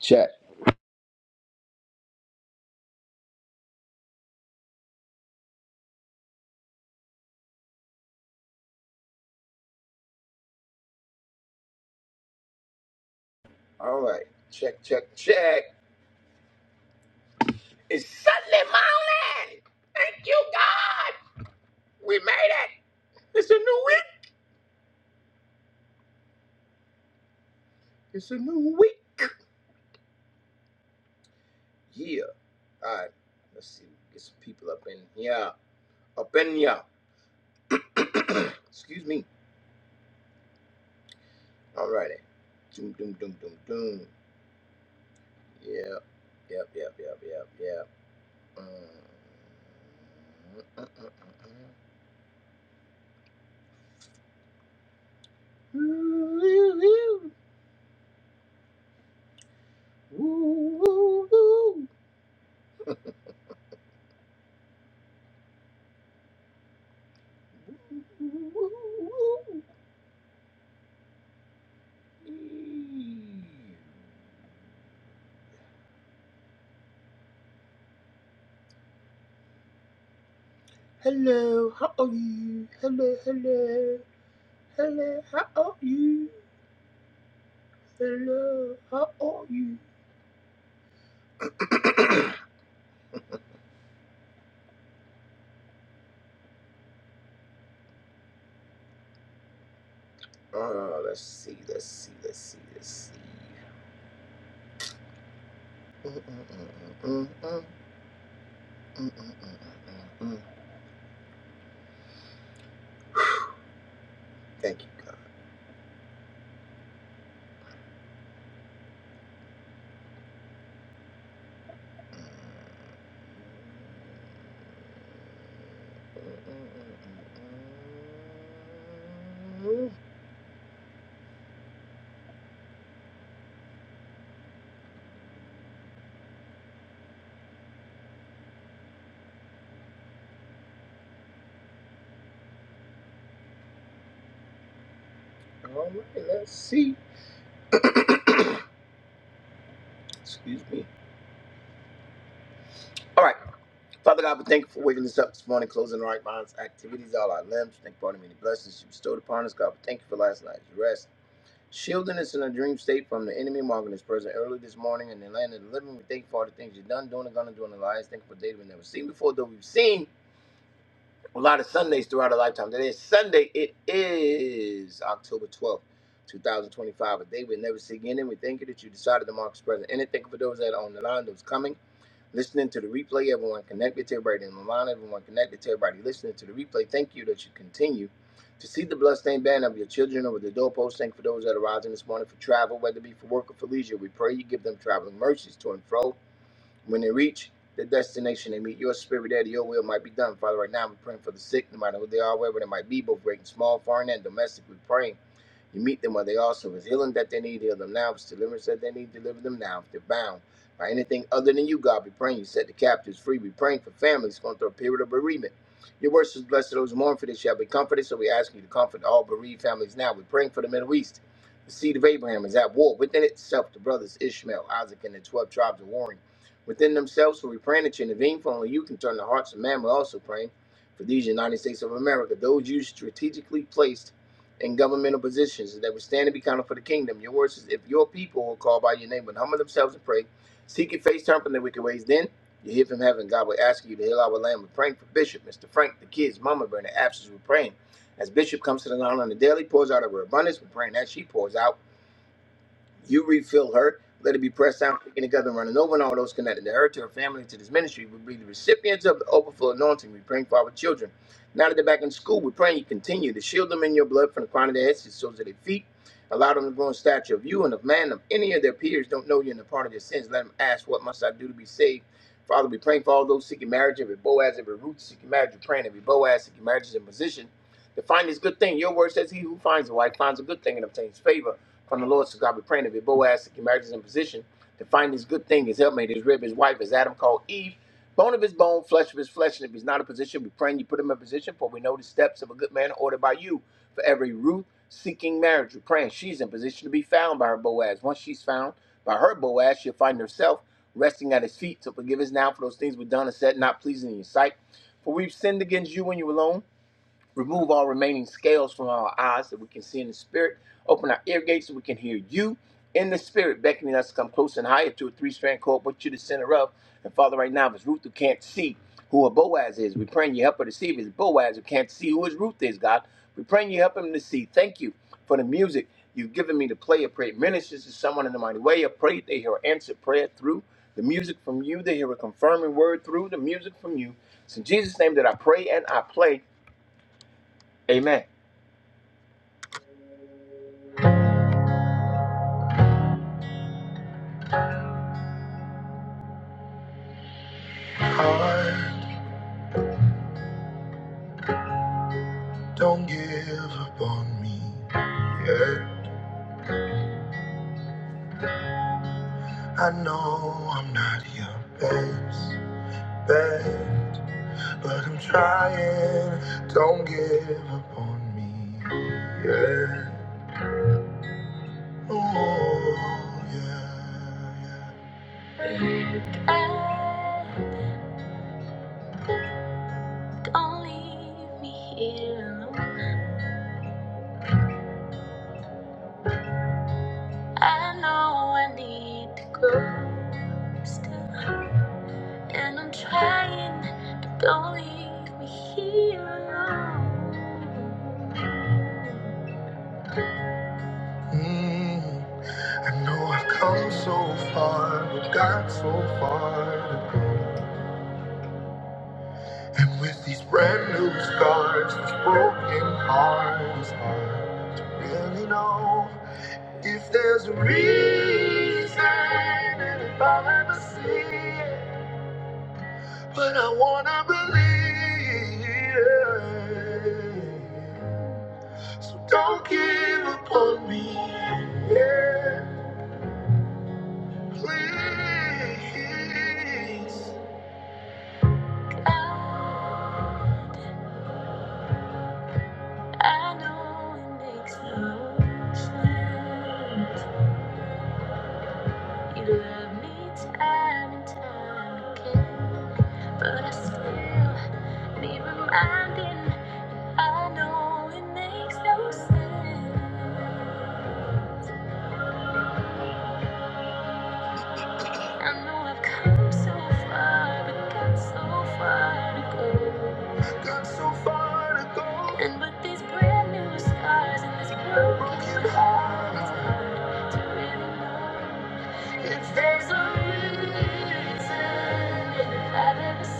Check. All right. Check, check, check. It's Sunday morning. Thank you, God. We made it. It's a new week. It's a new week. Yeah. All right. Let's see. Get some people up in here. Up in here. Excuse me. All righty. Doom, doom, doom, doom, doom. Yep. Yep, yep, yep, yep, yep. Mm. Mm, mm, mm, mm, mm. Ooh, ooh, ooh, ooh, ooh. Hello, how are you? Hello, hello. Hello, how are you? Hello, how are you? uh, let's see, let's see, let's see, let's see. Mm, mm, mm, mm, mm, mm, mm, mm, mm, mm, mm. mm, mm. Thank you, God. Mm, mm, mm, mm, mm. All right, let's see. Excuse me. All right. Father God, we thank you for waking us up this morning, closing the right minds, activities, all our limbs. Thank you for all the many blessings you bestowed upon us, God. We thank you for last night's rest, shielding us in a dream state from the enemy, marking us present early this morning in the land of the living. We thank you for all the things you've done, doing, and gonna do in our lives. Thank you for data we've never seen before, though we've seen a lot of Sundays throughout our lifetime. Today is Sunday. It is October 12th. 2025, a day we'll never see again, and we thank you that you decided to mark us present. And thank you for those that are on the line, those coming listening to the replay, everyone connected to everybody in the line, everyone connected to everybody listening to the replay. Thank you that you continue to see the bloodstained banner of your children over the doorpost. Thank you for those that are rising this morning for travel, whether it be for work or for leisure. We pray you give them traveling mercies to and fro. When they reach the destination, they meet your spirit there, that your will might be done. Father, right now we're praying for the sick, no matter who they are, wherever they might be, both great and small, foreign and domestic. We're praying. You meet them where they are. So if it's healing that they need, heal them now. If it's deliverance that they need, deliver them now. If they're bound by anything other than you, God, be praying. You set the captives free. Be praying for families going through a period of bereavement. Your word says, Blessed are those who mourn, for they shall be comforted. So we ask you to comfort all bereaved families now. We're praying for the Middle East. The seed of Abraham is at war within itself. The brothers Ishmael, Isaac, and the 12 tribes are warring within themselves. So we're praying that you intervene, for only you can turn the hearts of man. We're also praying for these United States of America, those you strategically placed in governmental positions that would stand and be counted for the kingdom. Your word says, if your people will call by your name and humble themselves and pray, seek your face, turn from their wicked ways, then you hear from heaven. God will ask you to heal our land. We're praying for Bishop, Mr. Frank, the kids, Mama Bear, in the absence. We're praying. As Bishop comes to the line on the daily, pours out of her abundance, we're praying that she pours out. You refill her. Let it be pressed down, taken together, and running over, and all those connected to her, to her family, to this ministry. We be the recipients of the overflow anointing. We praying for our children. Now that they're back in school, we're praying you continue to shield them in your blood from the crown of their heads to the soles of their feet. Allow them to grow in stature of you and of man. If any of their peers don't know you and the part of their sins, let them ask, What must I do to be saved? Father, we praying for all those seeking marriage, every Boaz, every Ruth seeking marriage, we're praying every Boaz seeking marriage is in position to find this good thing. Your word says, He who finds a wife finds a good thing and obtains favor from the Lord. So God be praying that if Boaz to marriage is in position to find his good thing, his helpmate, his rib, his wife, as Adam called Eve, bone of his bone, flesh of his flesh. And if he's not in position, we praying you put him in position, for we know the steps of a good man are ordered by you. For every Ruth seeking marriage, we're praying she's in position to be found by her Boaz. Once she's found by her Boaz, she'll find herself resting at his feet. So forgive us now for those things we've done and said not pleasing in your sight. For we've sinned against you when you alone Remove all remaining scales from our eyes that we can see in the spirit. Open our ear gates so we can hear you in the spirit, beckoning us to come close and higher to a three strand cord, but you are the center of. And Father, right now, if it's Ruth who can't see who a Boaz is, we're praying you help her to see if it's Boaz who can't see who his Ruth is, God. We're praying you help him to see. Thank you for the music you've given me to play. I pray it ministers to someone in the mighty way. I pray they hear answered prayer through the music from you. They hear a confirming word through the music from you. It's in Jesus' name that I pray and I play. Amen. Don't give up on me. Yeah. I know I'm not your best, best, but I'm trying. Don't give up on me. Yeah. Oh, yeah. yeah. Don't leave me here alone. I know I need to go. Still. And I'm trying, but don't leave me here alone. Mm, I know I've come so far, but got so far to go. And with these brand new scars, this broken heart is hard to really know if there's a reason, and if I'll ever see it. But I wanna believe. So don't give up on me. Yeah, please. I I know it makes no sense. You love me time and time again. But I still need reminding. I know it makes no sense. I know I've come so far, but got so far to go. Got so far to go. And with these brand new scars and this broken heart, it's hard to really know if there's a reason. And if I've ever seen?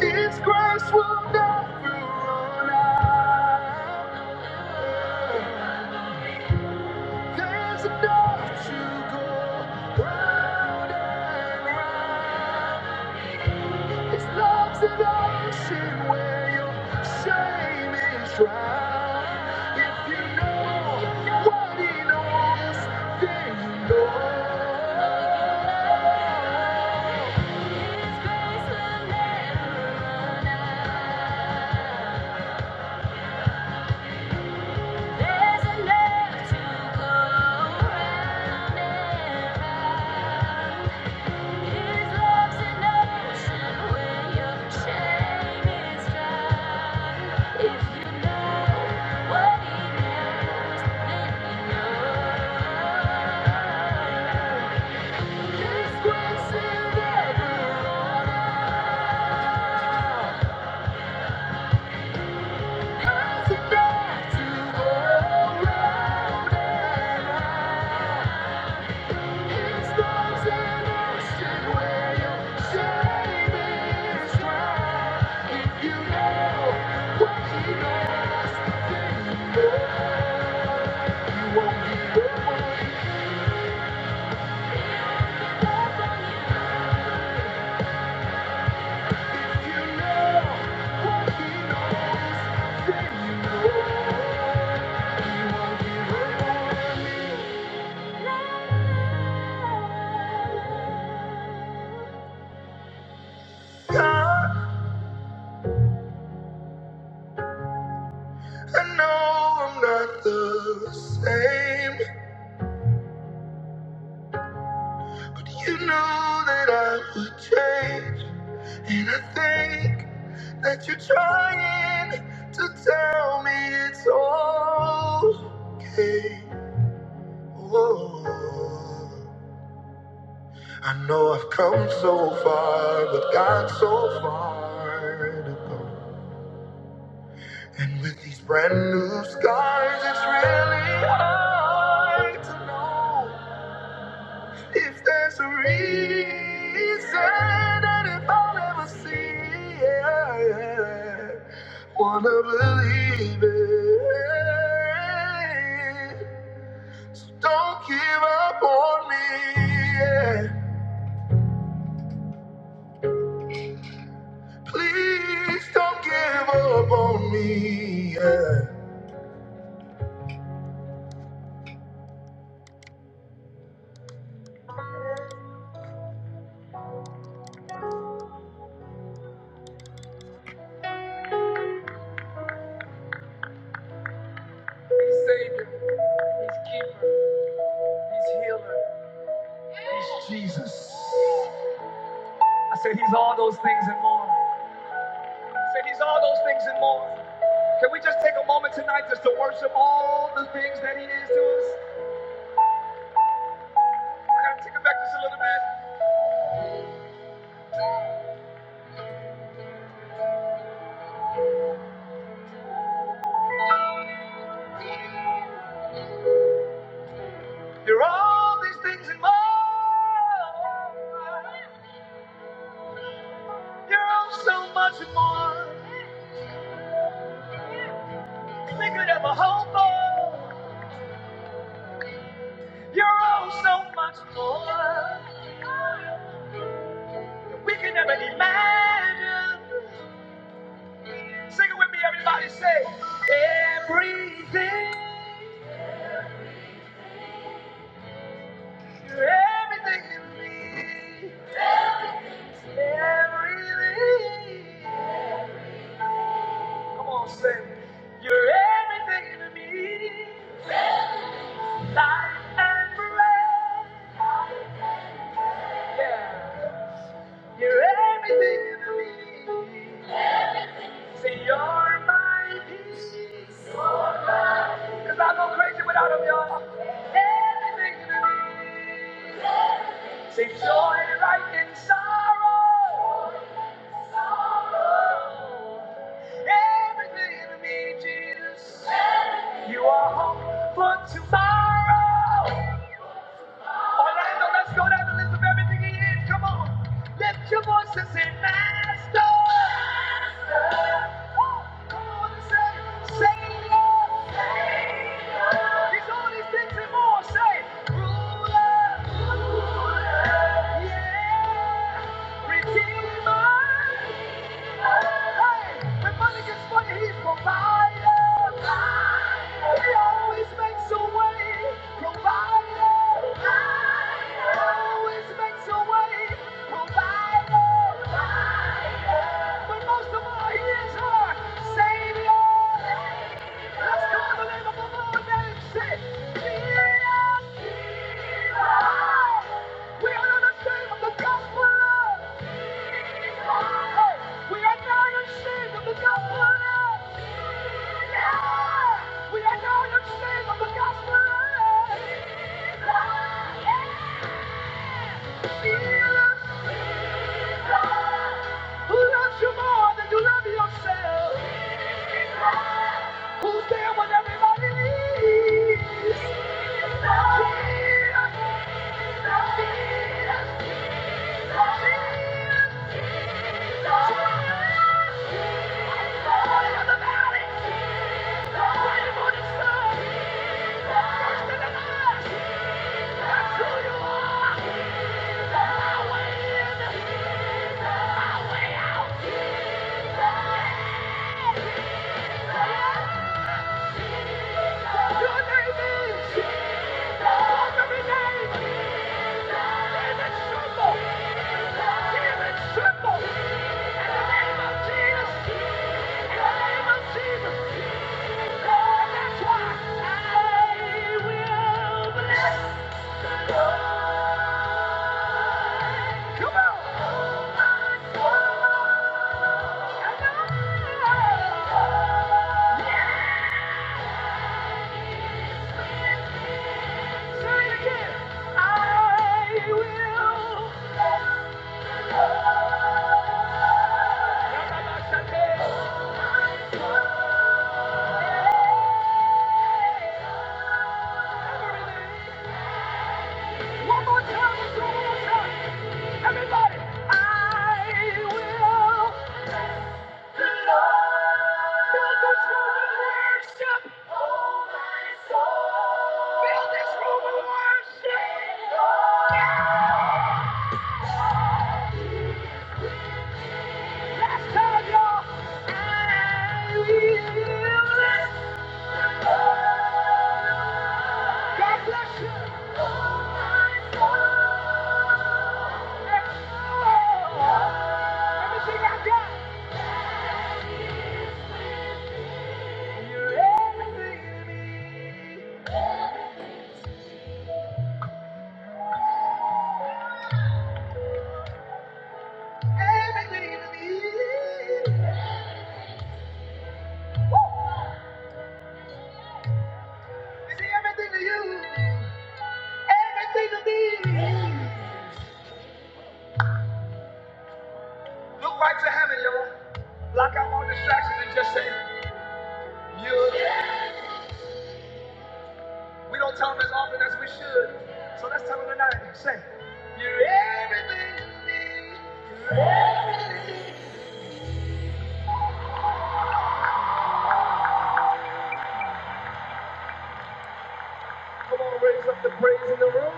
His grace will never run out. There's enough to go round and round. It's love's an ocean where your shame is drowned. If you know what he knows, then you know. His grace will never run out. There's enough to go round and round. His love's an ocean where your chain is dry. If you know what he knows, then you know. His grace is everlasting. There's enough to go round and round. God. I know I'm not the same, but you knew that I would change. And I think that you're trying to tell me it's okay. Whoa. I know I've come so far, but got so far to go. And with these brand new scars, it's really hard to know. If there's a reason and if I'll ever see it, wanna believe it. So don't give up on me. yeah. Please don't give up on me. yeah. He's Savior, He's Keeper, He's Healer, He's Jesus. I said He's all those things and more. I said He's all those things and more. Can we just take a moment tonight just to worship all the things that He is to us? I gotta take it back just a little bit. There are all these things and more. There are so much more. We could have a whole for. You're all so much more. We can never imagine. Sing it with me, everybody. Say everything. You're everything in me. Everything. Come on, say. You're everything to me. Life and breath. Yeah. You're everything to me. Say you're my peace. Cause I go crazy without him, y'all. Everything to me. Say joy right in sorrow. Everything in me, Jesus. You are hope for tomorrow. Orlando, let's go down the list of everything he is. Come on. Lift your voice and say, Master. Master. Woo! Come on and say, Savior. Savior. He's all these things and more. Say, Ruler. Ruler. Yeah. Redeemer. When money gets funny, he's provider. He always makes a way. Provider. He always makes a way. Provider. But most of all, he is her savior. First and the Yeah. Come on! Come on! Everything I got. Everything to me. Woo! Is he everything to you? Everything to me. Look right to heaven, y'all. Block out all distractions and just say, You. We don't tell them as often as we should. So let's tell them tonight. Say, You're everything to me. Come on, raise up the praise in the room.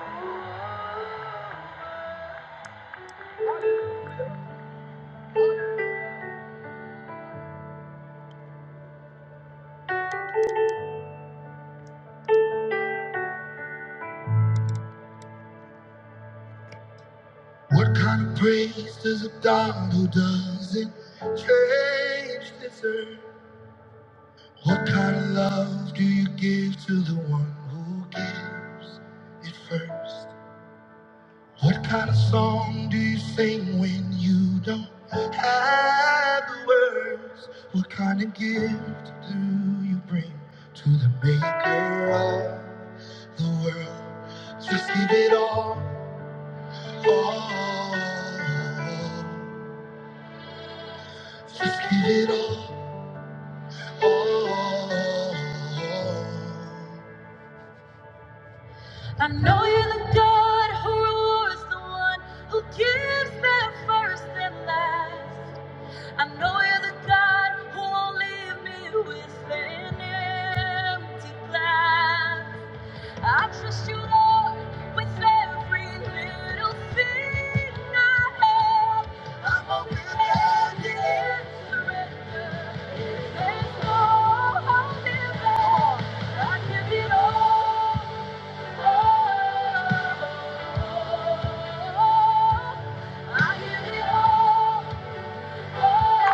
What kind of praise does a God who doesn't change deserve? What kind of love do you give to the one who gives it first? What kind of song do you sing when you don't have the words? What kind of gift do you bring to the maker of the world? Just give it all, all. Just give it all, all. I know you're the God who rules, the one who gives that first and last. I know you're the God who won't leave me with an empty glass. I trust you, Lord, with every little thing I have. I'm open-handed in surrender. There's no holding back. I give it all, all. I give it all, all.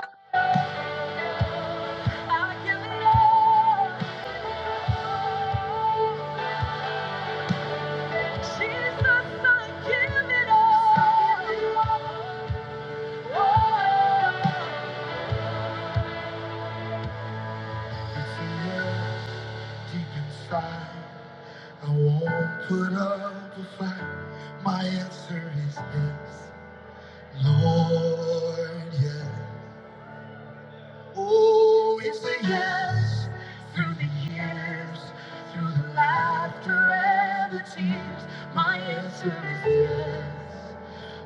I won't put up a fight. My answer is yes, Lord, yes. Oh, it's a yes through the years, through the laughter and the tears. My answer is yes.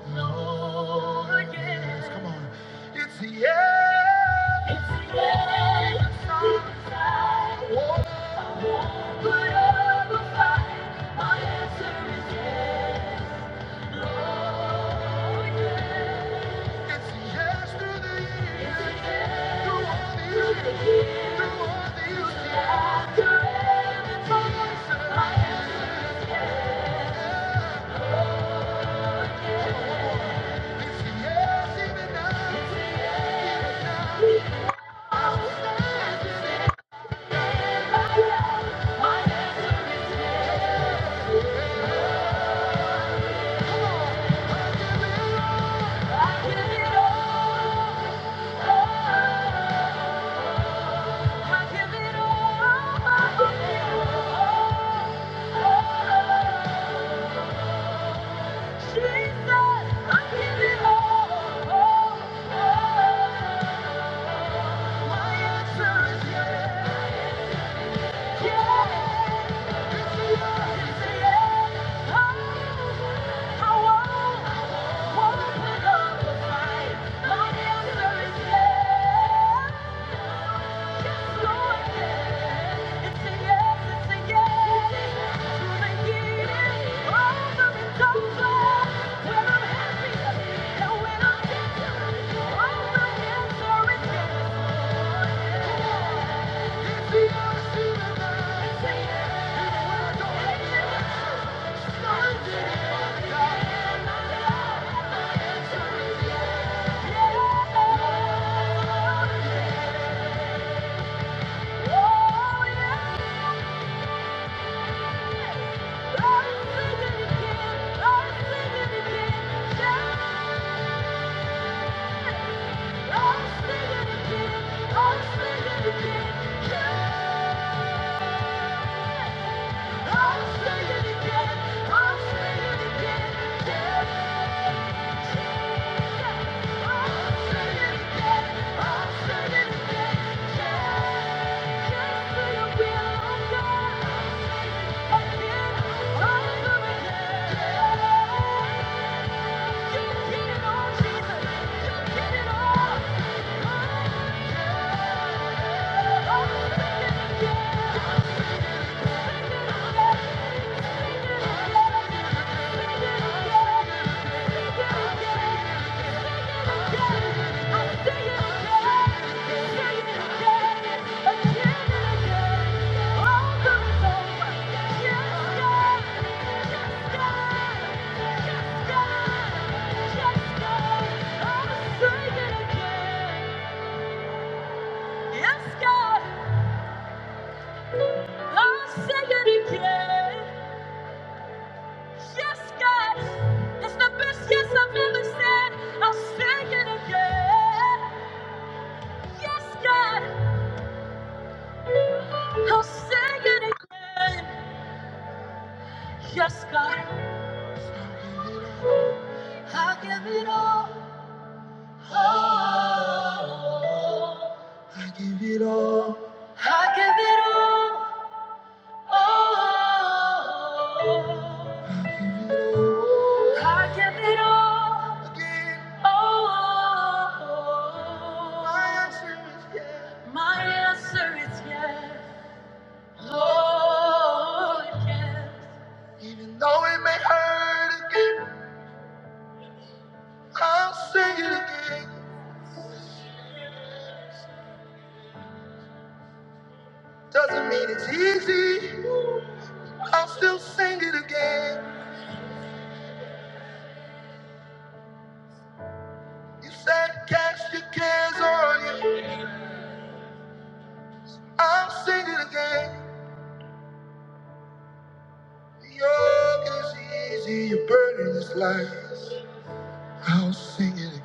Lord, yes. Come on. It's the end. It's the end. of not A war. A war. Put up a fight. My answer is yes. It's the yes through the years. It's the yes. Through all the years. Through the years. Through all the years. After every promise. My answer is yes. It's the yes even now. It's the yes. Even now. Even now. I will stand in it. My answer is yes. Come on. I give it all. I give it all. I give it all. Jesus, I give it all. My answer is yes. it's it's It's a a a yes, yes. Yes. I'm I'm again, I'm singing again, Yeah. Just for your will of God. Yeah. It's the best yes I've ever said. I'll say it again. Yes, God. I'll say it again. Yes, God, I give it all. Oh, I give it all. Oh, I give it all. Oh, my answer is yes. Oh, yes. Even though it may hurt again, I'll say it again. Doesn't mean it's easy. I'll still sing it again. You said cast your cares on you. I'll sing it again. The yoke is easy, your burden is light. I'll sing it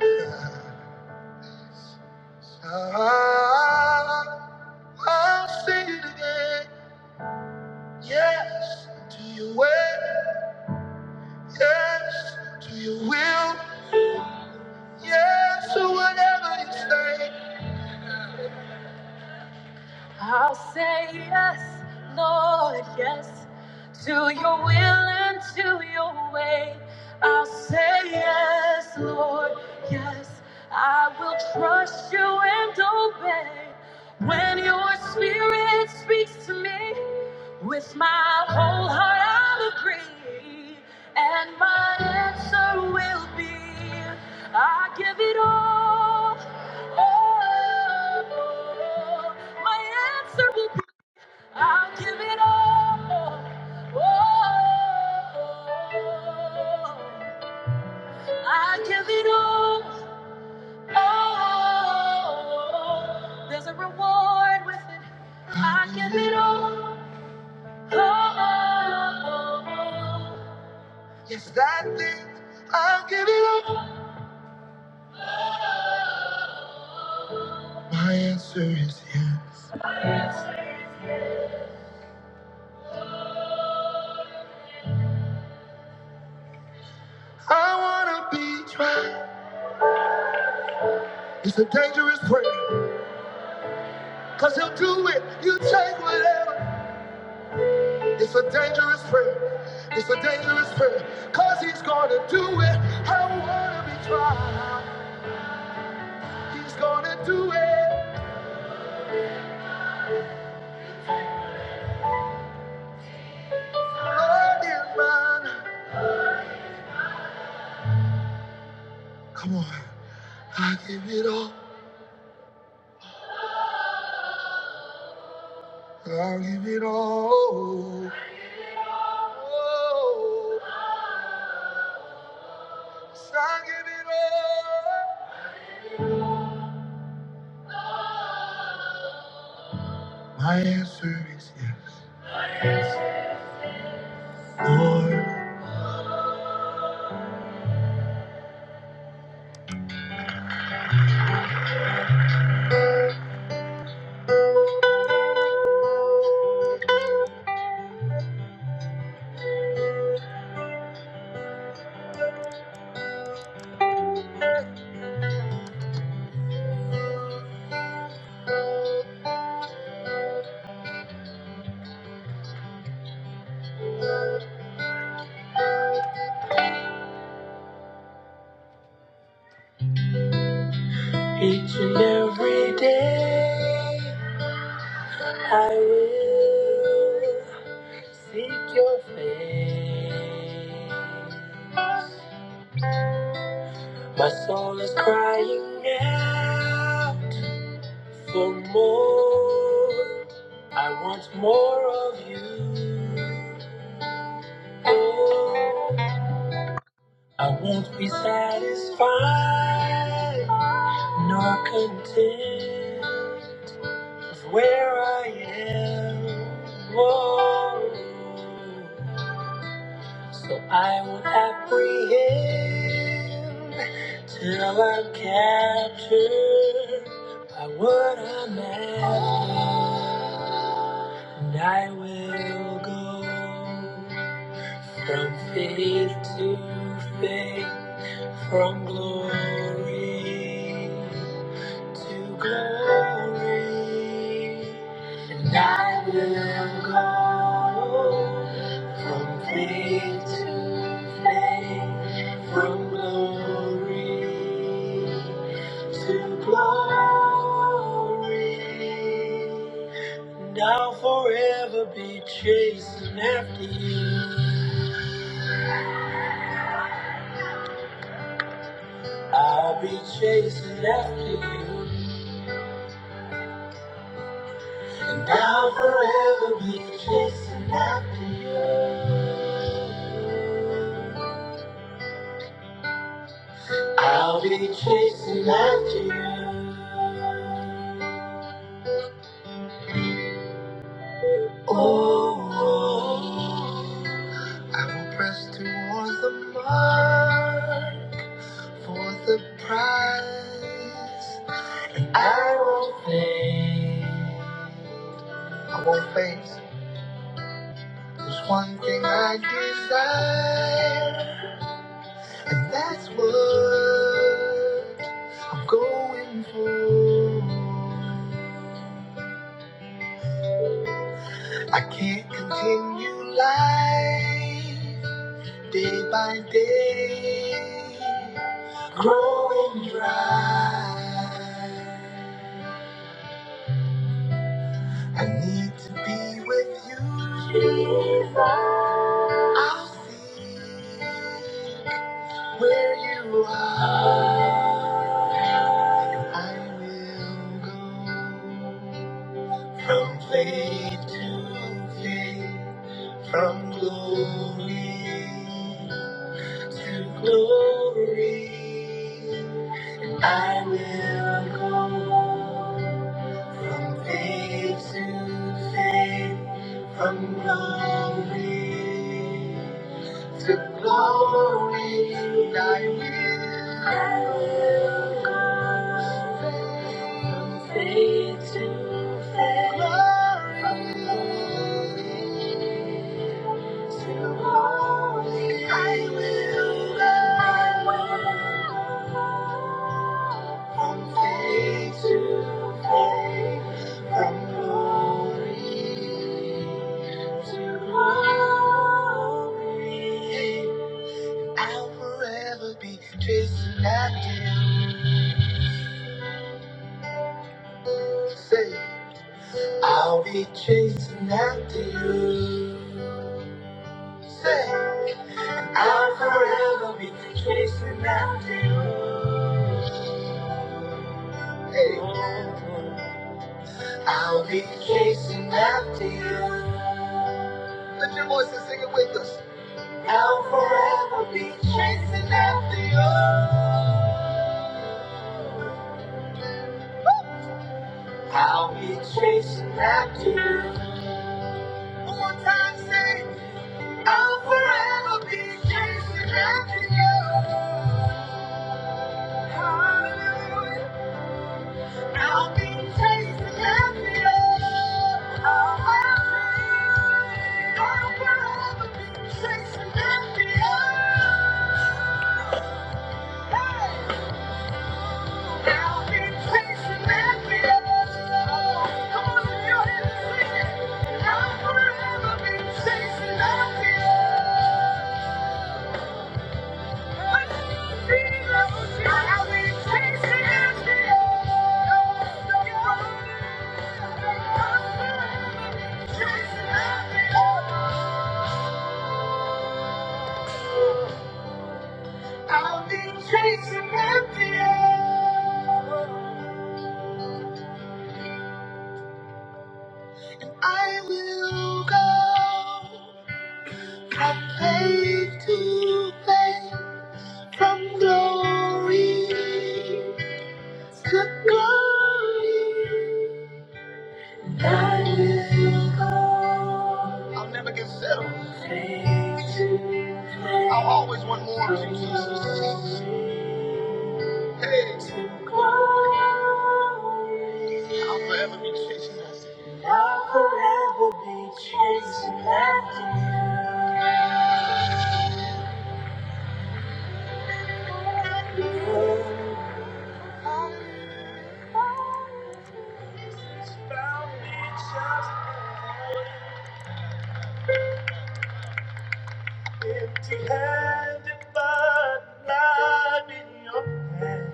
again. Ah, I'll sing it again. Yes to your way. Yes to your will. Yes to whatever you say. I'll say yes, Lord, yes, to your will and to your way. I'll say yes, Lord, yes. I will trust you and obey. When your spirit speaks to me, with my whole heart I'll agree, and my answer will be I give it all. Oh, my answer will be I give it all. Oh, I give it all. Oh, there's a reward with it. I give it all. Oh, oh, oh, oh. It's that thing i will give it up. My answer is yes. I wanna be tried. It's a dangerous prayer. Cause he'll do it. You take whatever. It's a dangerous prayer. It's a dangerous prayer. Cause he's gonna do it. I wanna be tried. He's gonna do it. Lord is mine. Come on. I give it all. I give it all. Oh, yes, I give it all. My answer is yes, Lord. Seek your face. My soul is crying out for more. Wants more of you. Oh, I won't be satisfied nor content with where I am. Oh. So I won't apprehend till I'm captured by what I'm after. And I will go. From faith to faith, from glory to glory, and I will go from faith to faith, from glory to glory. And I'll forever be chasing after you. I'll be chasing after you, and I'll forever be chasing after you. I'll be chasing after you. Oh, oh, I will press towards the mark for the prize. I won't faint. I won't faint. There's one thing I desire, and that's what I'm going for. I can't continue life day by day, growing dry. I need to be with you. Jesus. I'll see. Where you are, I will go from faith to faith, from glory to glory. I will go from faith to I will go from faith to faith. Glory. Chasing after you, say I'll be chasing after you. Say I'll forever be chasing after you. Hey, I'll be chasing after you. Lift your voice and sing it with us. I'll forever be chasing after you. I'll be chasing after you. One more time, say, I'll forever be chasing after you. Hallelujah. I'll be chasing after you. I'll forever I'll forever be chasing after you. Hey. I'll be chasing after you. I will go from faith to faith, from glory to glory. I will go. I'll never get settled. Faith to faith. I'll always want more of you, Jesus. From glory to glory. I'll forever be chasing after you. It's found me just Empty-handed, but not in your hand.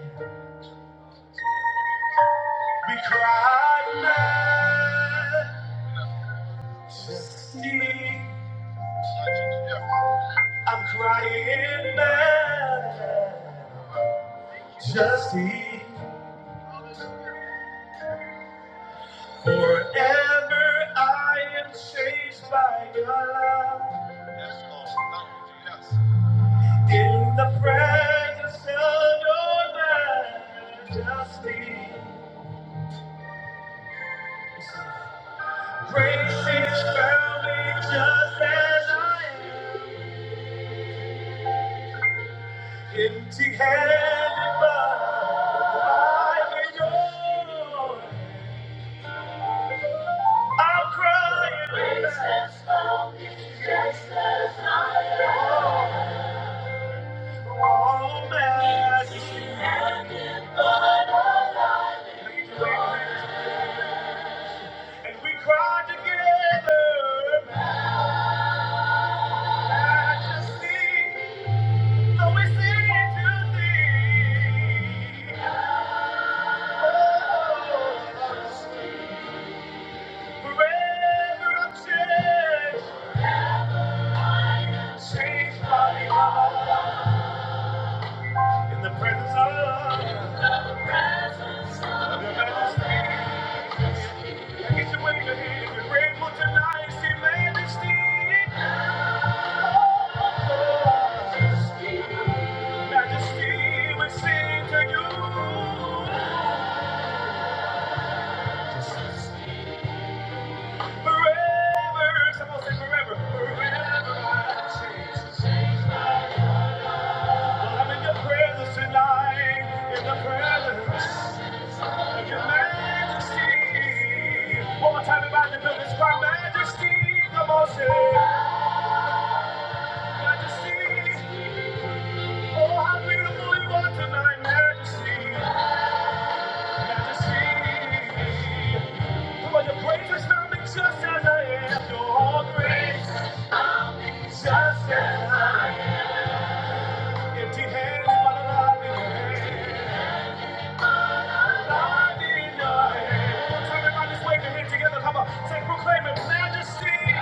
We cry, Majesty. I'm crying, Majesty. Forever I am changed by your love. In the presence of your majesty, grace is found me just as I am. Empty handed, but I'm yours. I'm crying. but All empty-handed, Oh, majesty. And we cry together. Majesty, though we sing to thee. Oh. Forever I'm changed, changed by God. In the presence of the majesty. I get to wave your hand and grateful tonight, see majesty. Oh, Majesty, we sing to you. Forever, someone say forever. Forever I'm changed. Well, I'm in your presence tonight, in the presence. Your Majesty. One more time, everybody in the building. Your Majesty, come on, say. Majesty, oh, how beautiful you are tonight, Majesty. Majesty. Come on, your praise is not me just as I am. Your all grace, just as I am. Empty hands, but a love in your hand. love in your hand. One more time, everybody, just wave your hand together. Come on, say, proclaim it, Majesty.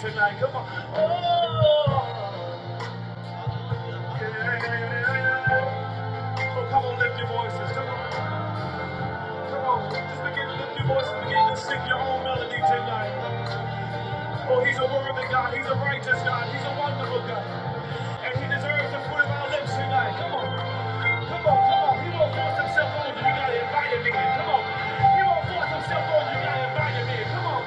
Tonight, come on. Oh, yeah. So come on, lift your voices. Come on. Come on. Just begin to lift your voices. Begin to sing your own melody tonight. Oh, he's a worthy God. He's a righteous God. He's a wonderful God. And he deserves the fruit of our lips tonight. Come on. Come on. Come on. He won't force himself on you. You gotta invite him in. Come on. He won't force himself on you. You gotta invite him in. Come on.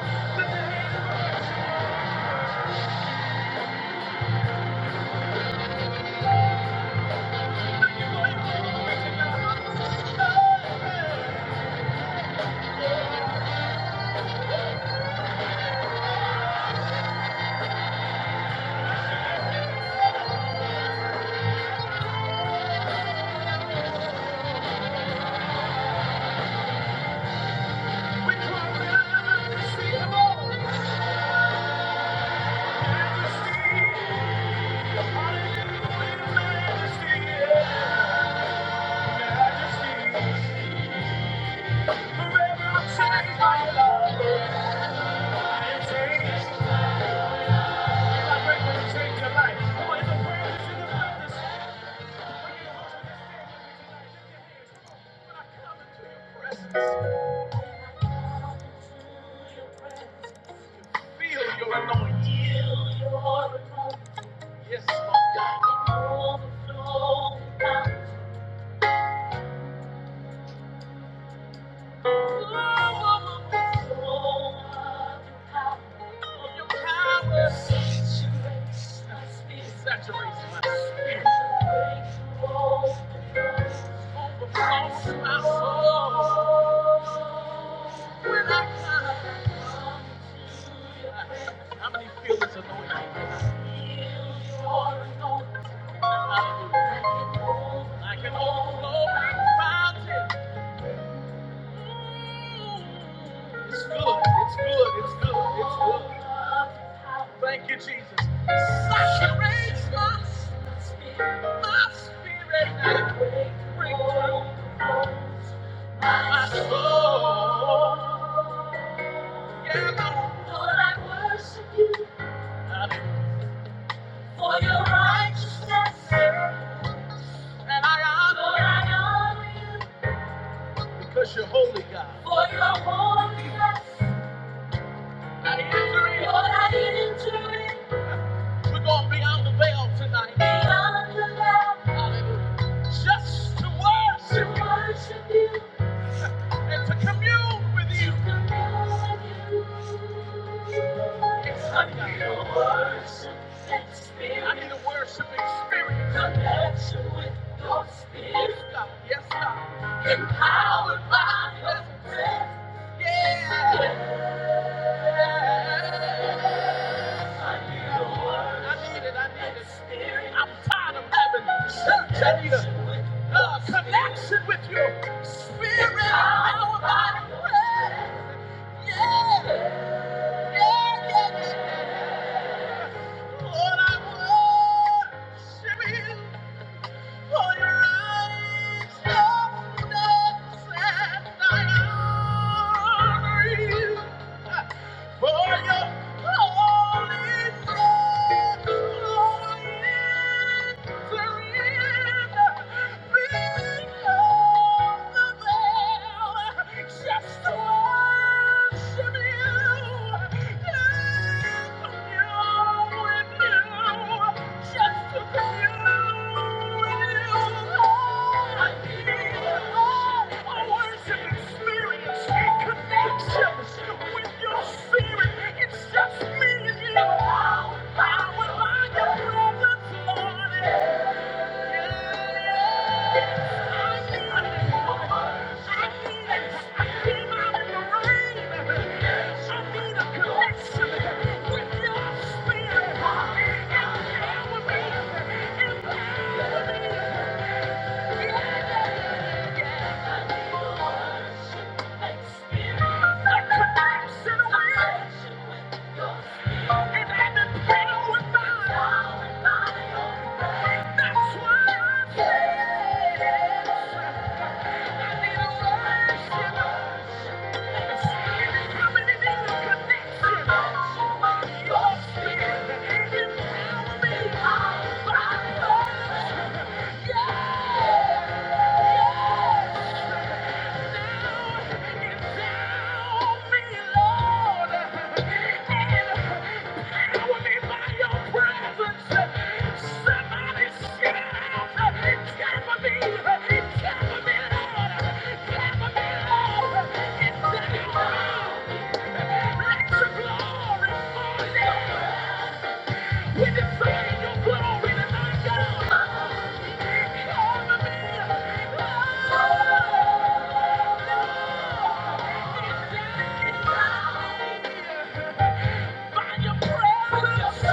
You know you can't We cry, majesty, majesty, majesty. Yes, Saturates my spirit. How many feel this anointing? I can overflow mountains. It's good, it's good, it's good, it's good. Thank you, Jesus. Saturates us, my spirit, and brings breakthrough. My soul, yeah, my Lord, I worship you for your righteousness. And I honor, Lord, I honor you. Because you're holy, God. For your holiness. I enter in. Lord, I enter in. We're going to be on the veil tonight. Beyond the veil. Hallelujah. Just to worship. To worship. And to commune with you. To commune with you. It's honey. I need a worship experience. I need a worship experience. Connection with your spirit. Yes, God. Yes, God. Empowered by your presence. Yeah. I need it. I need it. I'm tired of having church. a uh, connection with your spirit. Power by the prayer. Yeah. Yeah, yeah, yeah. Lord, I worship you for your righteousness. And I honor you. For your holy presence, Lord, is surrender. Beyond the veil, just to worship you, live with you. Just to be It's just me and you. I would like your presence, Lord. Yeah. Thank you. Let your glory fall down. If it's something you put on me tonight, God, come to me. By your presence.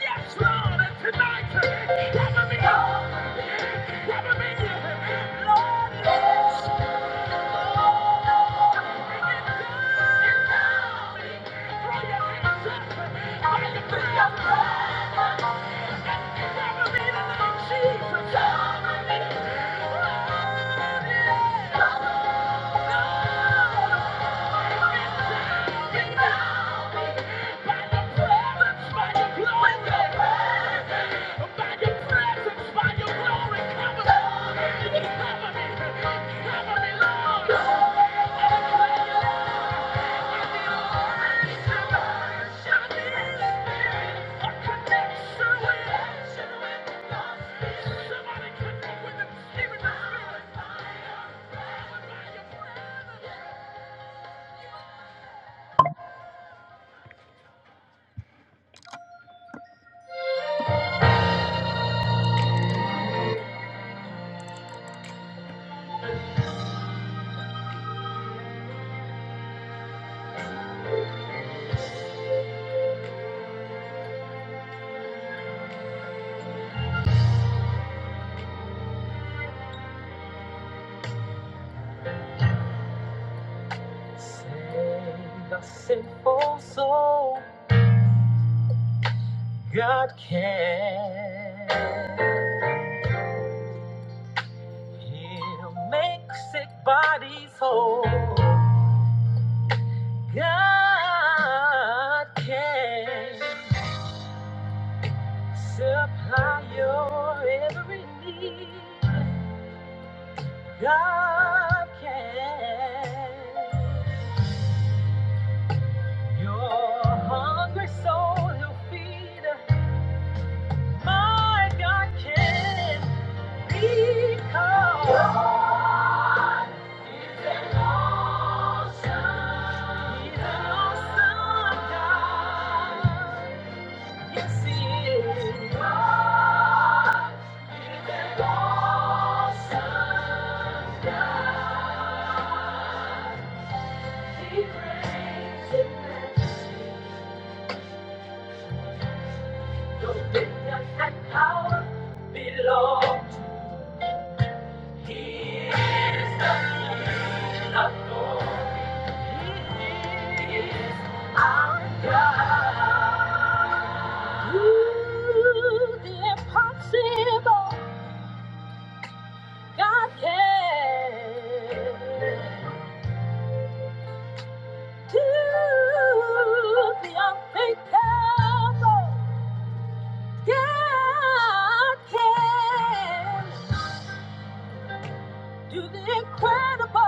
Yes, Lord, and tonight, cover me. up. Thank you. That's all God can. He'll make sick bodies whole. God can supply your every need. God can. Your hungry soul will feed. My God can. Because He's an awesome God. Yes, He is. He's an awesome Do the impossible. God can. Do the unthinkable. God can. Do the incredible.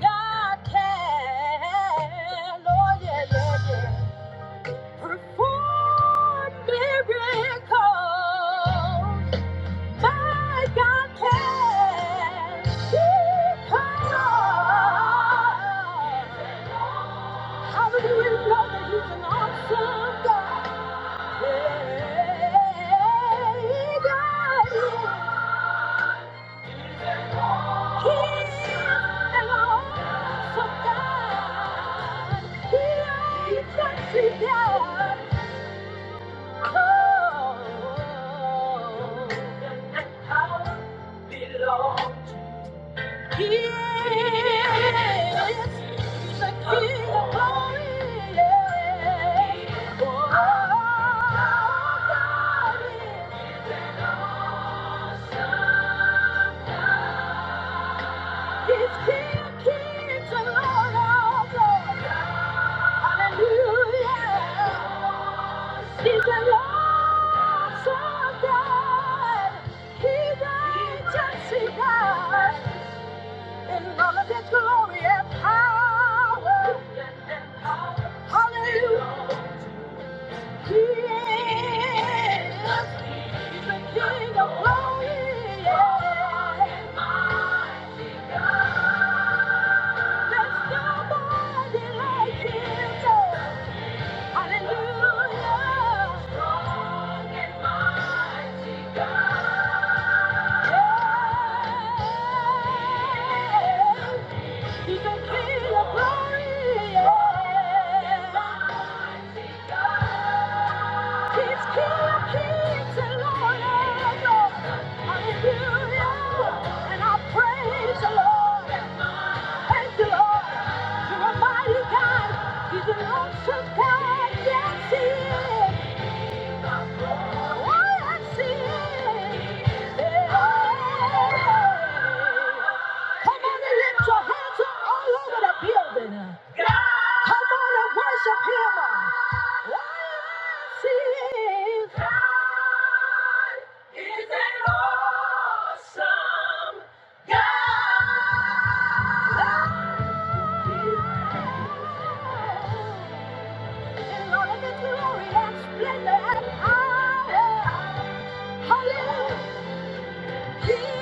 God can. Oh, yeah, yeah, yeah. Perform miracles. My God can. Because Hallelujah, we know that He's an awesome God. Hey, God He's an awesome God. He is. a mighty God. Just see God in all of His glory and power. Hallelujah. He is the King of glory. and My God. There's nobody like him. Hallelujah. Strong and mighty God. Yeah. He's the King of glory. and my God. He's King of kings Lord of lords. Hallelujah. And I praise the Lord. Thank the Lord. You're a mighty God. He's a mighty God. Come on and lift your hands up all over the building. Come on and worship him. let He is. Is an awesome God. In all of His glory and splendor and power. Thank you, Lord.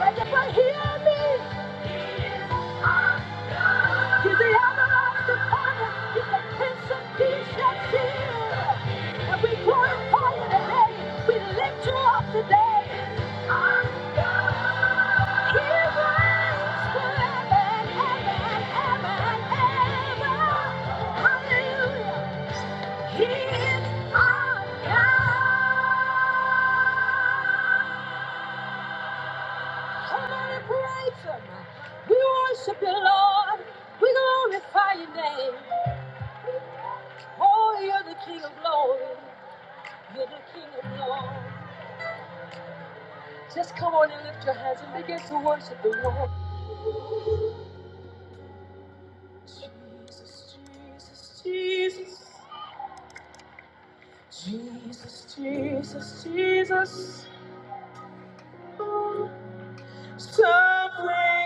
Thank you for hearing me. Oh, you're the King of glory. You're the King of glory. Just come on and lift your hands and begin to worship. Jesus, Jesus, Jesus. Jesus, Jesus, Jesus, something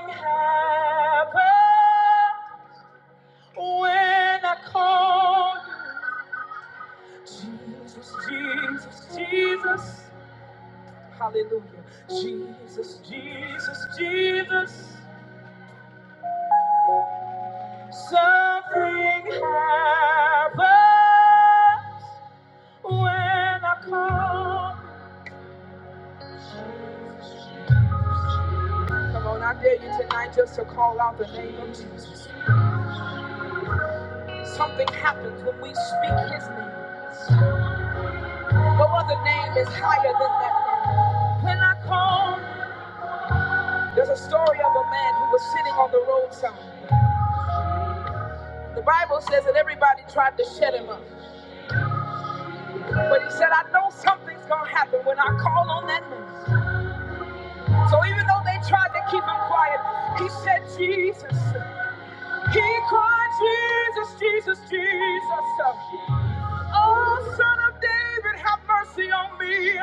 happened when I called you. Jesus, Jesus, Jesus, hallelujah. Jesus, Jesus, Jesus, something happened when I called you. Come on, I dare you tonight just to call out the name of Jesus. Something happens when we speak his name. No other name is higher than that name. When I call, there's a story of a man who was sitting on the roadside. The Bible says that everybody tried to shut him up. But he said, I know something's going to happen when I call on that name. So even though they tried to keep him quiet, he said, Jesus. He cried, Jesus, Jesus, Jesus. Oh, son of David, have mercy on me.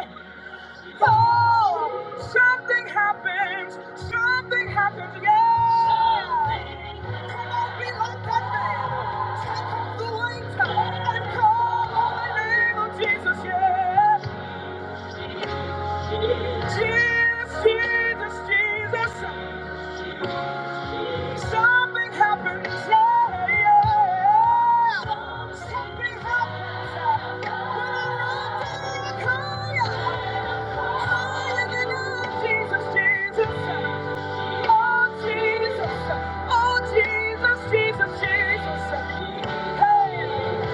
Oh, something happens. Something happens. Yeah. Come on, be like that man. Take off the wings and call on the name of Jesus. Yeah. Jesus, Jesus, Jesus. Something happens. Yeah, yeah. Something happens. When I run to you, I call you. I call you, Jesus, Jesus. Oh Jesus, oh Jesus, Jesus, Jesus. Hey,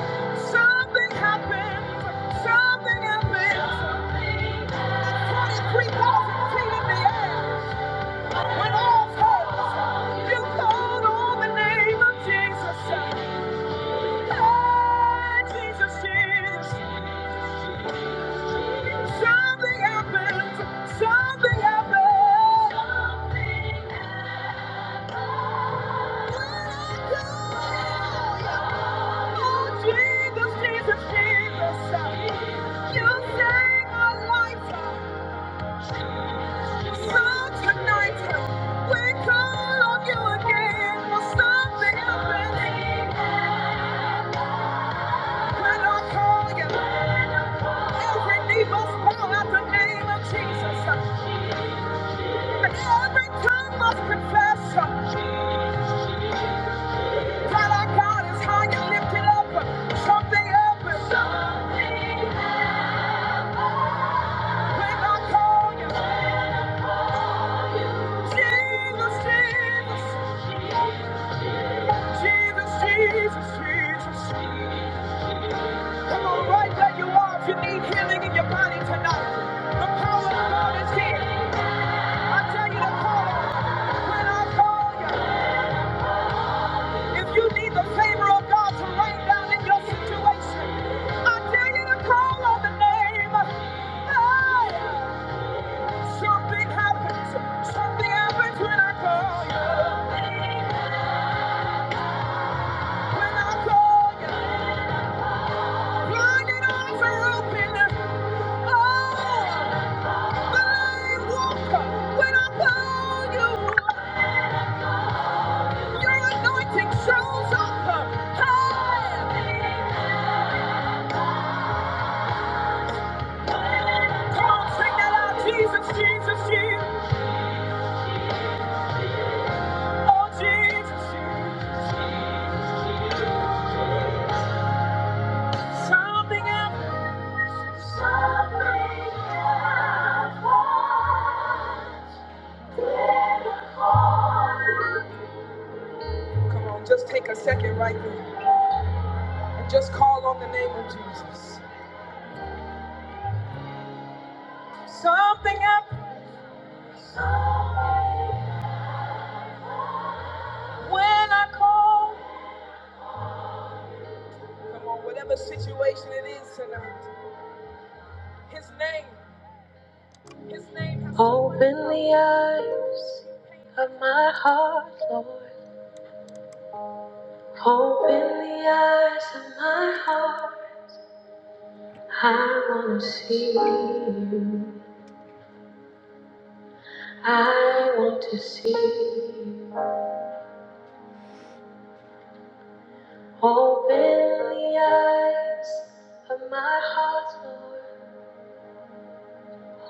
something happened, something happened. At 23,000 feet in when all fails, you called on the name of Jesus. Hey, Jesus, Jesus, something happened, something happened. Something up, something up. When I call you. Jesus, Jesus, Jesus, Jesus. Come on, right where you are, if you need healing in your body tonight, the power of God is here. I tell you to call Him. When I call you, if you need the favor of God to rain down in your situation, I tell you to call on the name. Hey, something happens. Something happens when I call you. When I call you. Blinded eyes are open. Oh, the lame walk. When I call you, your anointing shows up. Hey, come on, sing that out. Jesus, Jesus, Jesus. Oh, Jesus, Something happened. Come on, just take a second right there and just call on the name of Jesus. Something happened when I call. Come on, whatever situation it is tonight. His name, His name. has- Open the eyes of my heart, Lord. Open the eyes of my heart. I want to see you. I want to see you. Open the eyes of my heart, Lord.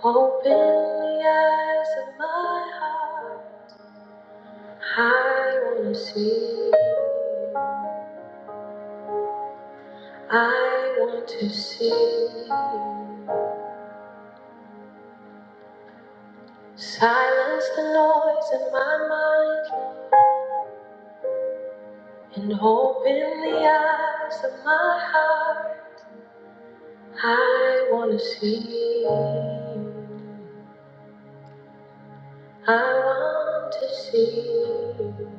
Open the eyes of my heart. I want to see. you. I want to see. you. Silence the noise in my mind and open the eyes of my heart. I want to see you. I want to see you.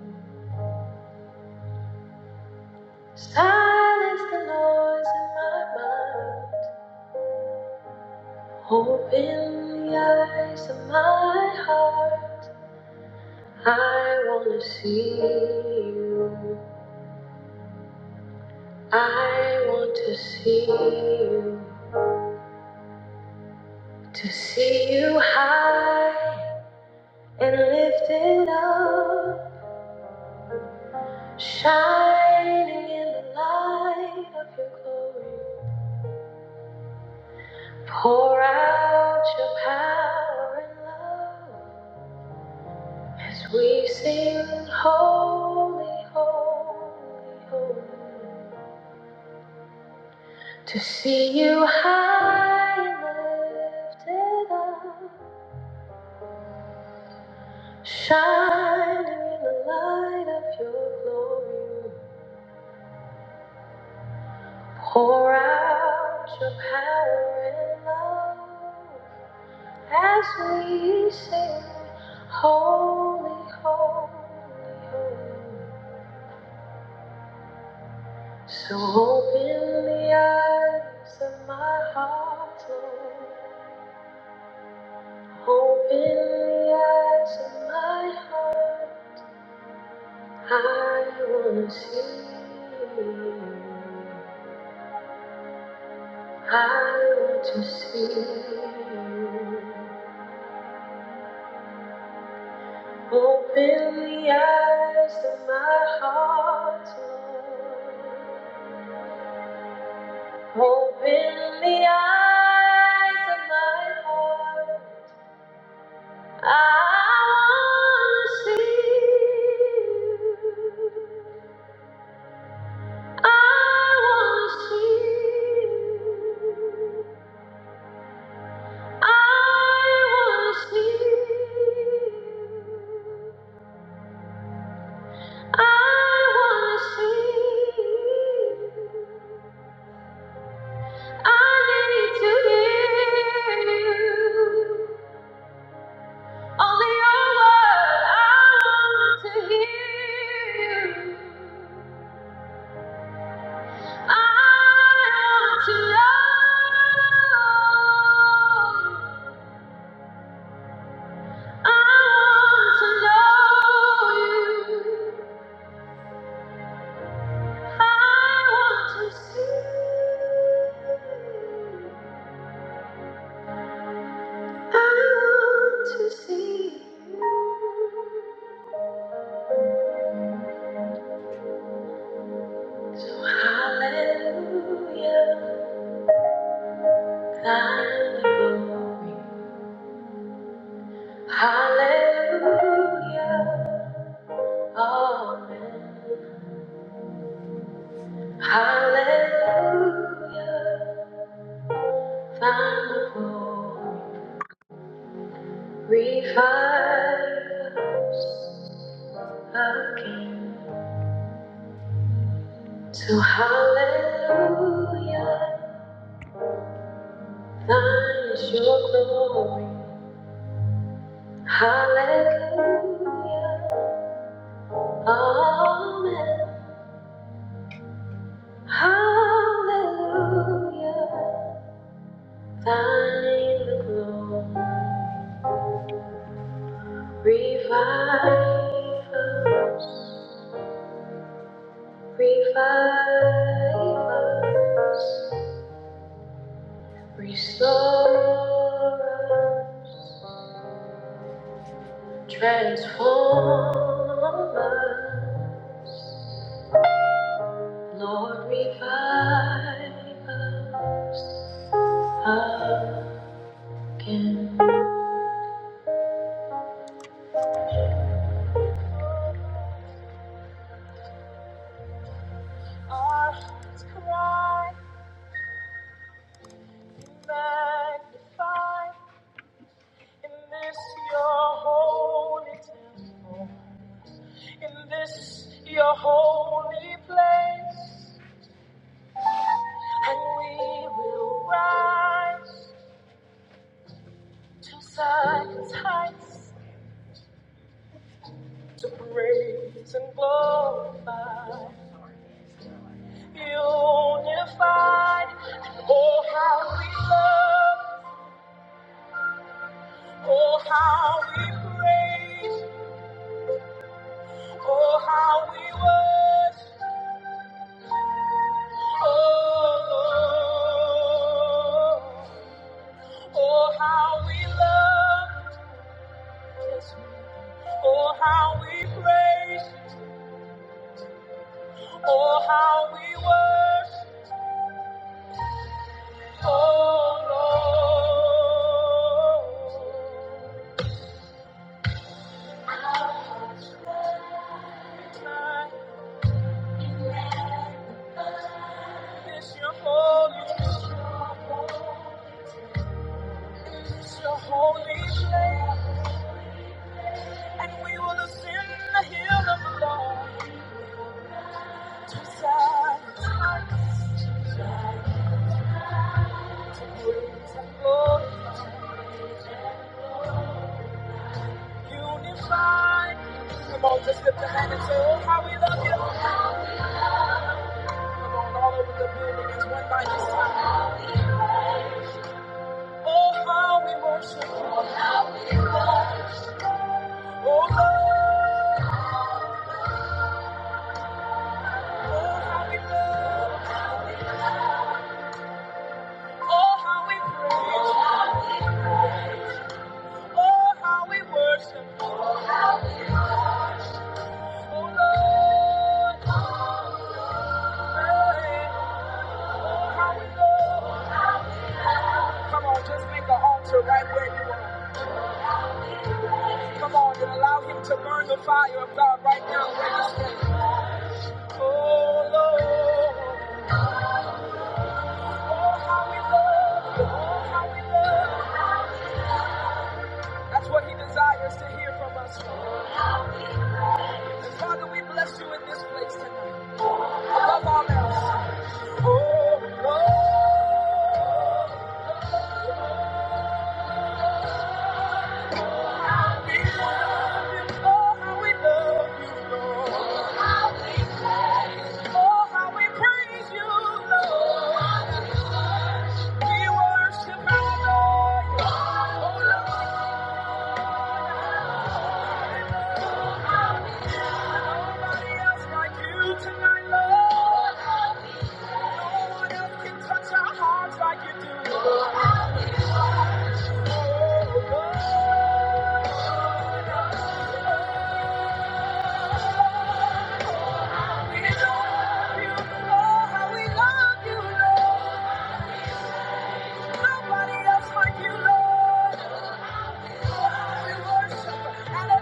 Silence the noise in my mind. Open my heart. I want to see you. I want to see you. To see you high and lifted up. Shining in the light of your glory, pour out your power and love as we sing, Holy, Holy, Holy. To see you high and lifted up, shining in the light of your glory, pour out your power and love. As we sing, holy, holy, holy. So open the eyes of my heart, Lord. Open the eyes of my heart. I want to see you. I want to see you. Open the eyes of my heart, Lord. Open the eyes of my heart. I wanna see you. I wanna see you. I wanna see you. I wanna see you. I need to hear you. Only your word, I want to hear you. I want to know you. I want to know you. I want to see you. I want to see you. So hallelujah, thy glory. Hallelujah. Amen. Hallelujah. Thankful. Revive us again. To hallelujah. Thine is your glory. Hallelujah. Amen. Hallelujah. Thine the glory. Revive us, revive us, restore us, transform us. Lord, revive us again. Our hearts cry, be magnified in this your holy temple. in this your holy place, and we will rise inside to praise and glorify, unified. Oh, how we love, oh, how we praise, oh, how we worship, oh, Lord. oh, how we love. yes, Oh, how we praise. Oh, how we worship, oh Lord. My, It's your holy, it's your holy place, and we will ascend the hill of the Lord. To Zion, Lord, unify. Come on, just lift your hand and say, Oh, how we love you. Come on, all over the building, it's one by this time. Oh, how we worship you. Oh, Lord. Oh, how we praise. Oh, how we worship. Oh, Lord. Oh, how we love. Come on, just make an altar right where you are. Come on and allow him to burn the fire of God right now where you stand. Oh, Lord. Oh, how we love. you. Oh, how we love. you. That's what he desires to hear from us. Father, we bless you in this place tonight. Above all else. Like you do. Oh, God. We love you, Lord. How we love you, Lord. Nobody else like you, Lord. Tonight, grateful, grateful, Jesus. Oh, we provide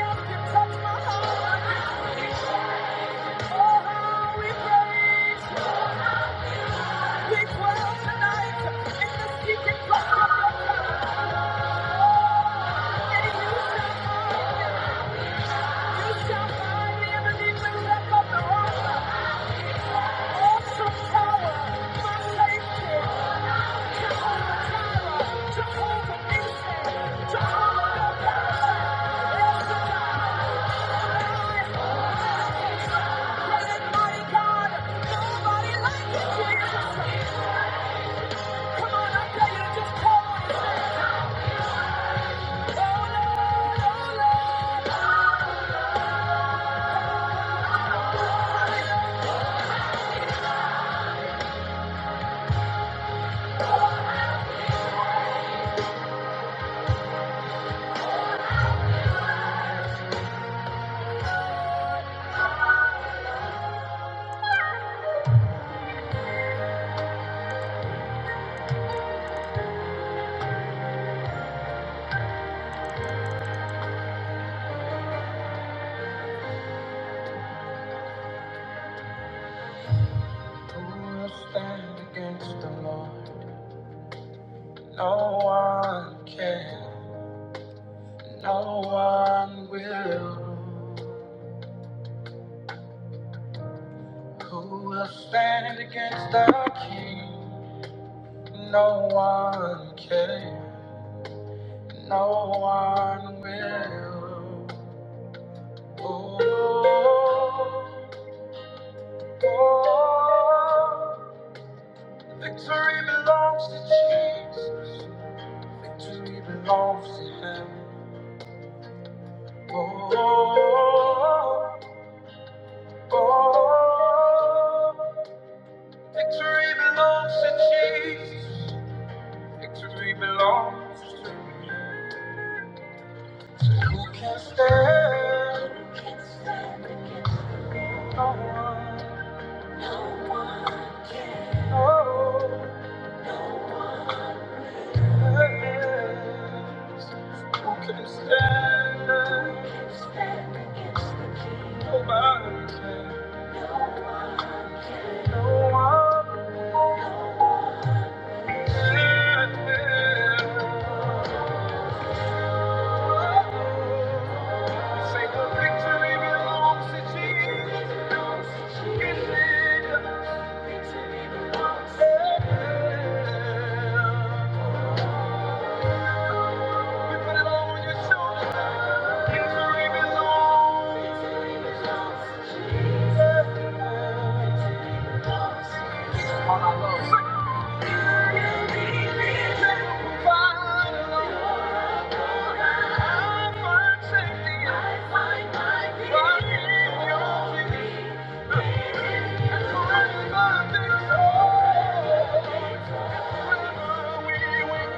you to touch my heart. No one will. Who will stand against the king? No one, no one will. Oh, oh, victory belongs to Jesus. Victory belongs to him. Oh, oh, oh, victory belongs to Jesus. Victory belongs. to. You can't stand. You can't stand against the no one. No one can. No. No one can. Who can stand? Who can stand against the King? Nobody can. No one can. No one can. Say the victory belongs to Jesus. Victory belongs to Him. We put it all on your shoulders. Victory belongs. I find safety. I find in your forever victory. Forever we win.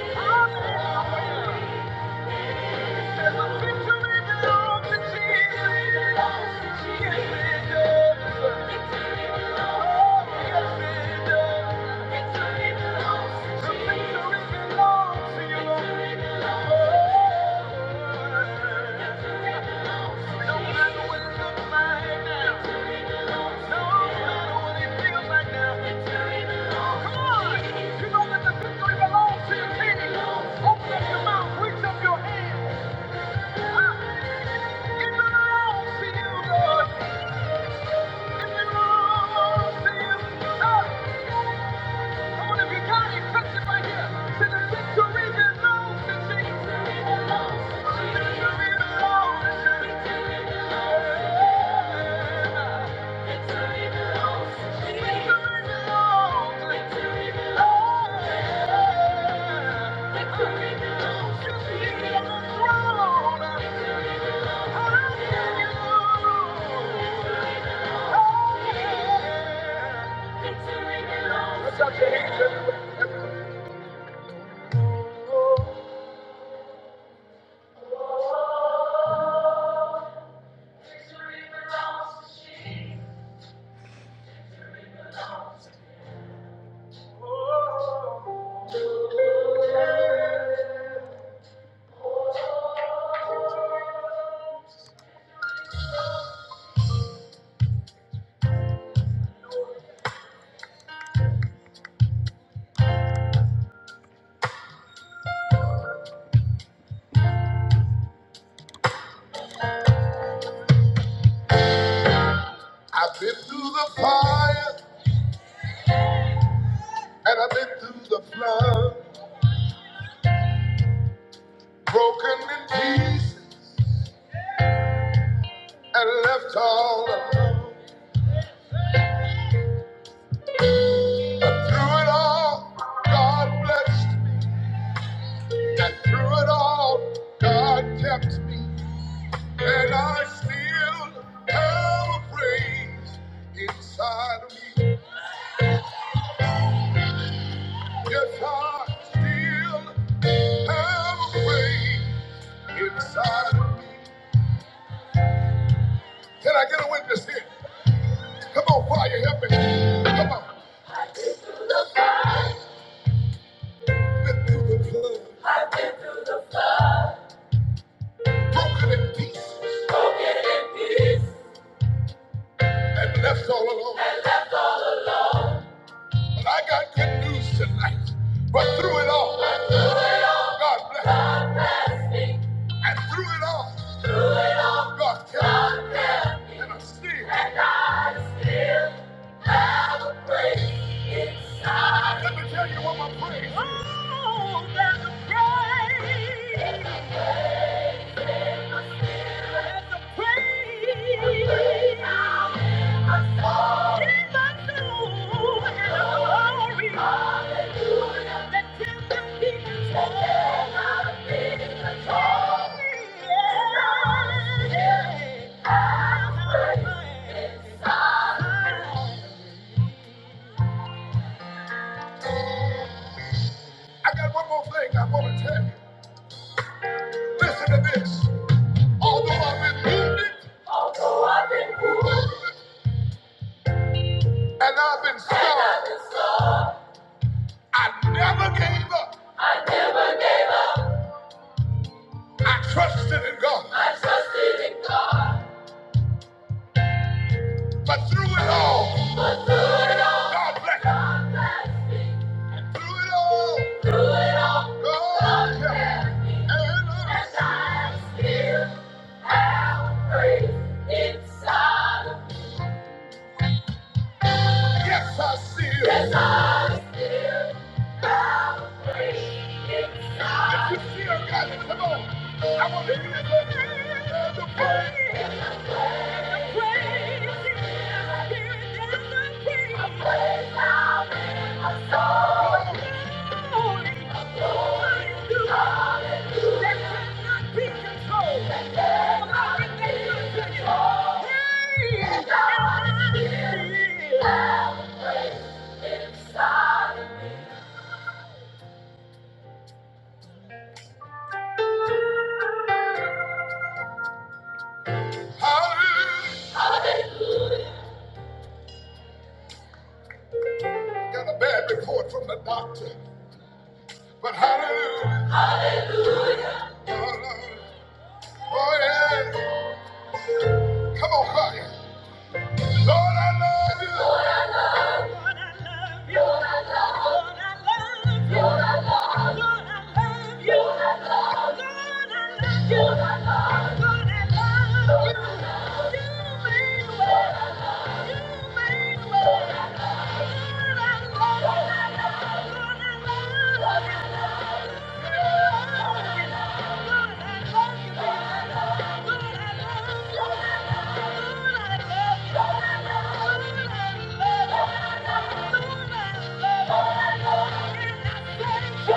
Forever we win. Open up your mouth, reach up your hand. I've been through the fire and I've been through the flood, broken in pieces and left all alone. But through it all, God blessed. And through it all, God kept me, and I still have a praise inside of me. Yes, I still have a praise inside of me. Can I get a witness here? Come on, fire, help me. Come on. Been through the flood, broken in pieces, and left all alone. But I got good news tonight. But through it all, God bless. And through it all, God kept me. Oh, there's a praise, there's a praise in my soul and a glory that cannot be hid. I got one more thing I want to tell you. Listen to this. Although I've been wounded and I've been scarred. I never gave up. I never gave up. I trusted in God. I trusted in God. But through it all, but through it all, God bless God bless me. Through it all, through it all, God help me. And I'm still. have faith inside of me. Yes, I still. Yes, I still. am free inside. If you still got it, come on. I want to hear the the praise. The praise. The praise. The praise. The praise. The praise. The praise. Hallelujah. Got a bad report from the doctor, but hallelujah. Hallelujah. Oh, yeah. Come on, fire. Lord, I love you. Lord, I love you. Good,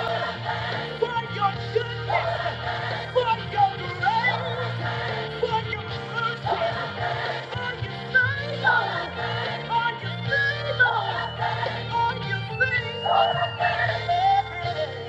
I love you for your goodness, for your grace, for your mercy, for your favor, for your favor, for your favor.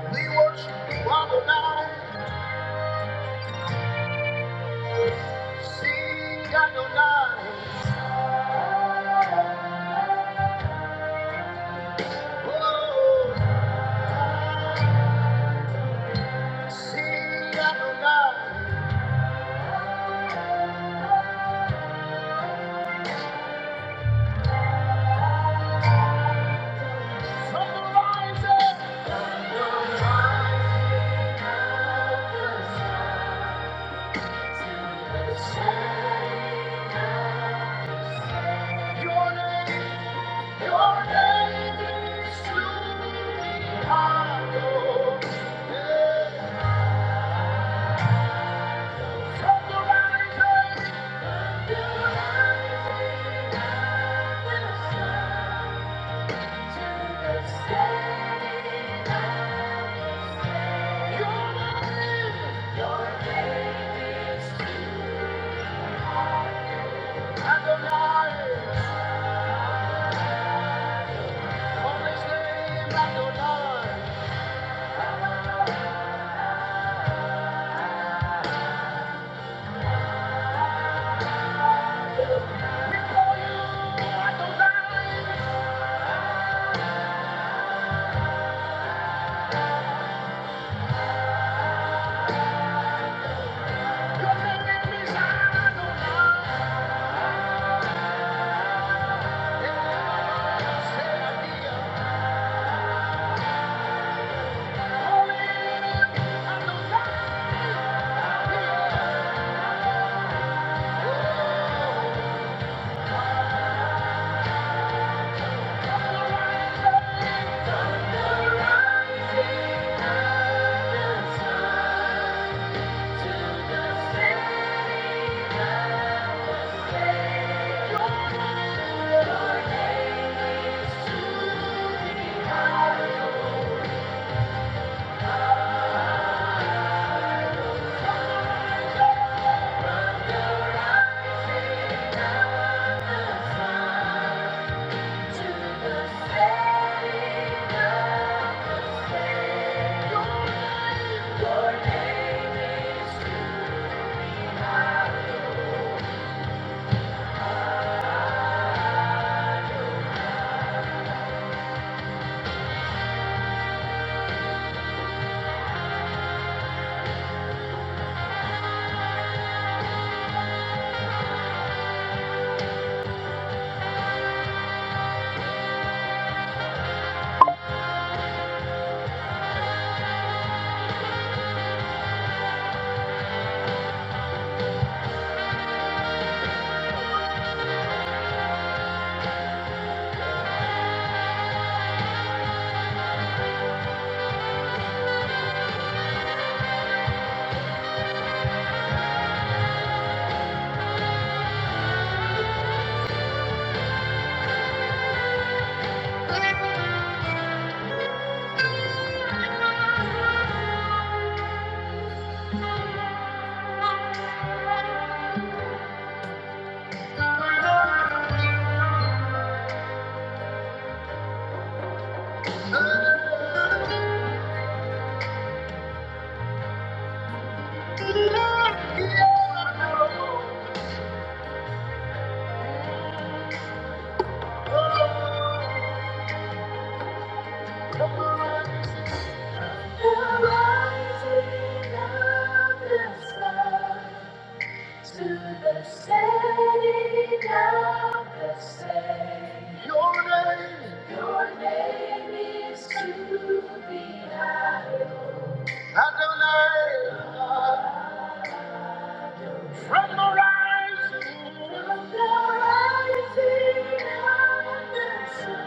We worship you, Adonai, sing Adonai, oh, sing Adonai, from the rising, sing your name. Your name is to be hallowed.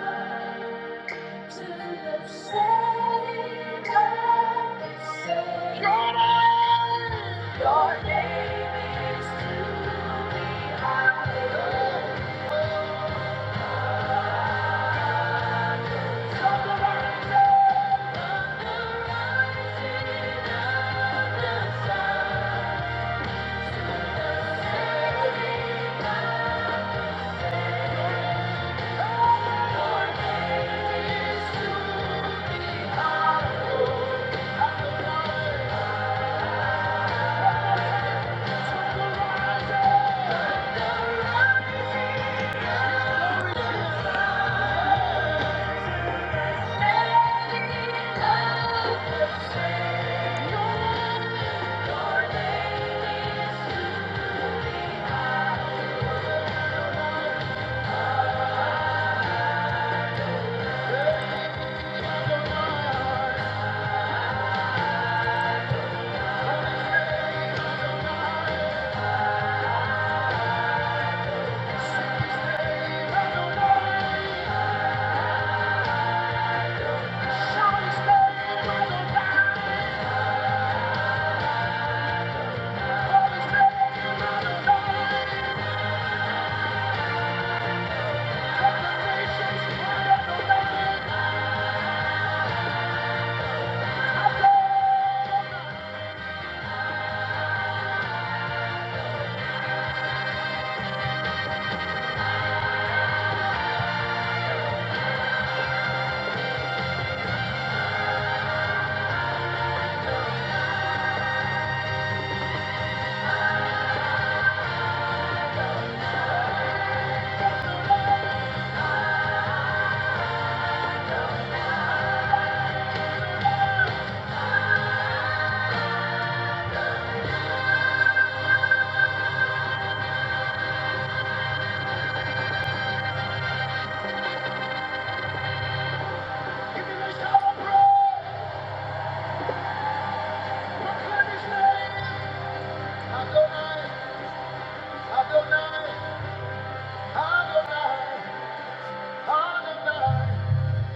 Thank you. Adonai, Adonai, Adonai,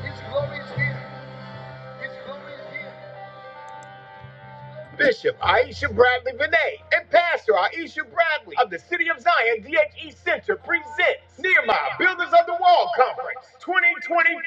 His glory is here. Bishop Aisha Bradley Vinay and Pastor Aisha Bradley of the City of Zion DHE Center presents Nehemiah Builders of the Wall Conference 2025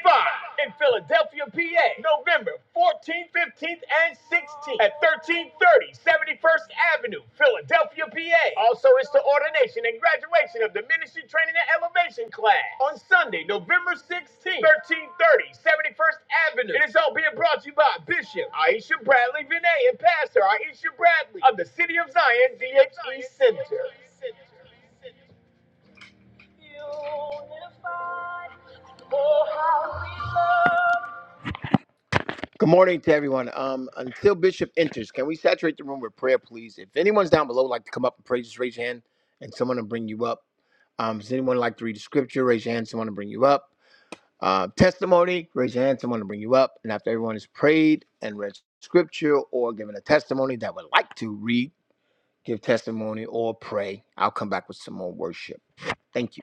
in Philadelphia, PA, November 14th, 15th, and 16th at 1330 71st Avenue, Philadelphia, PA. Also, it's the ordination and graduation of the Ministry Training and Elevation class on Sunday, November 16th, thirty, seventy first Avenue. It is all being brought to you by Bishop Aisha Bradley Vinay and Pastor Aisha Bradley of the City of Zion DHE Center. Good morning to everyone. Um, until Bishop enters, can we saturate the room with prayer, please? If anyone's down below, like to come up and pray, just raise your hand, and someone will bring you up. Um, does anyone like to read the scripture? Raise your hand. Someone will bring you up. Uh, testimony, raise your hand. Someone will bring you up. And after everyone has prayed and read scripture or given a testimony that would like to read, give testimony or pray, I'll come back with some more worship. Thank you.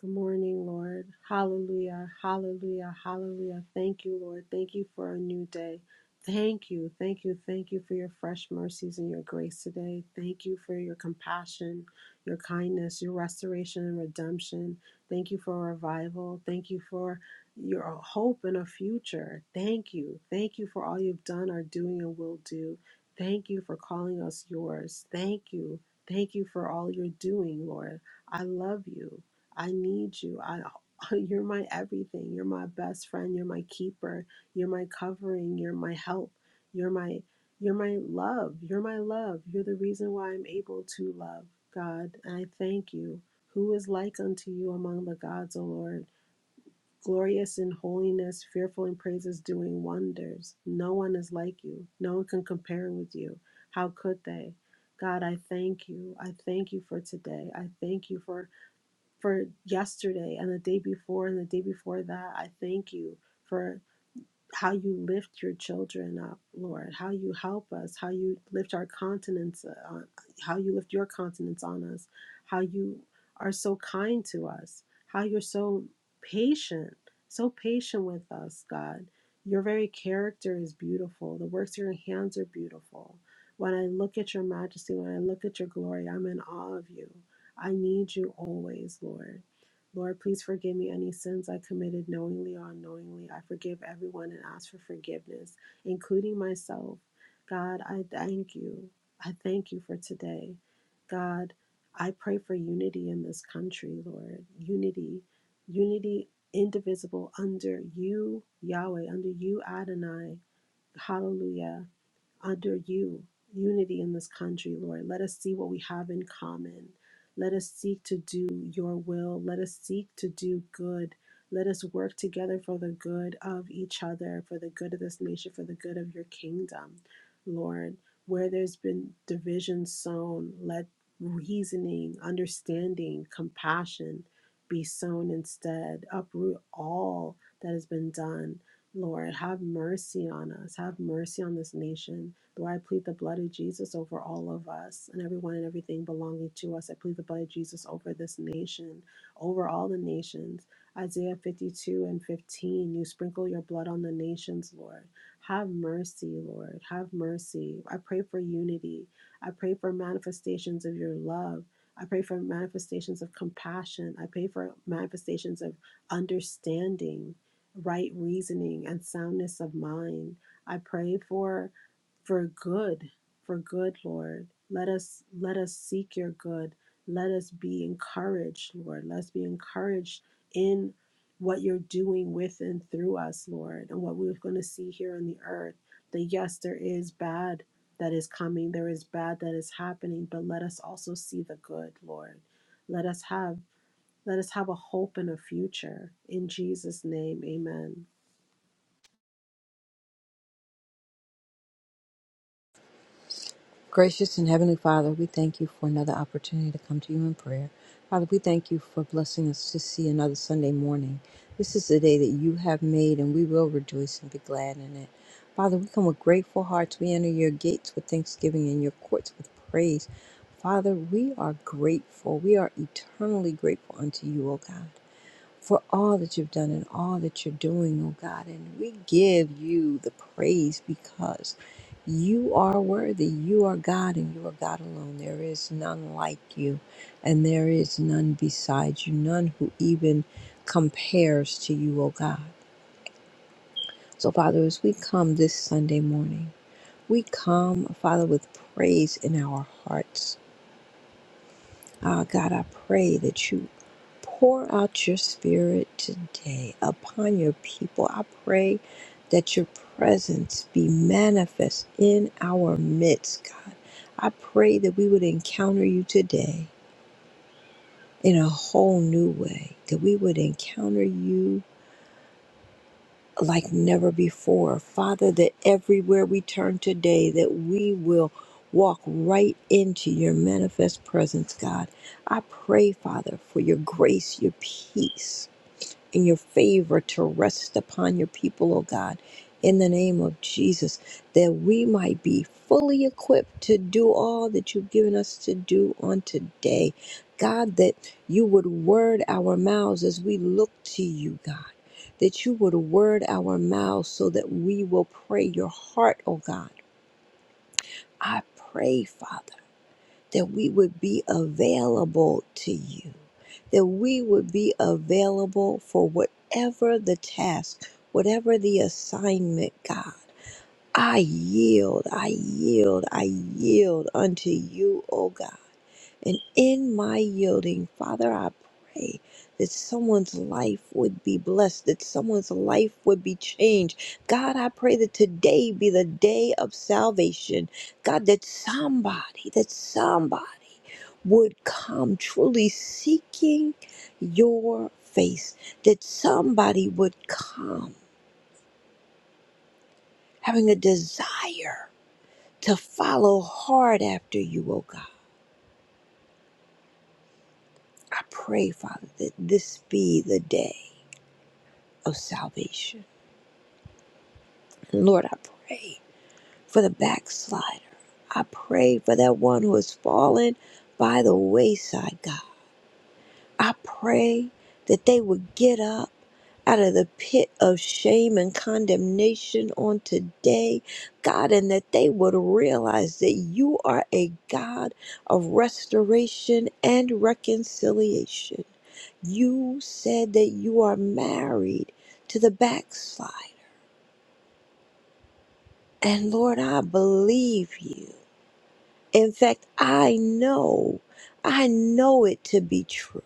Good morning, Lord. Hallelujah. Hallelujah. Hallelujah. Thank you, Lord. Thank you for a new day. Thank you. Thank you. Thank you for your fresh mercies and your grace today. Thank you for your compassion, your kindness, your restoration and redemption. Thank you for revival. Thank you for your hope and a future. Thank you. Thank you for all you've done, are doing, and will do. Thank you for calling us yours. Thank you. Thank you for all you're doing, Lord. I love you. I need you. I you're my everything. You're my best friend, you're my keeper, you're my covering, you're my help. You're my you're my love. You're my love. You're the reason why I'm able to love, God. And I thank you. Who is like unto you among the gods, O Lord? Glorious in holiness, fearful in praises, doing wonders. No one is like you. No one can compare with you. How could they? God, I thank you. I thank you for today. I thank you for for yesterday and the day before and the day before that. I thank you for how you lift your children up, Lord, how you help us, how you lift our continents, uh, how you lift your continents on us, how you are so kind to us, how you're so patient, so patient with us, God. Your very character is beautiful. The works of your hands are beautiful. When I look at your majesty, when I look at your glory, I'm in awe of you. I need you always, Lord. Lord, please forgive me any sins I committed knowingly or unknowingly. I forgive everyone and ask for forgiveness, including myself. God, I thank you. I thank you for today. God, I pray for unity in this country, Lord. Unity, unity indivisible under you, Yahweh, under you, Adonai. Hallelujah under you, unity in this country, Lord. Let us see what we have in common. Let us seek to do your will. Let us seek to do good. Let us work together for the good of each other, for the good of this nation, for the good of your kingdom, Lord. Where there's been division sown, let reasoning, understanding, compassion be sown instead. Uproot all that has been done Lord, have mercy on us. Have mercy on this nation. Lord, I plead the blood of Jesus over all of us and everyone and everything belonging to us. I plead the blood of Jesus over this nation, over all the nations. Isaiah 52 and 15, you sprinkle your blood on the nations, Lord. Have mercy, Lord. Have mercy. I pray for unity. I pray for manifestations of your love. I pray for manifestations of compassion. I pray for manifestations of understanding, right reasoning, and soundness of mind. I pray for for good for good lord let us let us seek your good let us be encouraged lord let's be encouraged in what you're doing with and through us lord and what we're going to see here on the earth that yes there is bad that is coming there is bad that is happening but let us also see the good lord let us have let us have a hope and a future in jesus name amen Gracious and Heavenly Father, we thank you for another opportunity to come to you in prayer. Father, we thank you for blessing us to see another Sunday morning. This is the day that you have made, and we will rejoice and be glad in it. Father, we come with grateful hearts. We enter your gates with thanksgiving and your courts with praise. Father, we are grateful. We are eternally grateful unto you, O God for all that you've done and all that you're doing, oh God. And we give you the praise because you are worthy. You are God and you are God alone. There is none like you, and there is none beside you, none who even compares to you, oh God. So, Father, as we come this Sunday morning, we come, Father, with praise in our hearts. Ah, God, I pray that you pour out your spirit today upon your people. I pray that your presence be manifest in our midst, God. I pray that we would encounter you today in a whole new way, that we would encounter you like never before. Father, that everywhere we turn today, that we will walk right into your manifest presence, God. I pray, Father, for your grace, your peace and your favor to rest upon your people, O God, in the name of Jesus, that we might be fully equipped to do all that you've given us to do on today. God, that you would word our mouths as we look to you, God. That you would word our mouths so that we will pray your heart, O God. I pray, Father that we would be available to you, that we would be available for whatever the task, whatever the assignment, God. I yield, I yield, I yield unto you, O God. And in my yielding, Father, I pray that someone's life would be blessed, that someone's life would be changed. God, I pray that today be the day of salvation. God, that somebody, that somebody would come truly seeking your face, that somebody would come having a desire to follow hard after you, oh God. I pray, Father, that this be the day. of salvation. And Lord, I pray for the backslider. I pray for that one who has fallen by the wayside, God. I pray that they would get up out of the pit of shame and condemnation on today, God, and that they would realize that you are a God of restoration and reconciliation. You said that you are married to the backslider. And Lord, I believe you. In fact, I know, I know it to be true.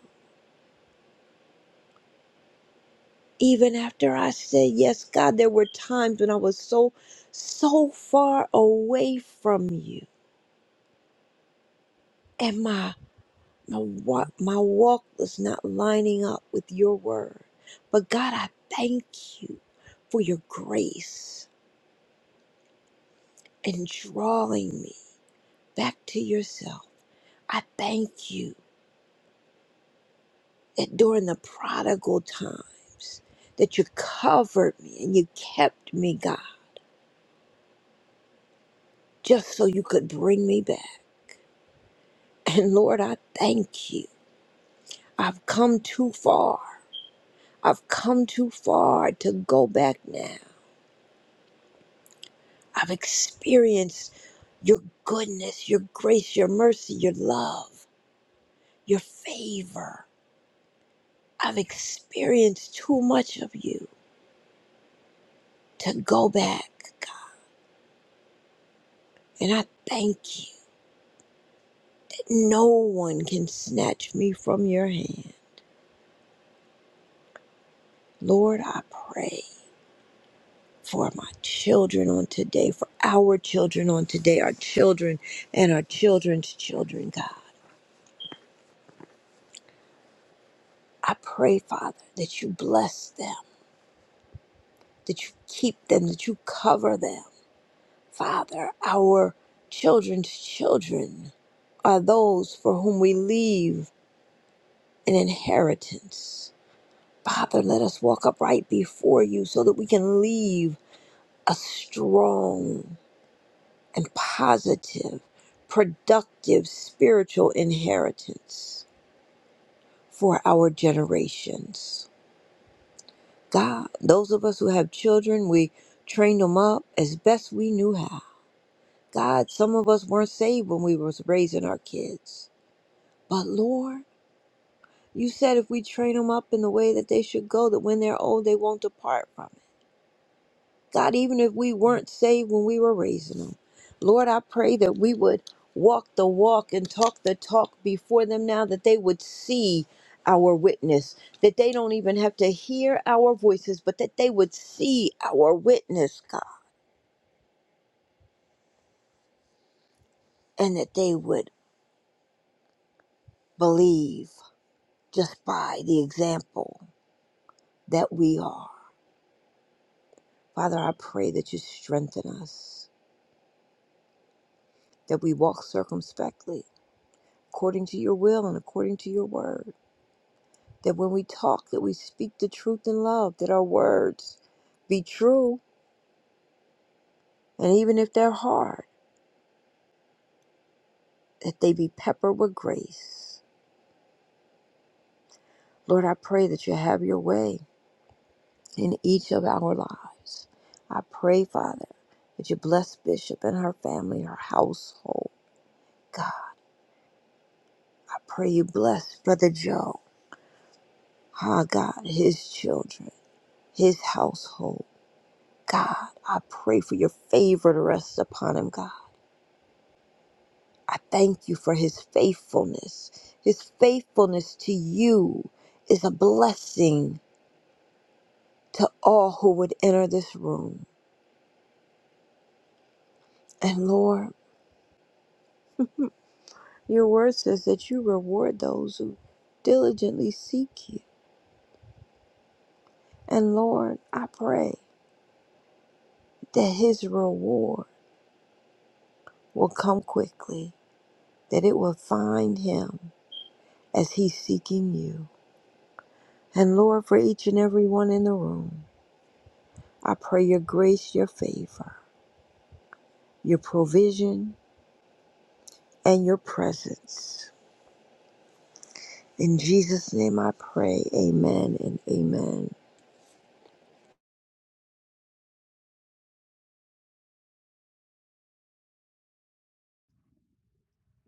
Even after I said, Yes, God, there were times when I was so, so far away from you. And my, my, wa- my walk was not lining up with your word. But God, I thank you for your grace in drawing me back to yourself. I thank you that during the prodigal times that you covered me and you kept me god just so you could bring me back and lord i thank you i've come too far i've come too far to go back now i've experienced your goodness your grace your mercy your love your favor i've experienced too much of you to go back god and i thank you No one can snatch me from your hand. Lord, I pray for my children on today, for our children on today, our children and our children's children, God. I pray, Father, that you bless them, that you keep them, that you cover them. Father, our children's children are those for whom we leave an inheritance. Father, let us walk upright before you so that we can leave a strong and positive, productive spiritual inheritance for our generations. God, those of us who have children, we trained them up as best we knew how. God, some of us weren't saved when we was raising our kids. But Lord, you said if we train them up in the way that they should go, that when they're old, they won't depart from it. God, even if we weren't saved when we were raising them. Lord, I pray that we would walk the walk and talk the talk before them now, that they would see our witness, that they don't even have to hear our voices, but that they would see our witness, God, and that they would believe just by the example that we are. Father, I pray that you strengthen us, that we walk circumspectly according to your will and according to your word that when we talk that we speak the truth in love that our words be true and even if they're hard that they be peppered with grace lord i pray that you have your way in each of our lives i pray father that you bless bishop and her family her household god i pray you bless brother joe ah god his children his household god i pray for your favor to rest upon him god I thank you for his faithfulness. His faithfulness to you is a blessing to all who would enter this room. And Lord, your word says that you reward those who diligently seek you. And Lord, I pray that his reward will come quickly, that it will find him as he's seeking you. And Lord, for each and every one in the room, I pray your grace, your favor, your provision, and your presence. In Jesus' name I pray. Amen and amen.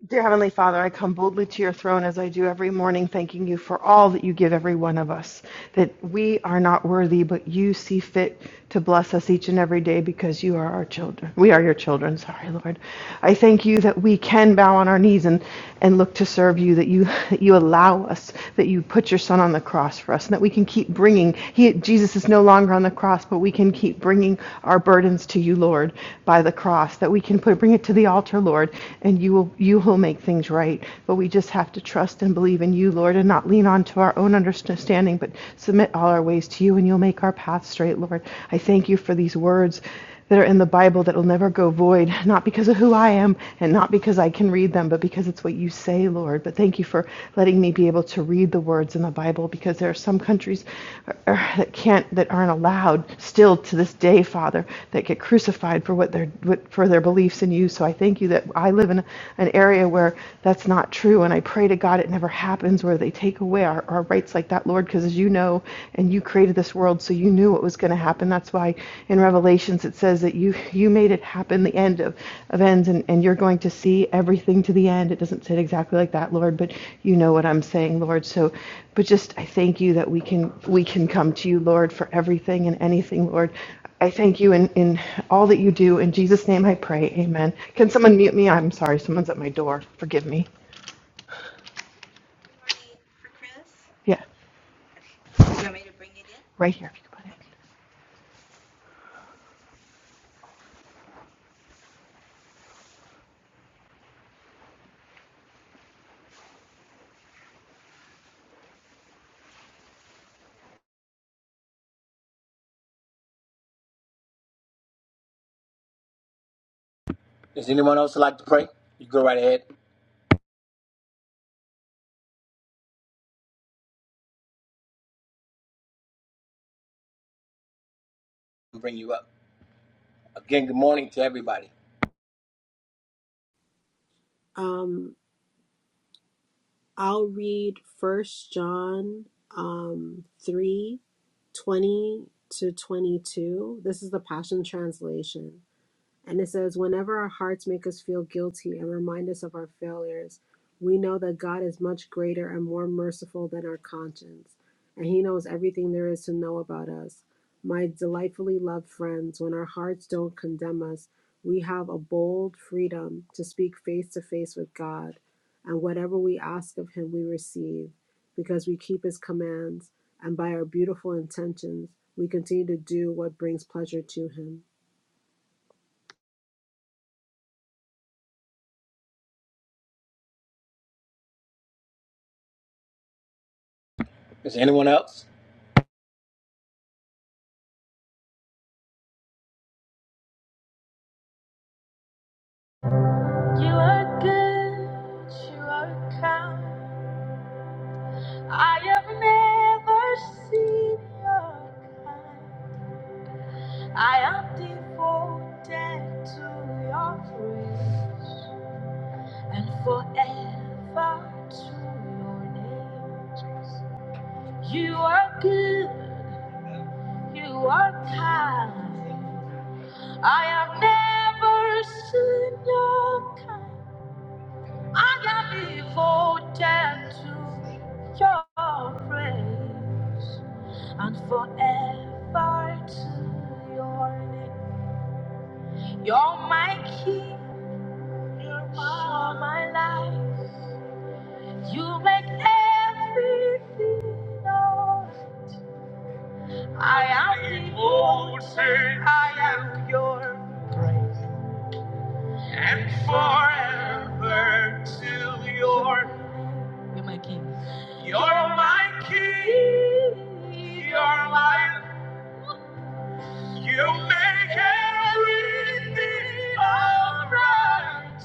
Dear Heavenly Father, I come boldly to your throne as I do every morning, thanking you for all that you give every one of us. That we are not worthy, but you see fit to bless us each and every day because you are our children. We are your children, sorry, Lord. I thank you that we can bow on our knees and, and look to serve you, that you that you allow us, that you put your son on the cross for us, and that we can keep bringing. He Jesus is no longer longer on the cross, but we can keep bringing our burdens to you, Lord, by the cross, that we can put, bring it to the altar, Lord, and you will, you will make things right. But we just have to trust and believe in you, Lord, and not lean on to our own understanding, but submit all our ways to you, and you'll make our path straight, Lord. I thank you for these words that are in the Bible that will never go void, not because of who I am and not because I can read them, but because it's what you say, Lord. But thank you for letting me be able to read the words in the Bible because there are some countries uh, uh, that can't, that aren't allowed still to this day, Father, that get crucified for what their, what, for their beliefs in you. So I thank you that I live in an area where that's not true. And I pray to God it never happens where they take away our, our rights like that, Lord, because as you know, know and you created this world so you knew what was going to happen that's why in revelations it says that you you made it happen the end of, of ends and, and you're going to see everything to the end it doesn't say it exactly like that lord but you know what i'm saying lord so but just i thank you that we can we can come to you lord for everything and anything lord I thank you in, in all that you do. In Jesus' name I pray. Amen. Can someone mute me? I'm sorry. Someone's at my door. Forgive me. Yeah, right here. If you could put it. Does anyone else like to pray? You go right ahead and bring you up. Again, good morning to everybody. Um. I'll read First John um, three twenty to twenty two. This is the Passion Translation. And it says, whenever our hearts make us feel guilty and remind us of our failures, we know that God is much greater and more merciful than our conscience, and He knows everything there is to know about us. My delightfully loved friends, when our hearts don't condemn us, we have a bold freedom to speak face to face with God, and whatever we ask of Him, we receive, because we keep His commands, and by our beautiful intentions, we continue to do what brings pleasure to Him. Is there anyone else? You are good. You are kind. I have never seen your kind. I am devoted to your grace. and forever to your name. Jesus. You are good, you are kind. I have never seen your kind. I am devoted to your praise and forever to your name. You're my king, you're my, you're my life. You make everything all right. I am devoted, I am yours, forever till your you're my king. You're my you make everything alright.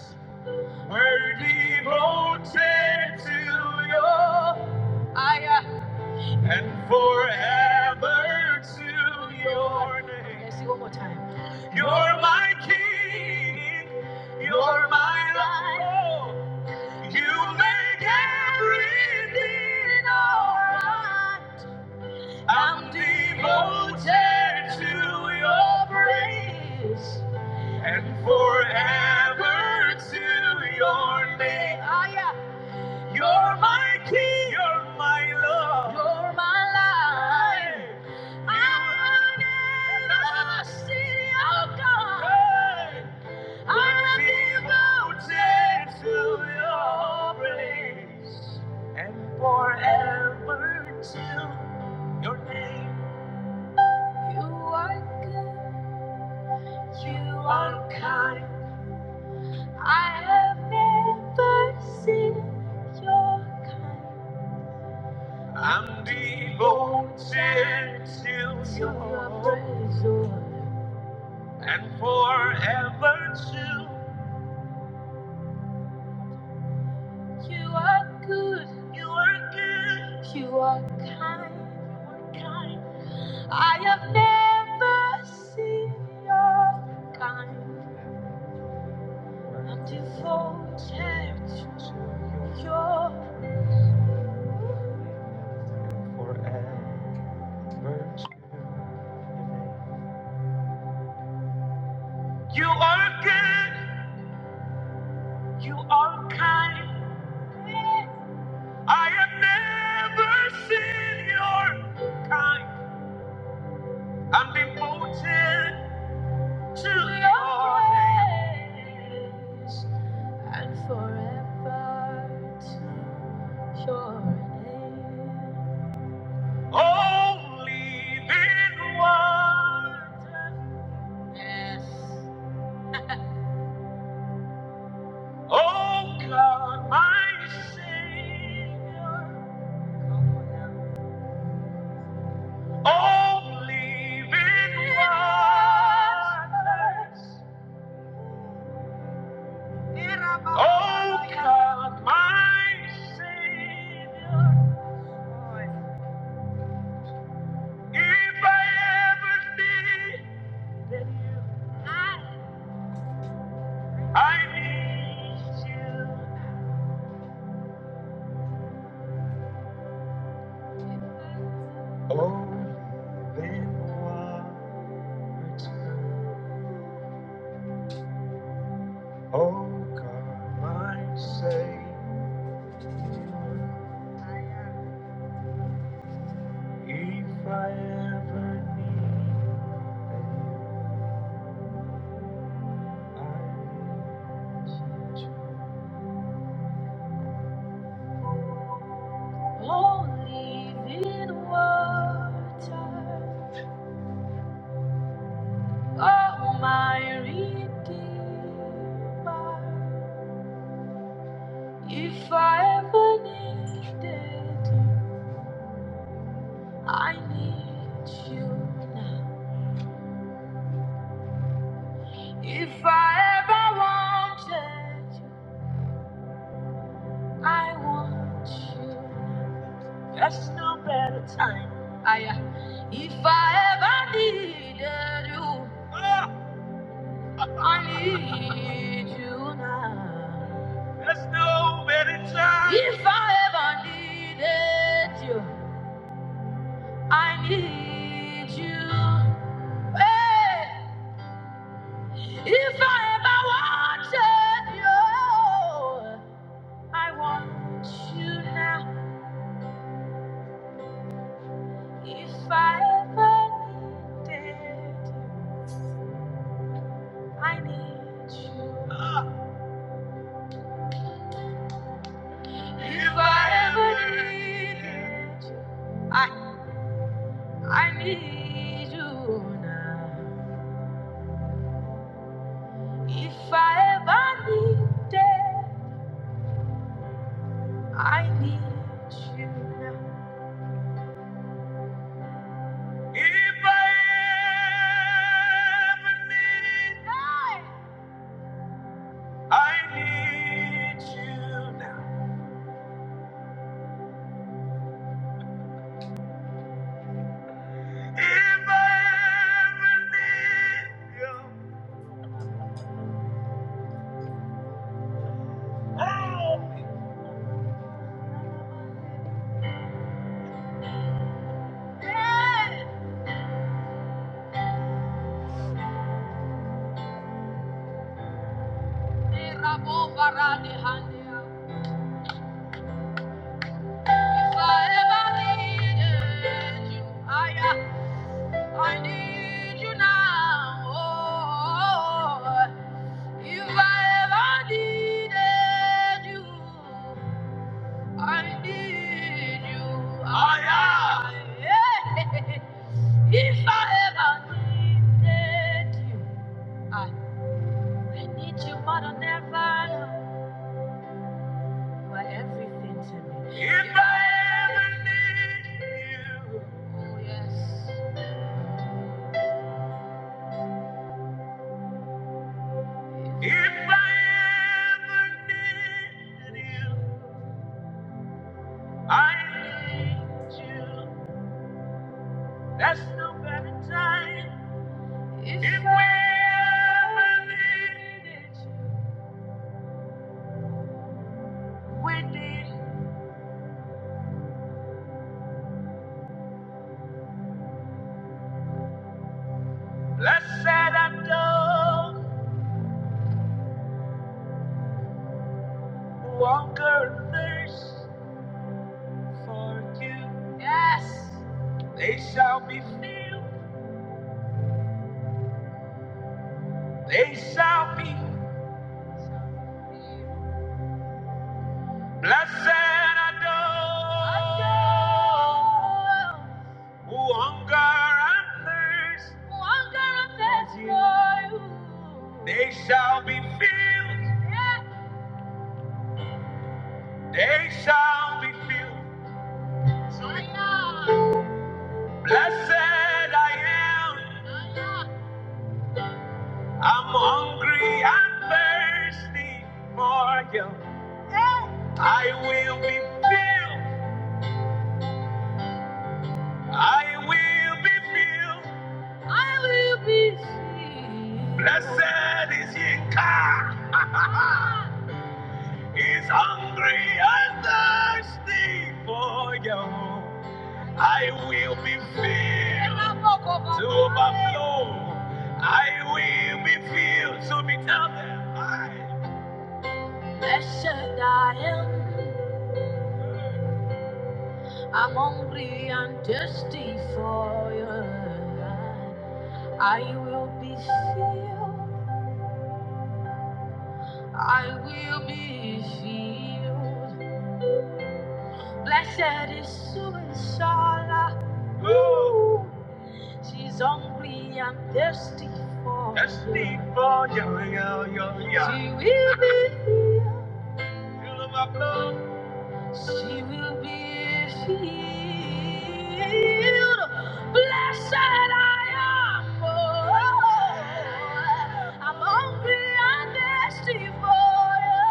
We're devoted to your and forever to your name. You're my king. You're my life. You make everything alright. I'm devoted to your praise and forever to your name. Ah, yeah. You're my king. You're my love. You're my life. I'm an city of God. Hey. I'm devoted to your praise and forever to your name. You are good, you are kind. I have never seen your kind. I'm devoted to your praise and forever to. You are good. You are good. You are kind. You are kind. I have never seen your kind. I'm devoted to your. You are good. You are kind. I have never seen your kind. I'm devoted to your your ways and forever. Sure. Only then one. Yes. Oh God, my Savior. Only then one. Oh God, my Savior. If I ever did, I need you. Then what? Oh God, my Savior, if I ever need I need you. Oh my Redeemer, if I ever needed, I need you now. If I ever wanted, I want you. now. There's no better time. I, uh, if I ever needed you, Ah. I need you now. There's no better time. If I ever needed you, I need you. Hey, if I ever wanted you, I want you now. If I ever needed you. I need you. If I ever needed you, I I need you now. If I ever need If I ever need I need you now. If I ever need you. Eh, If I ever needed you, I I need you now oh, if I ever needed you, I need you. I am. If I ever needed you, I, I need you more than ever. You are everything to me. If I ever, if I ever needed you, I need. There's no better time. If we ever need it, we need blessed and all who hunger and thirst for you. Yes. They shall be filled. They shall be blessed and all who hunger and thirst. They shall be filled. They shall be filled. Blessed I am. I'm hungry and thirsty for you. I will be filled. I will be filled. Blessed is Yinka. He's hungry and thirsty for you. I will be filled to overflow. I will be filled. So be tell them. Blessed I am. I'm hungry and thirsty for your light. I will be filled. I will be filled. Blessed is Suisala. She's hungry and thirsty for thirsty you. for you. She will be filled. She will be healed. Blessed I am. Oh, I'm hungry and thirsty for you.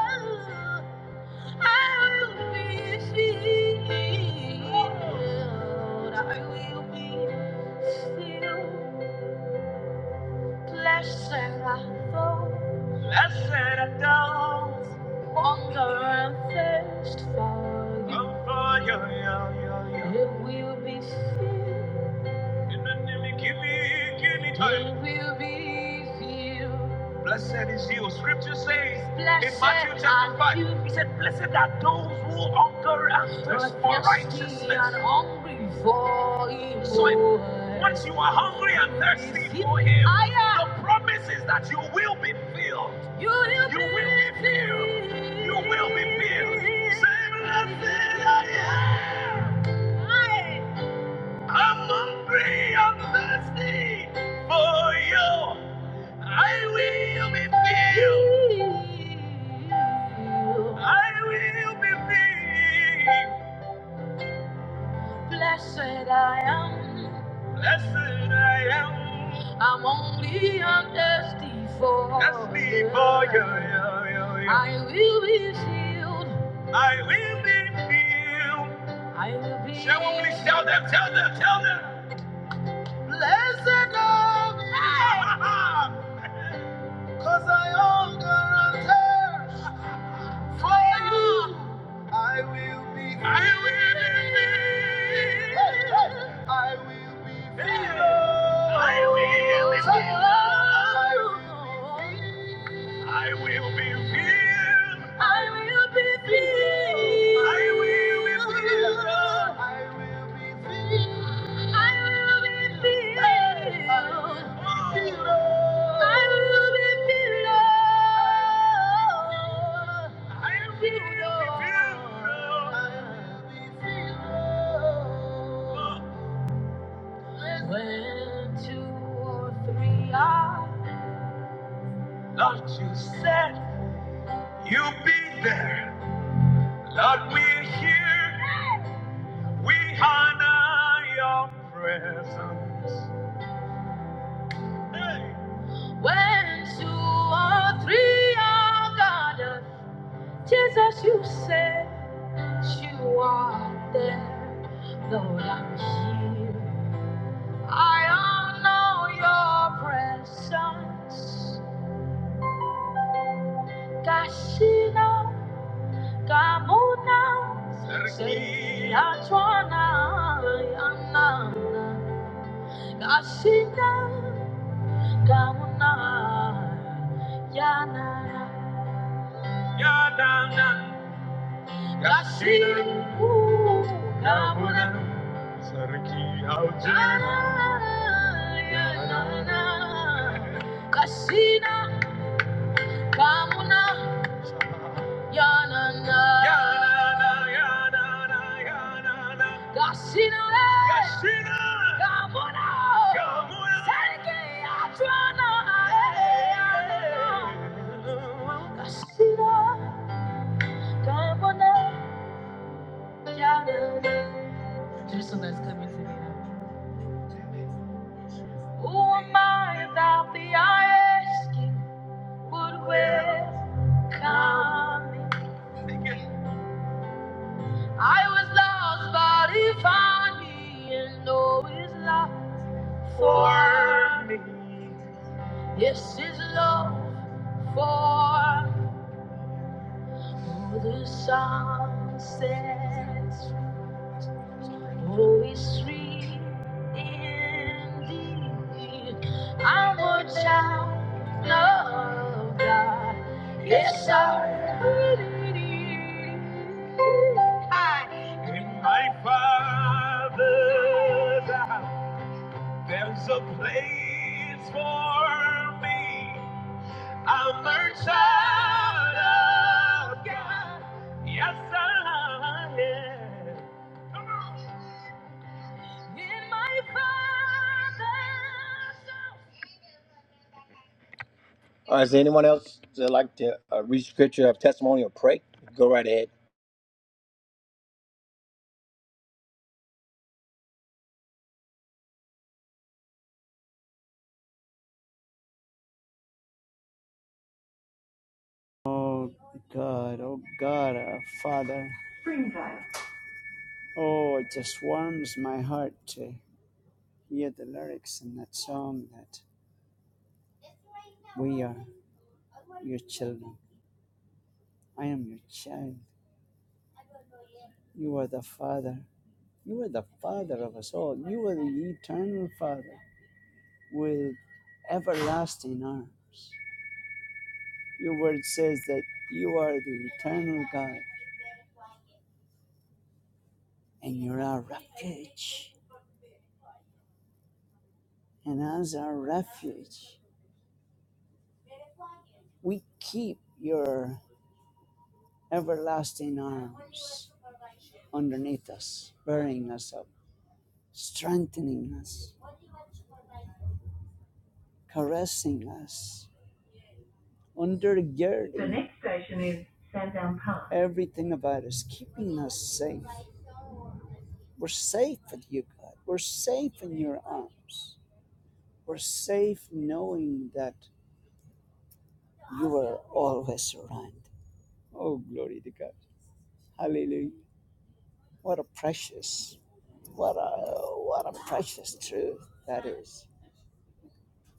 I will be healed. I will be filled. Blessed I fall, blessed I don't hunger and thirst for you. Oh, for you, you, you, you. It will be it will be filled. Blessed is you. Scripture says Blessed in Matthew chapter 5, you. he said, Blessed are those who hunger and thirst for righteousness. for him. So it- once you are hungry and thirsty for him, the promise is that you will be filled. You will You will be filled. You will be filled. Say, Blessed I am. I I'm hungry, I'm thirsty for you. I will be filled. I will be filled. Blessed I am. Blessed I am. I'm only I'm thirsty for thirsty for you. yeah, yeah, yeah. I will be filled. I will be filled. I will be. Shall we please tell them? Tell them. Tell them. Blessed of me, cause I hunger and thirst for you. I will be. I will be. I I will be filled. I will be filled. I will be filled. I will be filled. Lord, you said you'll be there. Lord, we're here. We honor your presence. Hey. When two or three are gathered, Jesus, you said you are there. Lord, I'm here. I honor your presence. Kashina, Kamuna, Sergi, Atwana, Yana, Kashina. Kauna, yana, yana, kashina, ooh, kauna, sarki aljana, kamuna, yana, yana, yana, yana, kashina, kashina, kamuna, kamuna, sarki don't wanna 덜고 남자는 Who am I about the asking Would waste come? I was lost but he found me And know his love for me Yes, his love for me. the sun sets Oh, it's Holy indeed. I'm a child of God. Yes, I really am. In my Father's house, there's a place for me. I'm a child of God. Yes, I am. Come on. All right, is there anyone else that like to uh, read scripture, have testimony, or pray? Go right ahead. Oh God, oh God, our Father. Springtime. Oh, it just warms my heart to hear the lyrics in that song that we are your children. I am your child. You are the Father. You are the Father of us all. You are the eternal Father with everlasting arm. Your word says that you are the eternal God and you're our refuge. And as our refuge, we keep your everlasting arms underneath us, bearing us up, strengthening us, caressing us, undergirding. The next station is Sandown Park. Everything about us, keeping us safe. We're safe with you, God. We're safe in your arms. We're safe knowing that you are always around. Oh, glory to God. Hallelujah. What a precious, what a, what a precious truth that is.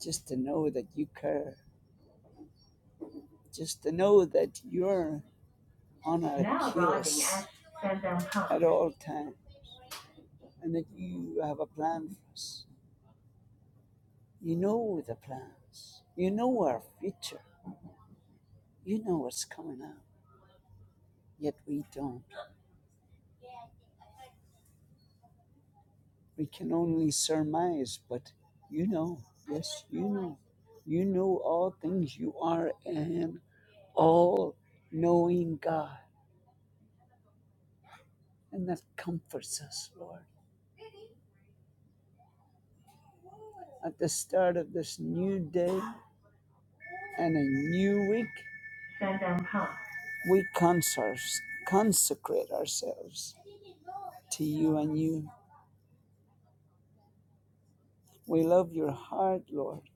just to know that you care, just to know that you're on a now course at all times and that you have a plan for us. You know the plans, you know our future, you know what's coming up, yet we don't. We can only surmise, but you know, yes, you know. You know all things, you are an all knowing God, and that comforts us, Lord. at the start of this new day and a new week, we consecrate ourselves to you and you. We love your heart, Lord.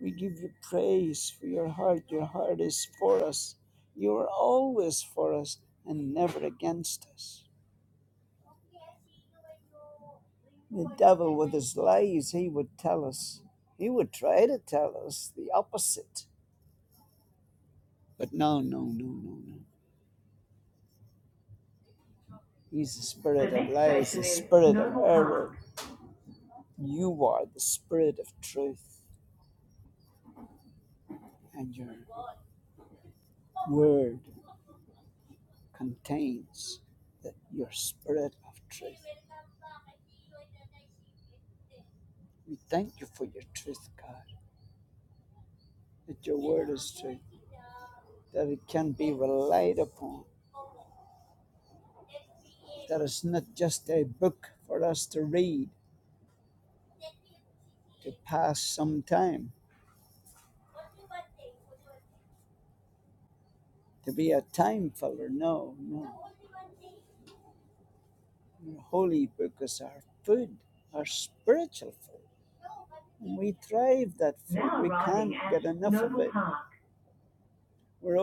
We give you praise for your heart. Your heart is for us. You are always for us and never against us. The devil, with his lies, he would tell us, he would try to tell us the opposite. But no, no, no, no, no. He's the spirit of next life, the spirit of error. You are the spirit of truth, and your word contains that your spirit of truth. We thank you for your truth, God, that your word is truth, that it can be relied upon, that it's not just a book for us to read, to pass some time, to be a time filler. No, no. Your holy book is our food, our spiritual food. We crave that food. we can't get enough of it. We're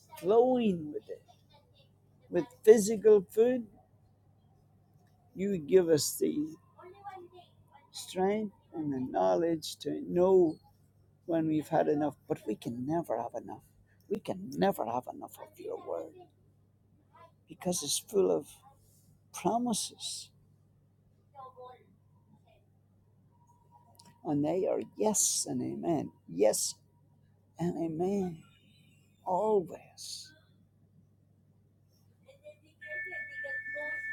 overflowing with it. With physical food, you give us the strength and the knowledge to know when we've had enough, but we can never have enough. We can never have enough of your word because it's full of promises, and they are yes and amen. Yes and amen. Always.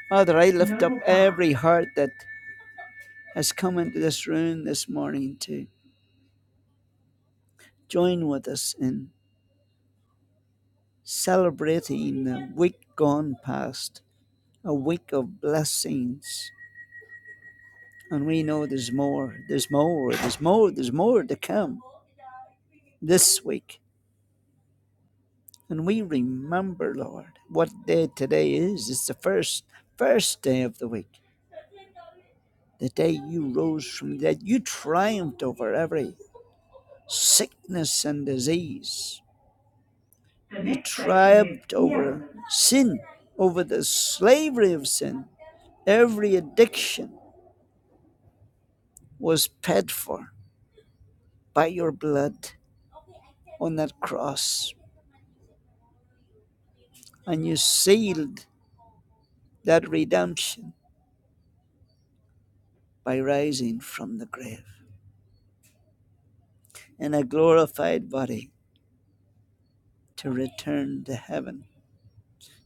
Father, I lift up every heart that has come into this room this morning to join with us in celebrating the week gone past, a week of blessings. And we know there's more, there's more, there's more, there's more to come this week. And we remember, Lord, what day today is. It's the first, first day of the week, the day you rose from the dead. You triumphed over every sickness and disease. He triumphed over sin, over the slavery of sin. Every addiction was paid for by your blood on that cross, and you sealed that redemption by rising from the grave in a glorified body to return to heaven,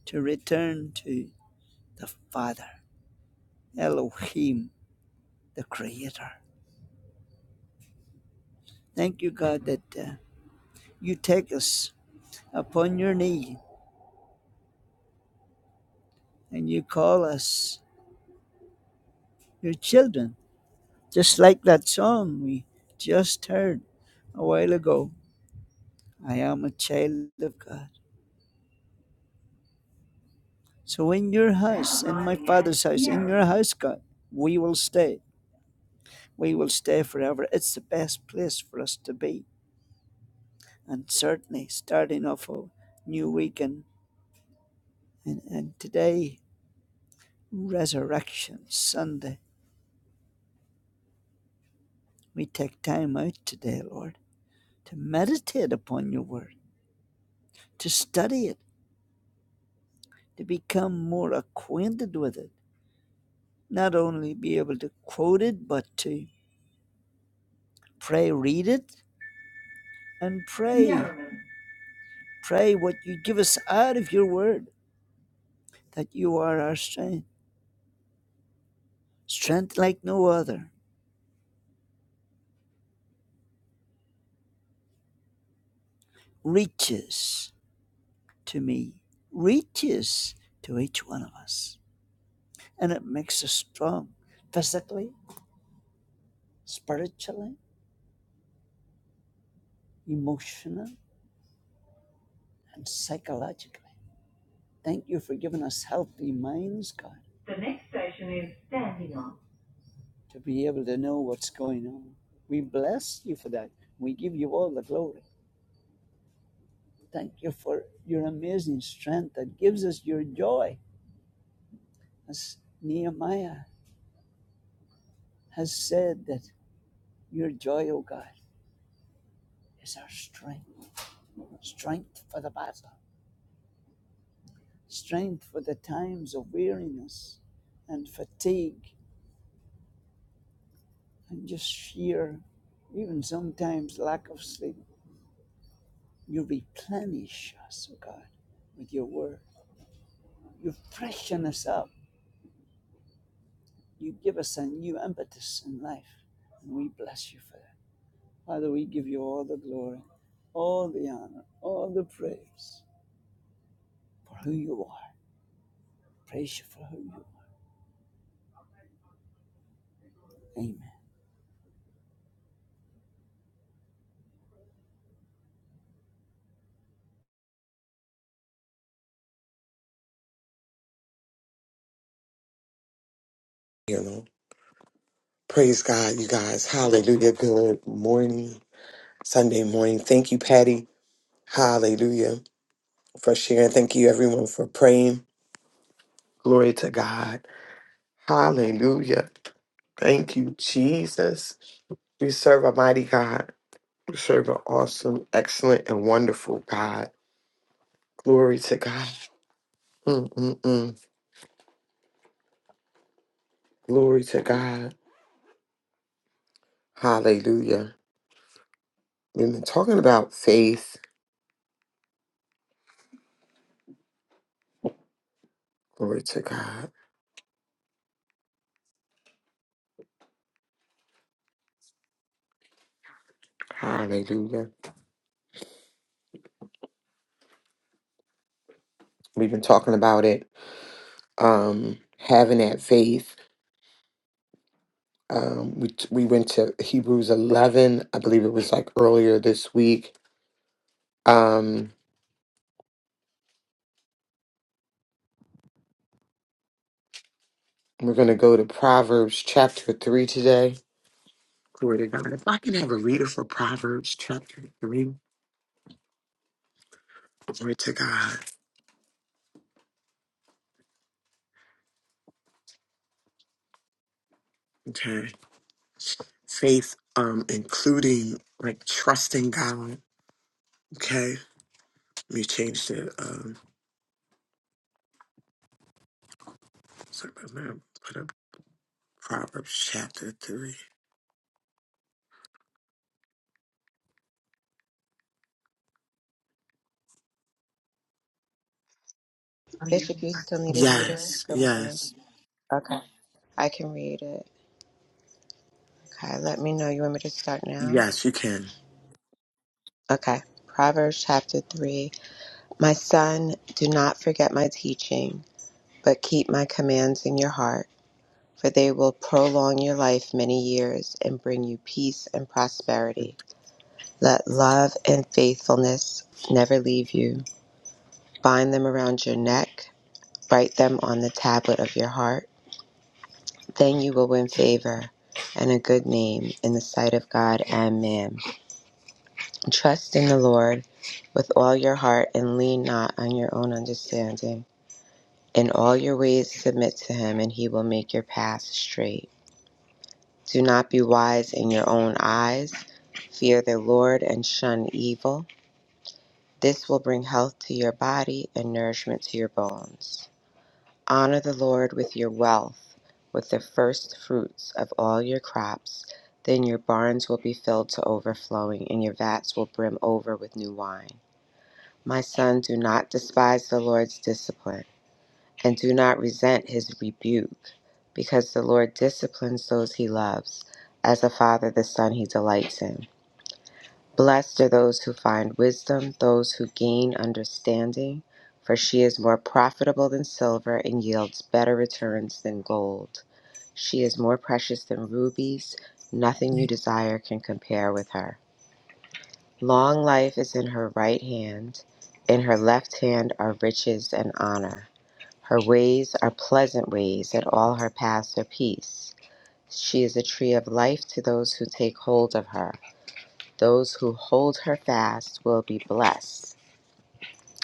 to return to the Father, Elohim, the Creator. Thank you, God, that uh, you take us upon your knee and you call us your children. Just like that song we just heard a while ago I am a child of God. So, in your house, in my father's house, in your house, God, we will stay. We will stay forever. It's the best place for us to be. And certainly, starting off a new weekend, and, and and today, Resurrection Sunday, we take time out today, Lord, to meditate upon your word, to study it to become more acquainted with it, not only be able to quote it, but to pray, read it, and pray. Yeah. Pray what you give us out of your word, that you are our strength, strength like no other, reaches to me, reaches to each one of us. And it makes us strong physically, spiritually, emotionally, and psychologically. Thank you for giving us healthy minds, God. The next station is standing on. To be able to know what's going on. We bless you for that. We give you all the glory. Thank you for your amazing strength that gives us your joy. As Nehemiah has said that your joy, O God, is our strength. Strength for the battle. Strength for the times of weariness and fatigue and just sheer, even sometimes lack of sleep. You replenish us, oh God, with your word. You freshen us up. You give us a new impetus in life. And we bless you for that. Father, we give you all the glory, all the honor, all the praise for who you are. Praise you for who you are. Amen. you know praise god you guys hallelujah good morning sunday morning thank you patty hallelujah for sharing thank you everyone for praying glory to god hallelujah thank you jesus we serve a mighty god we serve an awesome excellent and wonderful god glory to god Mm-mm-mm. glory to god hallelujah we've been talking about faith glory to god hallelujah we've been talking about it um, having that faith. Um, we we went to Hebrews eleven, I believe it was like earlier this week. Um, we're gonna go to Proverbs chapter three today. Glory to God. If I can have a reader for Proverbs chapter three, glory to God. Okay, faith, um, including like trusting God. Okay, let me change the um. Sorry about that. Put up Proverbs chapter three. Bishop, you still need a reader? Yes, Good morning. yes, Okay. I can read it. Okay. Let me know. You want me to start now? yes. You can. Okay. Proverbs chapter 3. My son, do not forget my teaching, but keep my commands in your heart, for they will prolong your life many years and bring you peace and prosperity. Let love and faithfulness never leave you. Bind them around your neck, write them on the tablet of your heart. Then you will win favor and a good name in the sight of God and man. Trust in the Lord with all your heart and lean not on your own understanding. In all your ways submit to him, and he will make your path straight. Do not be wise in your own eyes. Fear the Lord and shun evil. This will bring health to your body and nourishment to your bones. Honor the Lord with your wealth, with the first fruits of all your crops. Then your barns will be filled to overflowing, and your vats will brim over with new wine. My son, do not despise the Lord's discipline, and do not resent his rebuke, because the Lord disciplines those he loves. As a father, the son he delights in. Blessed are those who find wisdom, those who gain understanding, for she is more profitable than silver and yields better returns than gold. She is more precious than rubies, nothing you desire can compare with her. Long life is in her right hand, in her left hand are riches and honor. Her ways are pleasant ways, and all her paths are peace. She is a tree of life to those who take hold of her. Those who hold her fast will be blessed.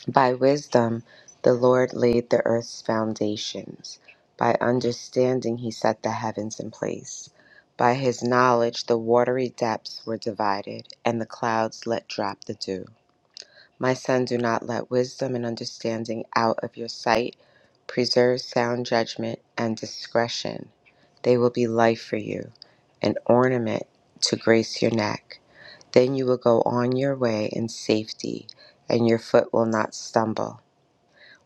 By wisdom, the Lord laid the earth's foundations. By understanding, he set the heavens in place. By his knowledge, the watery depths were divided, and the clouds let drop the dew. My son, do not let wisdom and understanding out of your sight. Preserve sound judgment and discretion. They will be life for you, an ornament to grace your neck. Then you will go on your way in safety, and your foot will not stumble.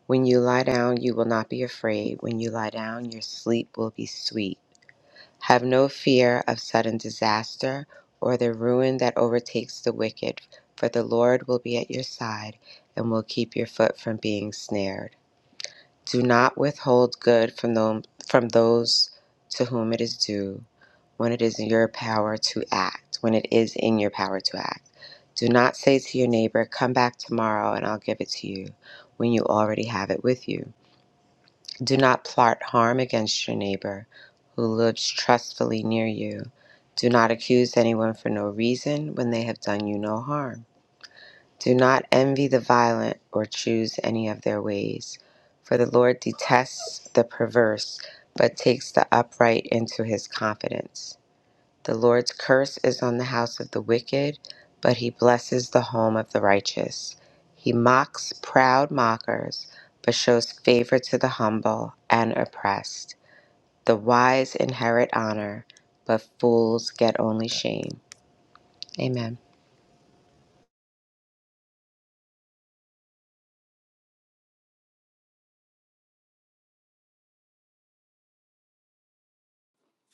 When you lie down, you will not be afraid. When you lie down, your sleep will be sweet. Have no fear of sudden disaster or the ruin that overtakes the wicked, for the Lord will be at your side and will keep your foot from being snared. Do not withhold good from them from those to whom it is due when it is in your power to act, when it is in your power to act. Do not say to your neighbor, Come back tomorrow and I'll give it to you, when you already have it with you. Do not plot harm against your neighbor who lives trustfully near you. Do not accuse anyone for no reason when they have done you no harm. Do not envy the violent or choose any of their ways, for the Lord detests the perverse, but takes the upright into his confidence. The Lord's curse is on the house of the wicked, but he blesses the home of the righteous. He mocks proud mockers, but shows favor to the humble and oppressed. The wise inherit honor, but fools get only shame. Amen.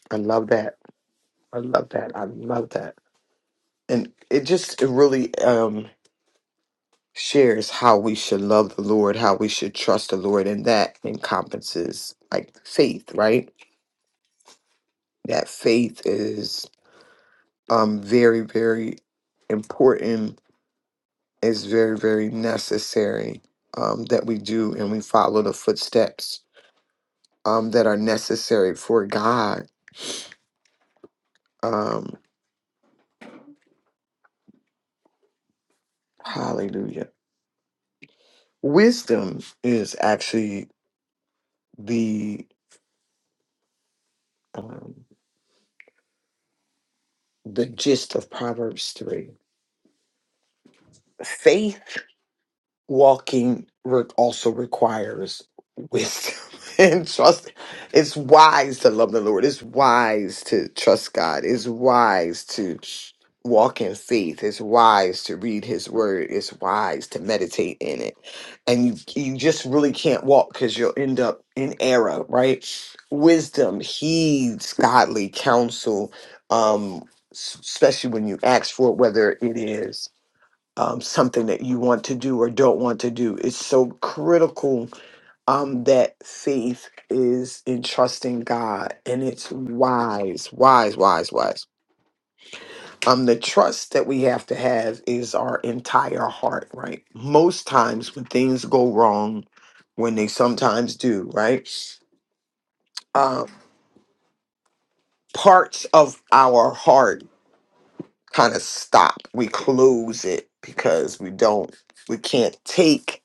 I love that. I love that. I love that. And it just it really um shares how we should love the Lord, how we should trust the Lord, and that encompasses like faith, right? That faith is um very, very important, is very, very necessary um that we do and we follow the footsteps um that are necessary for God. Um hallelujah. Wisdom is actually the um, the gist of Proverbs 3. Faith walking re- also requires wisdom and trust. It's wise to love the Lord. It's wise to trust God. It's wise to walk in faith. It's wise to read His Word. It's wise to meditate in it. And you, you just really can't walk because you'll end up in error, right? Wisdom heeds godly counsel, um, s- especially when you ask for it, whether it is um, something that you want to do or don't want to do. It's so critical um, that faith is in trusting God, and it's wise, wise, wise, wise. Um, the trust that we have to have is our entire heart, right? Most times when things go wrong, when they sometimes do, right? Uh, parts of our heart kind of stop. We close it because we don't, we can't take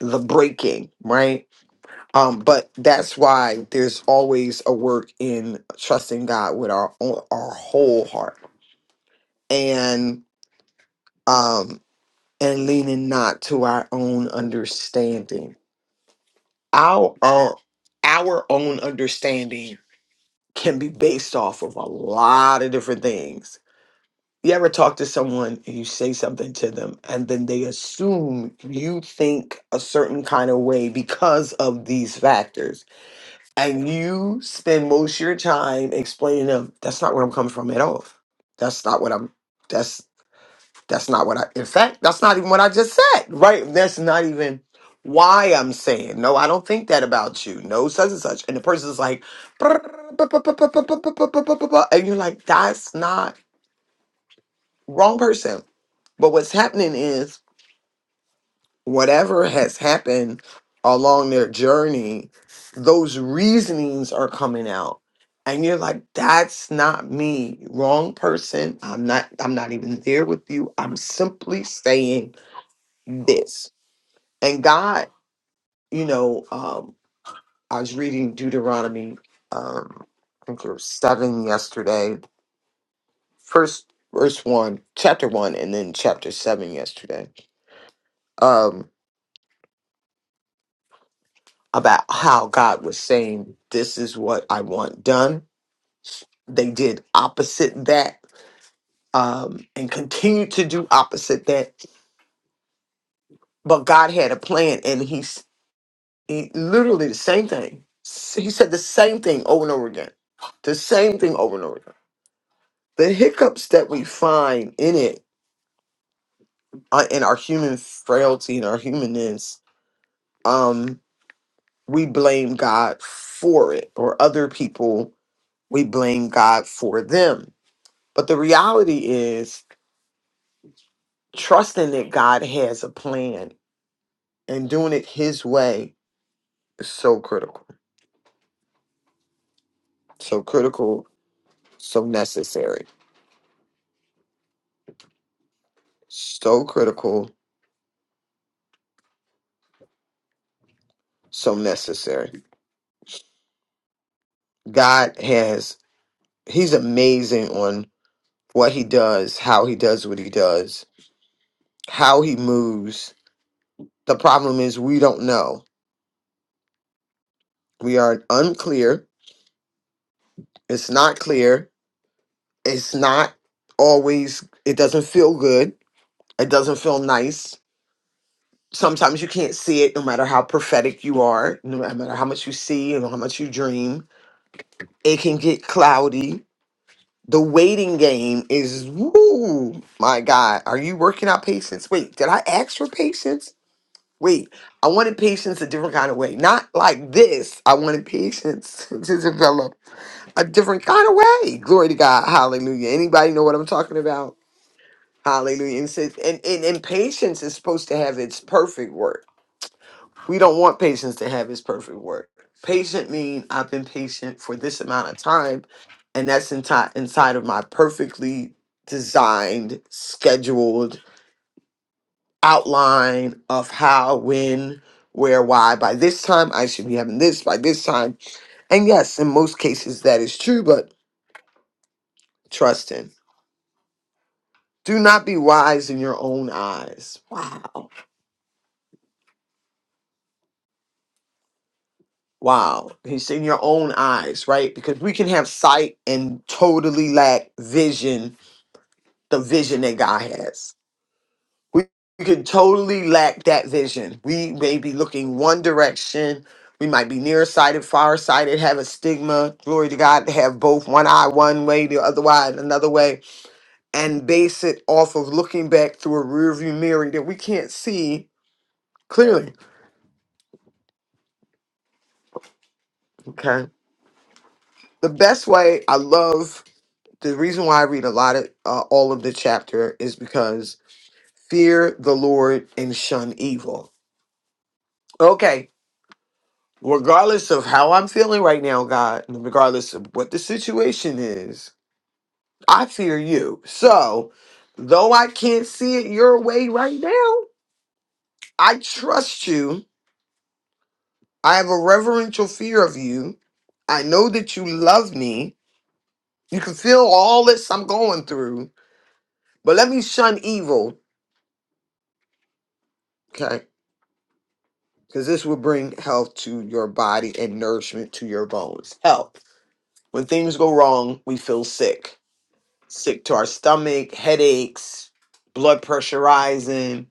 the breaking, right? Um, but that's why there's always a work in trusting God with our own, our whole heart and um and leaning not to our own understanding. Our own, our own understanding can be based off of a lot of different things. You ever talk to someone and you say something to them and then they assume you think a certain kind of way because of these factors and you spend most of your time explaining to them that's not where i'm coming from at all that's not what i'm that's that's not what i in fact that's not even what i just said right that's not even why i'm saying no i don't think that about you no such and such and the person's like and you're like that's not wrong person but what's happening is whatever has happened along their journey, those reasonings are coming out. And you're like, that's not me. Wrong person. I'm not, I'm not even there with you. I'm simply saying this. And God, you know, um, I was reading Deuteronomy, um, I think it was seven yesterday, first verse one, chapter one, and then chapter seven yesterday. Um, about how God was saying, This is what I want done. They did opposite that um, and continued to do opposite that. But God had a plan, and He's he literally the same thing. S- He said the same thing over and over again, the same thing over and over again. The hiccups that we find in it, uh, in our human frailty and our humanness, um, we blame God for it, or other people, we blame God for them But the reality is, trusting that God has a plan and doing it His way is so critical. So critical, so necessary. So critical, so necessary. God has, He's amazing on what He does, how He does what He does, how He moves. The problem is, we don't know. We are unclear. It's not clear. It's not always, it doesn't feel good. It doesn't feel nice sometimes you can't see it no matter how prophetic you are, no matter how much you see and how much you dream. It can get cloudy. The waiting game is, woo, my God, are you working out patience? Wait, did I ask for patience? Wait, I wanted patience a different kind of way. Not like this. I wanted patience to develop a different kind of way. Glory to God. Hallelujah. Anybody know what I'm talking about? Hallelujah. And, it says- and, and, and patience is supposed to have its perfect work We don't want patients to have his perfect work. Patient mean I've been patient for this amount of time, and that's inside inside of my perfectly designed, scheduled outline of how, when, where, why. By this time, I should be having this. By this time, and yes, in most cases that is true. But trust in. Do not be wise in your own eyes. Wow. Wow. He's in your own eyes, right? Because we can have sight and totally lack vision the vision that God has. We, we can totally lack that vision. We may be looking one direction. We might be nearsighted, farsighted, have a stigma. Glory to God to have both one eye one way, the other eye another way, and base it off of looking back through a rearview mirror that we can't see clearly. Okay. The best way I love the reason why I read a lot of uh, all of the chapter is because fear the Lord and shun evil. Okay, regardless of how I'm feeling right now, God, and regardless of what the situation is, I fear you. So, though I can't see it your way right now, I trust you. I have a reverential fear of you. I know that you love me. You can feel all this I'm going through, but let me shun evil, okay? Because this will bring health to your body and nourishment to your bones. Health. When things go wrong, we feel sick sick to our stomach, headaches, blood pressure rising,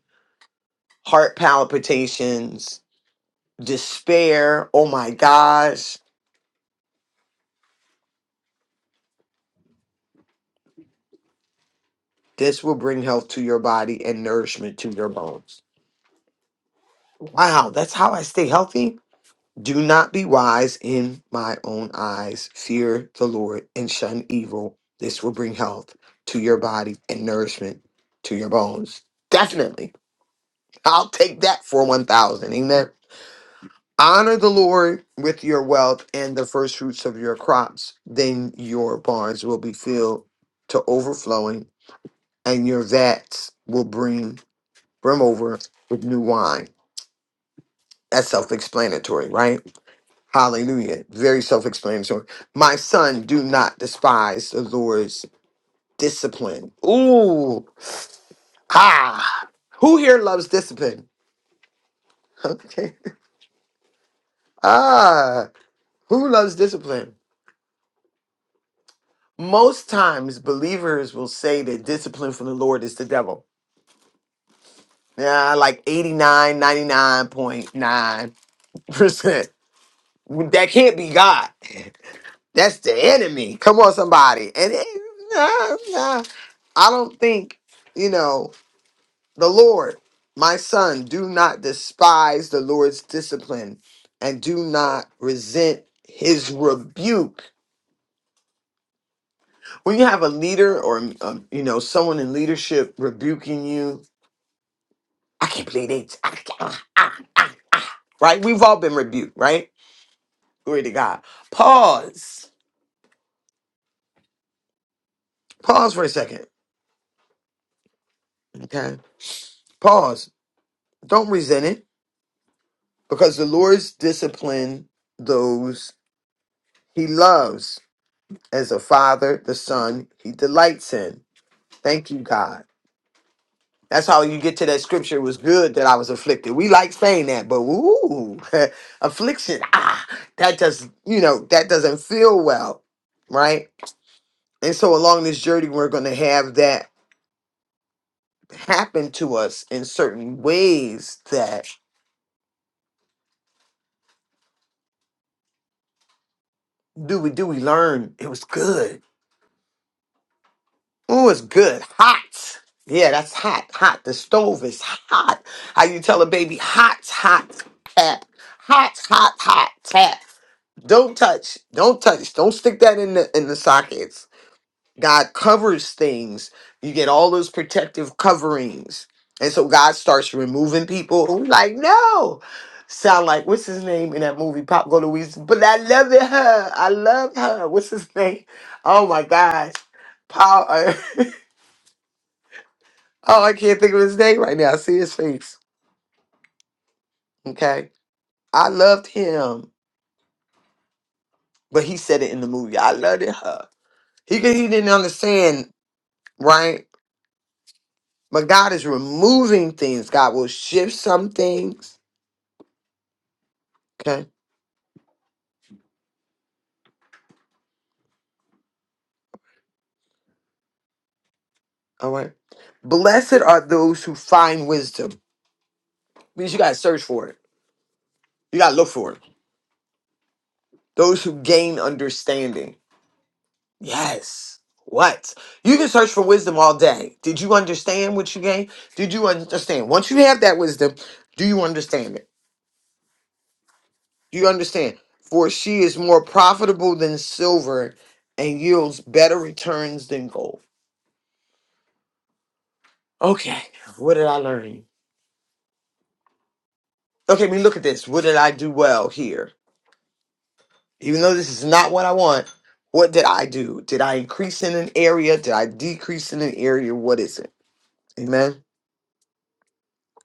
heart palpitations, despair. Oh my gosh. This will bring health to your body and nourishment to your bones. Wow, that's how I stay healthy. Do not be wise in my own eyes. Fear the Lord and shun evil. This will bring health to your body and nourishment to your bones. Definitely. I'll take that for 1,000. Amen. Honor the Lord with your wealth and the first fruits of your crops. Then your barns will be filled to overflowing, and your vats will brim brim over with new wine. That's self-explanatory, right? Hallelujah. Very self-explanatory. My son, do not despise the Lord's discipline. Ooh. Ah. Who here loves discipline? Okay. Ah. Who loves discipline? most times believers will say that discipline from the Lord is the devil. Yeah, like eighty-nine, ninety-nine point nine percent That can't be God. That's the enemy. Come on, somebody. And it, nah, nah. I don't think, you know, the Lord, my son, do not despise the Lord's discipline and do not resent his rebuke. When you have a leader or, um, you know, someone in leadership rebuking you I can't believe they. I ah, ah. Right? We've all been rebuked, right? Glory to God. Pause. Pause for a second. Okay. Pause. Don't resent it because the Lord's discipline those he loves as a father, the son he delights in. Thank you, God. That's how you get to that scripture. It was good that I was afflicted. We like saying that, but ooh, affliction. Ah, that just, you know, that doesn't feel well, right? And so along this journey, we're going to have that happen to us in certain ways that do we do we learn it was good. Oh, it's good. Hot. Yeah, that's hot. Hot. The stove is hot. How you tell a baby hot, hot, tap. Hot, hot, hot, tap. Don't touch. Don't touch. Don't stick that in the in the sockets God covers things. You get all those protective coverings. And so God starts removing people who like, no. Sound like what's his name in that movie, Pop Go Louise? But I love it, her. I love her. What's his name? Oh my gosh. Paul uh, Oh, I can't think of his name right now. I see his face. Okay. I loved him. But he said it in the movie. I loved it, her. He he didn't understand, right? But God is removing things. God will shift some things Okay. All right. Blessed are those who find wisdom. Means you gotta search for it. You gotta look for it. Those who gain understanding. Yes. What? You can search for wisdom all day. Did you understand what you gained? Did you understand? Once you have that wisdom, do you understand it? Do you understand? For she is more profitable than silver and yields better returns than gold. Okay. What did I learn? Okay, I mean, look at this. What did I do well here? even though this is not what I want, what did I do? Did I increase in an area? Did I decrease in an area? What is it? Amen.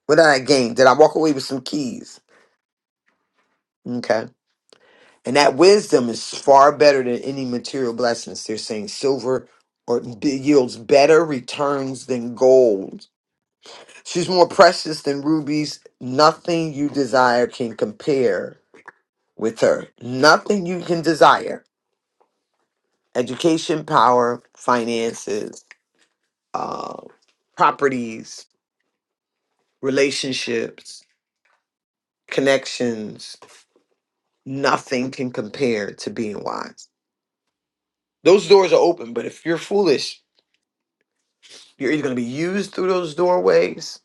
What did I gain? Did I walk away with some keys? Okay. And that wisdom is far better than any material blessings. They're saying silver or b- yields better returns than gold. She's more precious than rubies. Nothing you desire can compare with her. Nothing you can desire. Education, power, finances, uh, properties, relationships, connections. Nothing can compare to being wise. Those doors are open, but if you're foolish, you're either going to be used through those doorways,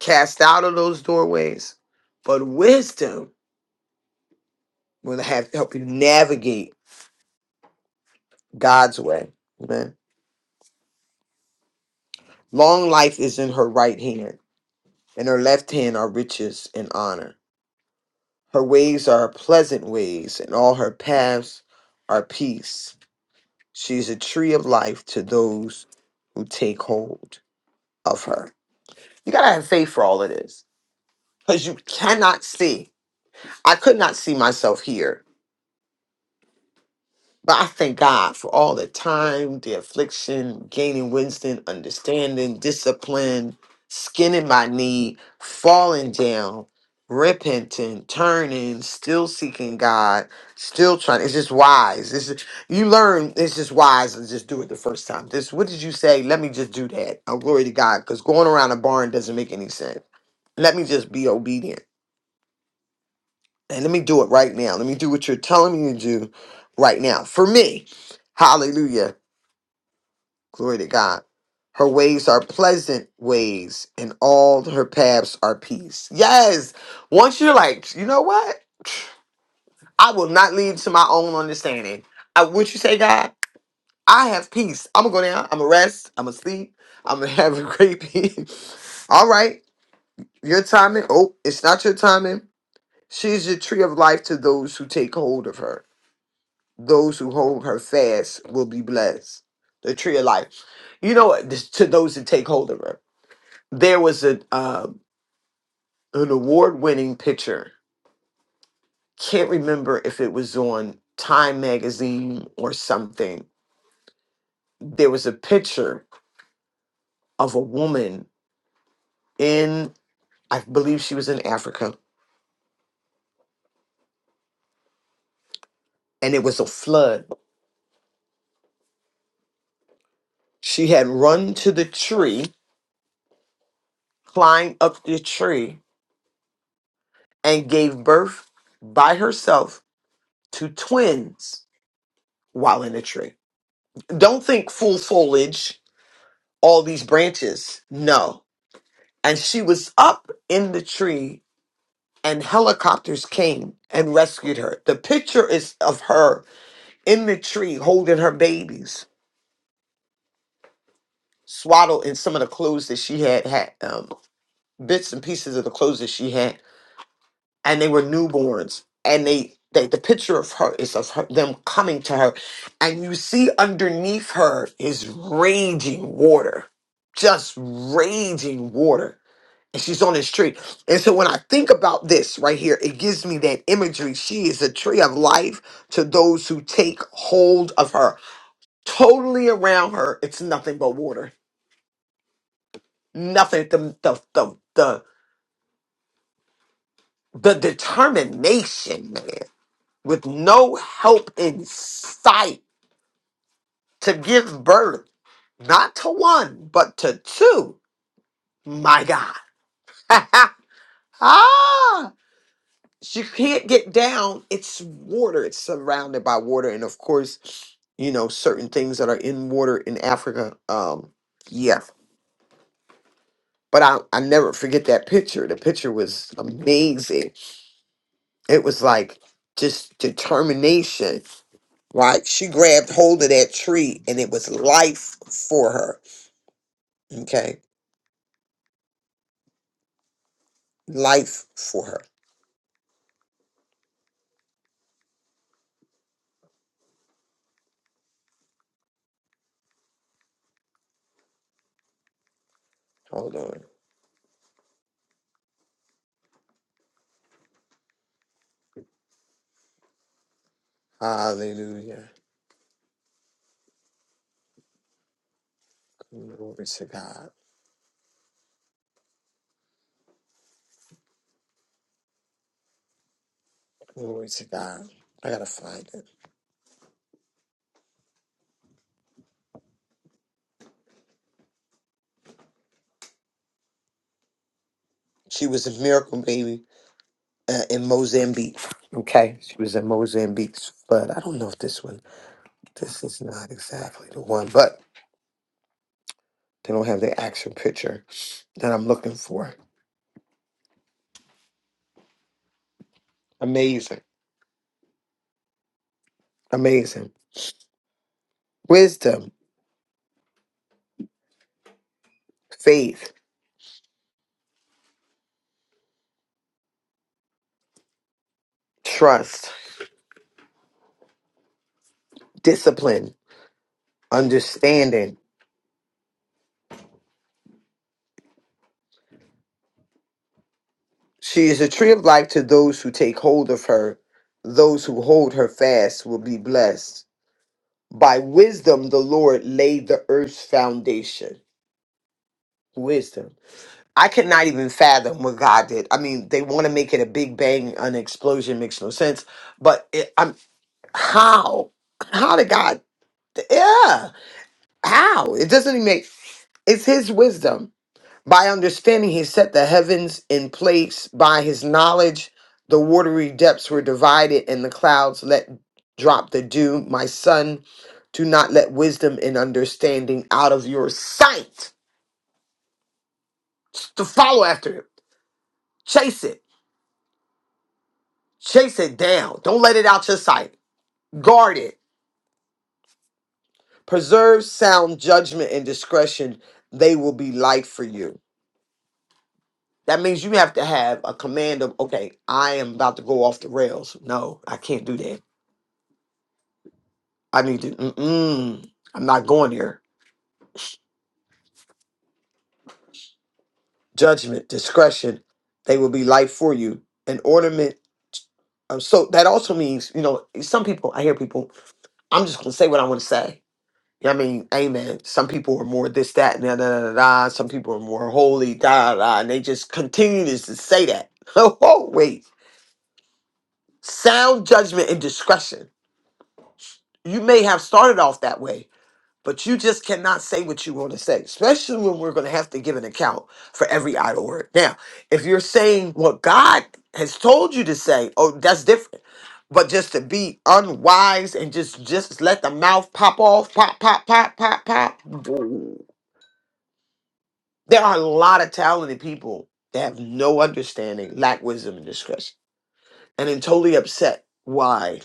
cast out of those doorways. But wisdom will have help you navigate God's way. Amen. Long life is in her right hand, and her left hand are riches and honor. Her ways are pleasant ways, and all her paths are peace. She's a tree of life to those who take hold of her. You gotta have faith for all of this because you cannot see. I could not see myself here But I thank God for all the time, the affliction, gaining wisdom, understanding, discipline, skinning my knee, falling down, repenting, turning, still seeking God, still trying. It's just wise. This is you learn. It's just wise to just do it the first time. This. What did you say? Let me just do that. Oh, glory to God, because going around a barn doesn't make any sense. Let me just be obedient and let me do it right now. Let me do what you're telling me to do right now for me. Hallelujah Glory to God. Her ways are pleasant ways, and all her paths are peace. Yes. Once you're like, you know what? I will not lean to my own understanding. I would you say, God, I have peace. I'm gonna go down, I'm gonna rest, I'm gonna sleep, I'm gonna have a great peace. all right. Your timing. Oh, it's not your timing. She's the tree of life to those who take hold of her. Those who hold her fast will be blessed. The tree of life. You know what? This- To those that take hold of her. there was a uh, an award winning picture. Can't remember if it was on Time magazine or something. There was a picture of a woman in, I believe she was in Africa, and it was a flood. She had run to the tree, climbed up the tree, and gave birth by herself to twins while in the tree. Don't think full foliage, all these branches. No, and she was up in the tree and helicopters came and rescued her the picture is of her in the tree holding her babies swaddled in some of the clothes that she had had um, bits and pieces of the clothes that she had and they were newborns and they, they the picture of her is of her, them coming to her and you see underneath her is raging water just raging water and she's on this tree. And so when I think about this right here, it gives me that imagery. She is a tree of life to those who take hold of her. Totally around her, it's nothing but water. Nothing. The the the the, the determination, man, with no help in sight to give birth, not to one, but to two. My God. ah! she can't get down. It's water. It's surrounded by water, and of course, you know certain things that are in water in Africa. Um, yeah, but I I never forget that picture. The picture was amazing. It was like just determination. Like she grabbed hold of that tree, and it was life for her. Okay, life for her. Hold on. Hallelujah. Glory to God. Glory to God. I gotta find it. She was a miracle baby uh, in Mozambique. Okay, she was in Mozambique, but I don't know if this one, this is not exactly the one, but they don't have the action picture that I'm looking for. Amazing, amazing. Wisdom, faith, trust, discipline, understanding. She is a tree of life to those who take hold of her. Those who hold her fast will be blessed. By wisdom, the Lord laid the earth's foundation. Wisdom. I could not even fathom what God did. I mean, they want to make it a big bang, an explosion makes no sense. But it, I'm how? How did God? Yeah, how? It doesn't even make. It's His wisdom. By understanding, He set the heavens in place. By His knowledge, the watery depths were divided, and the clouds let drop the dew. My son, do not let wisdom and understanding out of your sight. Just to follow after it, chase it. Chase it down. Don't let it out your sight. Guard it. Preserve sound judgment and discretion. They will be light for you. That means you have to have a command of, okay, I am about to go off the rails. No, I can't do that. I need to, mm-mm, I'm not going there. Judgment, discretion, they will be light for you. An ornament. Um, so that also means, you know, some people, I hear people, I'm just going to say what I want to say I mean, amen. Some people are more this, that, and da, da, da, da. da. Some people are more holy, da, da, da. And they just continue to s- say that. oh, wait. Sound judgment and discretion. You may have started off that way, but you just cannot say what you want to say, especially when we're going to have to give an account for every idle word. Now, if you're saying what God has told you to say, oh, that's different. But just to be unwise and just just let the mouth pop off, pop, pop, pop, pop, pop. There are a lot of talented people that have no understanding, lack wisdom and discretion, and then totally upset why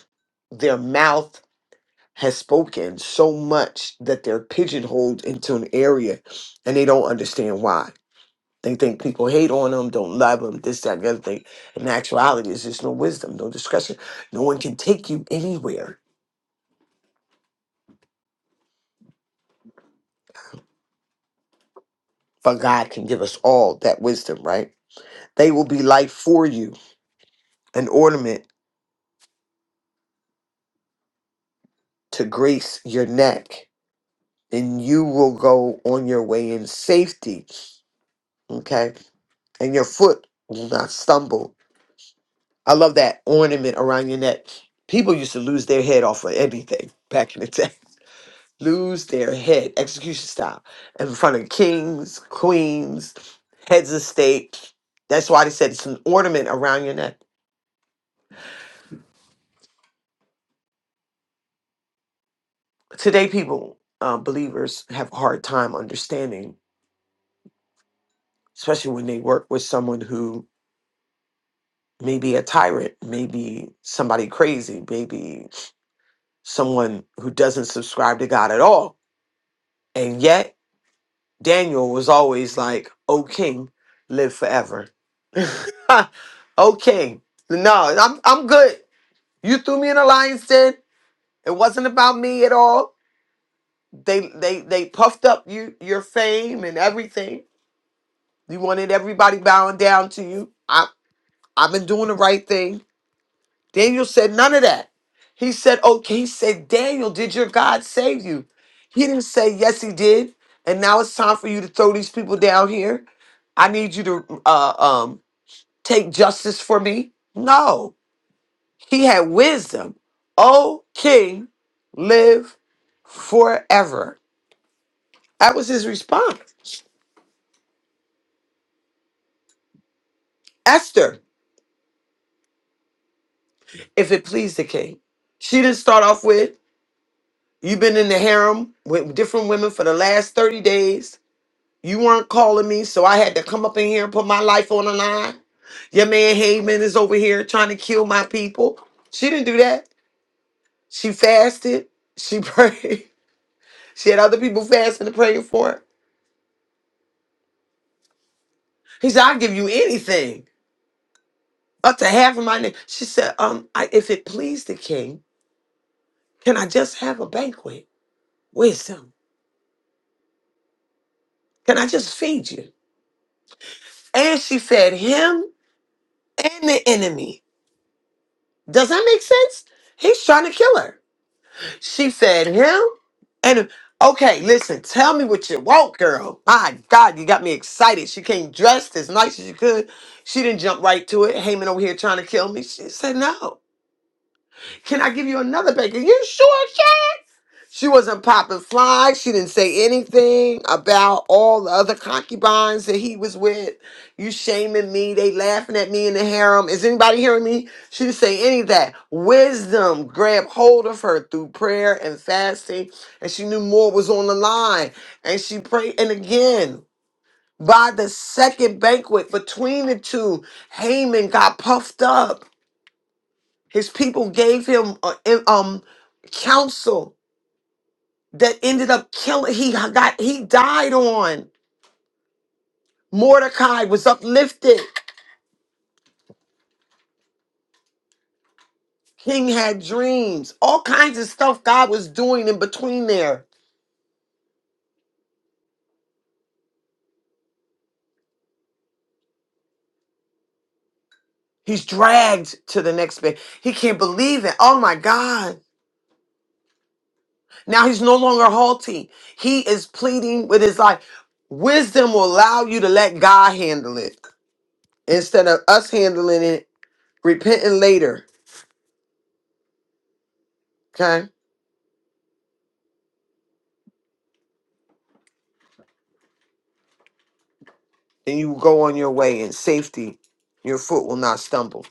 their mouth has spoken so much that they're pigeonholed into an area and they don't understand why. They think people hate on them, don't love them, this, that, and the other thing. In actuality, it's just no wisdom, no discretion. No one can take you anywhere, but God can give us all that wisdom, right? They will be life for you, an ornament to grace your neck and you will go on your way in safety. Okay. And your foot will not stumble. I love that ornament around your neck. People used to lose their head off of anything back in the day. Lose their head, execution style, in front of kings, queens, heads of state. That's why they said it's an ornament around your neck. Today, people, uh, believers, have a hard time understanding, especially when they work with someone who maybe a tyrant, maybe somebody crazy, maybe someone who doesn't subscribe to God at all. And yet, Daniel was always like, "O King, live forever." o King, no, I'm I'm good. You threw me in a lion's den. It wasn't about me at all. They they they puffed up you your fame and everything. You wanted everybody bowing down to you. I I've been doing the right thing. Daniel said none of that. He said, okay, he said, Daniel, did your God save you? He didn't say, yes, he did. And now it's time for you to throw these people down here. I need you to uh, um, take justice for me. No, he had wisdom. O king, live forever. That was his response. Esther, if it pleased the king. She didn't start off with, you've been in the harem with different women for the last 30 days You weren't calling me, so I had to come up in here and put my life on the line. Your man Heyman is over here trying to kill my people. She didn't do that. She fasted. She prayed. She had other people fasting and praying for her. He said, I'll give you anything. Up to half of my name. She said, Um, I, if it please the king, can I just have a banquet? Wisdom. Can I just feed you? And she fed him and the enemy. Does that make sense? He's trying to kill her. She said, him? And okay, listen, tell me what you want, girl. My God, you got me excited. She came dressed as nice as you could. She didn't jump right to it. Heyman over here trying to kill me. She said no. Can I give you another bacon? You sure, Chance? She wasn't popping flies. She didn't say anything about all the other concubines that he was with. You shaming me. They laughing at me in the harem. Is anybody hearing me? She didn't say any of that. Wisdom grabbed hold of her through prayer and fasting, and she knew more was on the line. And she prayed. And again, by the second banquet between the two, Haman got puffed up. His people gave him uh, in- um counsel that ended up killing. He got he died on. Mordecai was uplifted. King had dreams. All kinds of stuff God was doing in between there. He's dragged to the next bit. He can't believe it. Oh my God. Now he's no longer halting. He is pleading with his life. Wisdom will allow you to let God handle it instead of us handling it, repenting later. Okay and you go on your way in safety. Your foot will not stumble.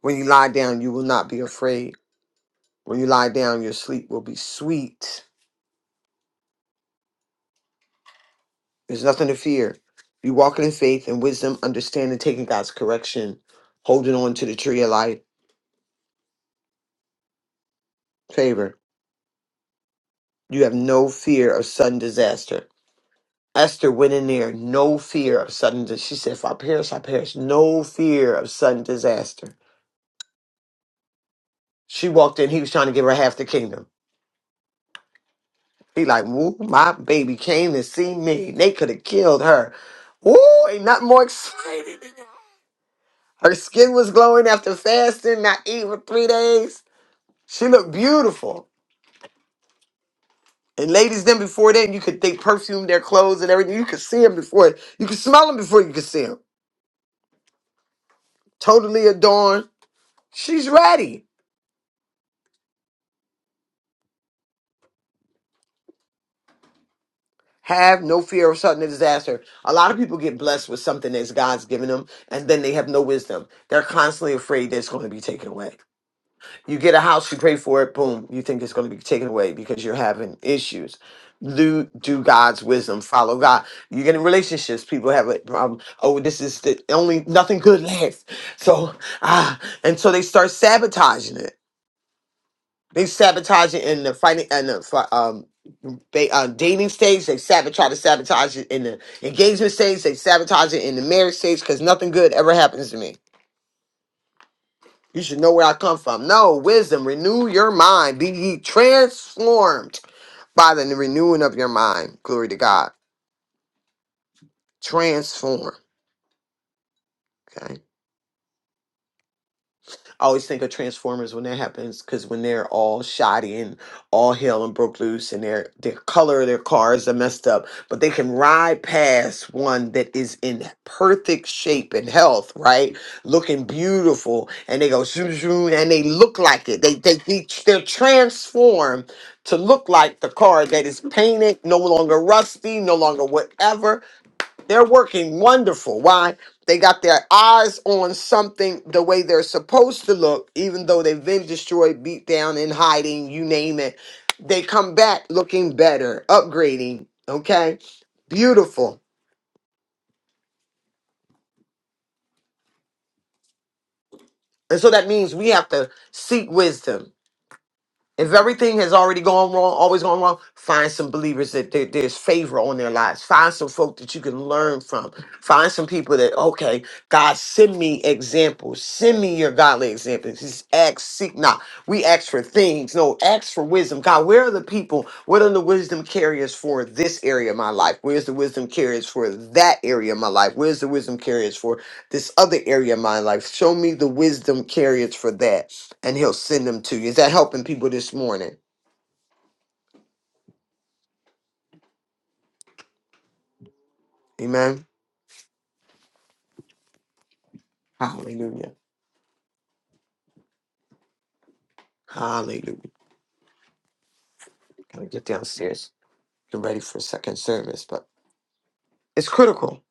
When you lie down, you will not be afraid. When you lie down, your sleep will be sweet. There's nothing to fear. You walking in faith and wisdom, understanding, taking God's correction, holding on to the tree of life, favor. You have no fear of sudden disaster. Esther went in there, no fear of sudden disaster. She said, If I perish, I perish. No fear of sudden disaster. She walked in, he was trying to give her half the kingdom. He like, woo, my baby came to see me. They could have killed her. Woo, ain't nothing more exciting than that. Her skin was glowing after fasting, not eating for three days. She looked beautiful. And ladies, then before then, you could they perfumed their clothes and everything. You could see them before, you could smell them before you could see them. Totally adorned. She's ready. Have no fear of sudden disaster. A lot of people get blessed with something that God's given them, and then they have no wisdom. They're constantly afraid that it's going to be taken away. You get a house, you pray for it, boom, you think it's going to be taken away because you're having issues. Do, do God's wisdom, follow God. You get in relationships, people have a problem. Oh, this is the only, nothing good lasts. So, ah, and so they start sabotaging it. They sabotage it in the fighting and the fi- um, they uh, dating stage. They sabotage, try to sabotage it in the engagement stage. They sabotage it in the marriage stage because nothing good ever happens to me you should know where I come from. No, wisdom, renew your mind. Be ye transformed by the renewing of your mind. Glory to God. Transform. Okay. I always think of Transformers when that happens because when they're all shoddy and all hell and broke loose and their their color of their cars are messed up, but they can ride past one that is in perfect shape and health, right? Looking beautiful, and they go zoom zoom, and they look like it. They they, they they're transformed to look like the car that is painted, no longer rusty, no longer whatever they're working wonderful. Why? They got their eyes on something the way they're supposed to look, even though they've been destroyed, beat down, in hiding, you name it. They come back looking better, upgrading. Okay? Beautiful. And so that means we have to seek wisdom If everything has already gone wrong, always gone wrong, find some believers that there- there's favor on their lives. Find some folk that you can learn from. Find some people that, okay, God, send me examples. Send me your godly examples. Just ask, seek not. We ask for things. No, ask for wisdom. God, where are the people? What are the wisdom carriers for this area of my life? Where's the wisdom carriers for that area of my life? Where's the wisdom carriers for this other area of my life? Show me the wisdom carriers for that and he'll send them to you. Is that helping people this morning? Amen. Hallelujah. Hallelujah. Gotta get downstairs. Get ready for second service, but it's critical.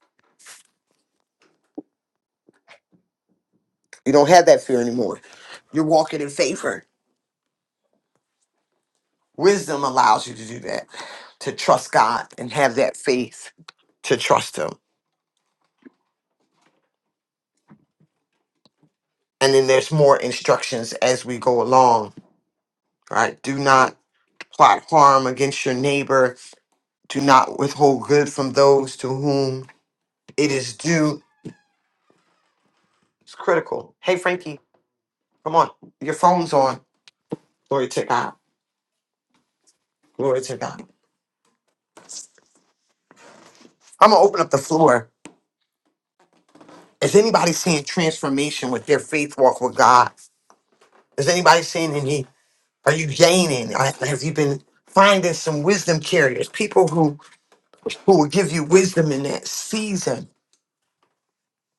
You don't have that fear anymore. You're walking in favor. Wisdom allows you to do that, to trust God and have that faith to trust Him. And then there's more instructions as we go along, right? Do not plot harm against your neighbor. Do not withhold good from those to whom it is due It's critical. Hey, Frankie, come on. Your phone's on. Glory to God. Glory to God. I'm going to open up the floor. Is anybody seeing transformation with their faith walk with God? Is anybody seeing any? Are you gaining? Uh, Have you been finding some wisdom carriers? People who who will give you wisdom in that season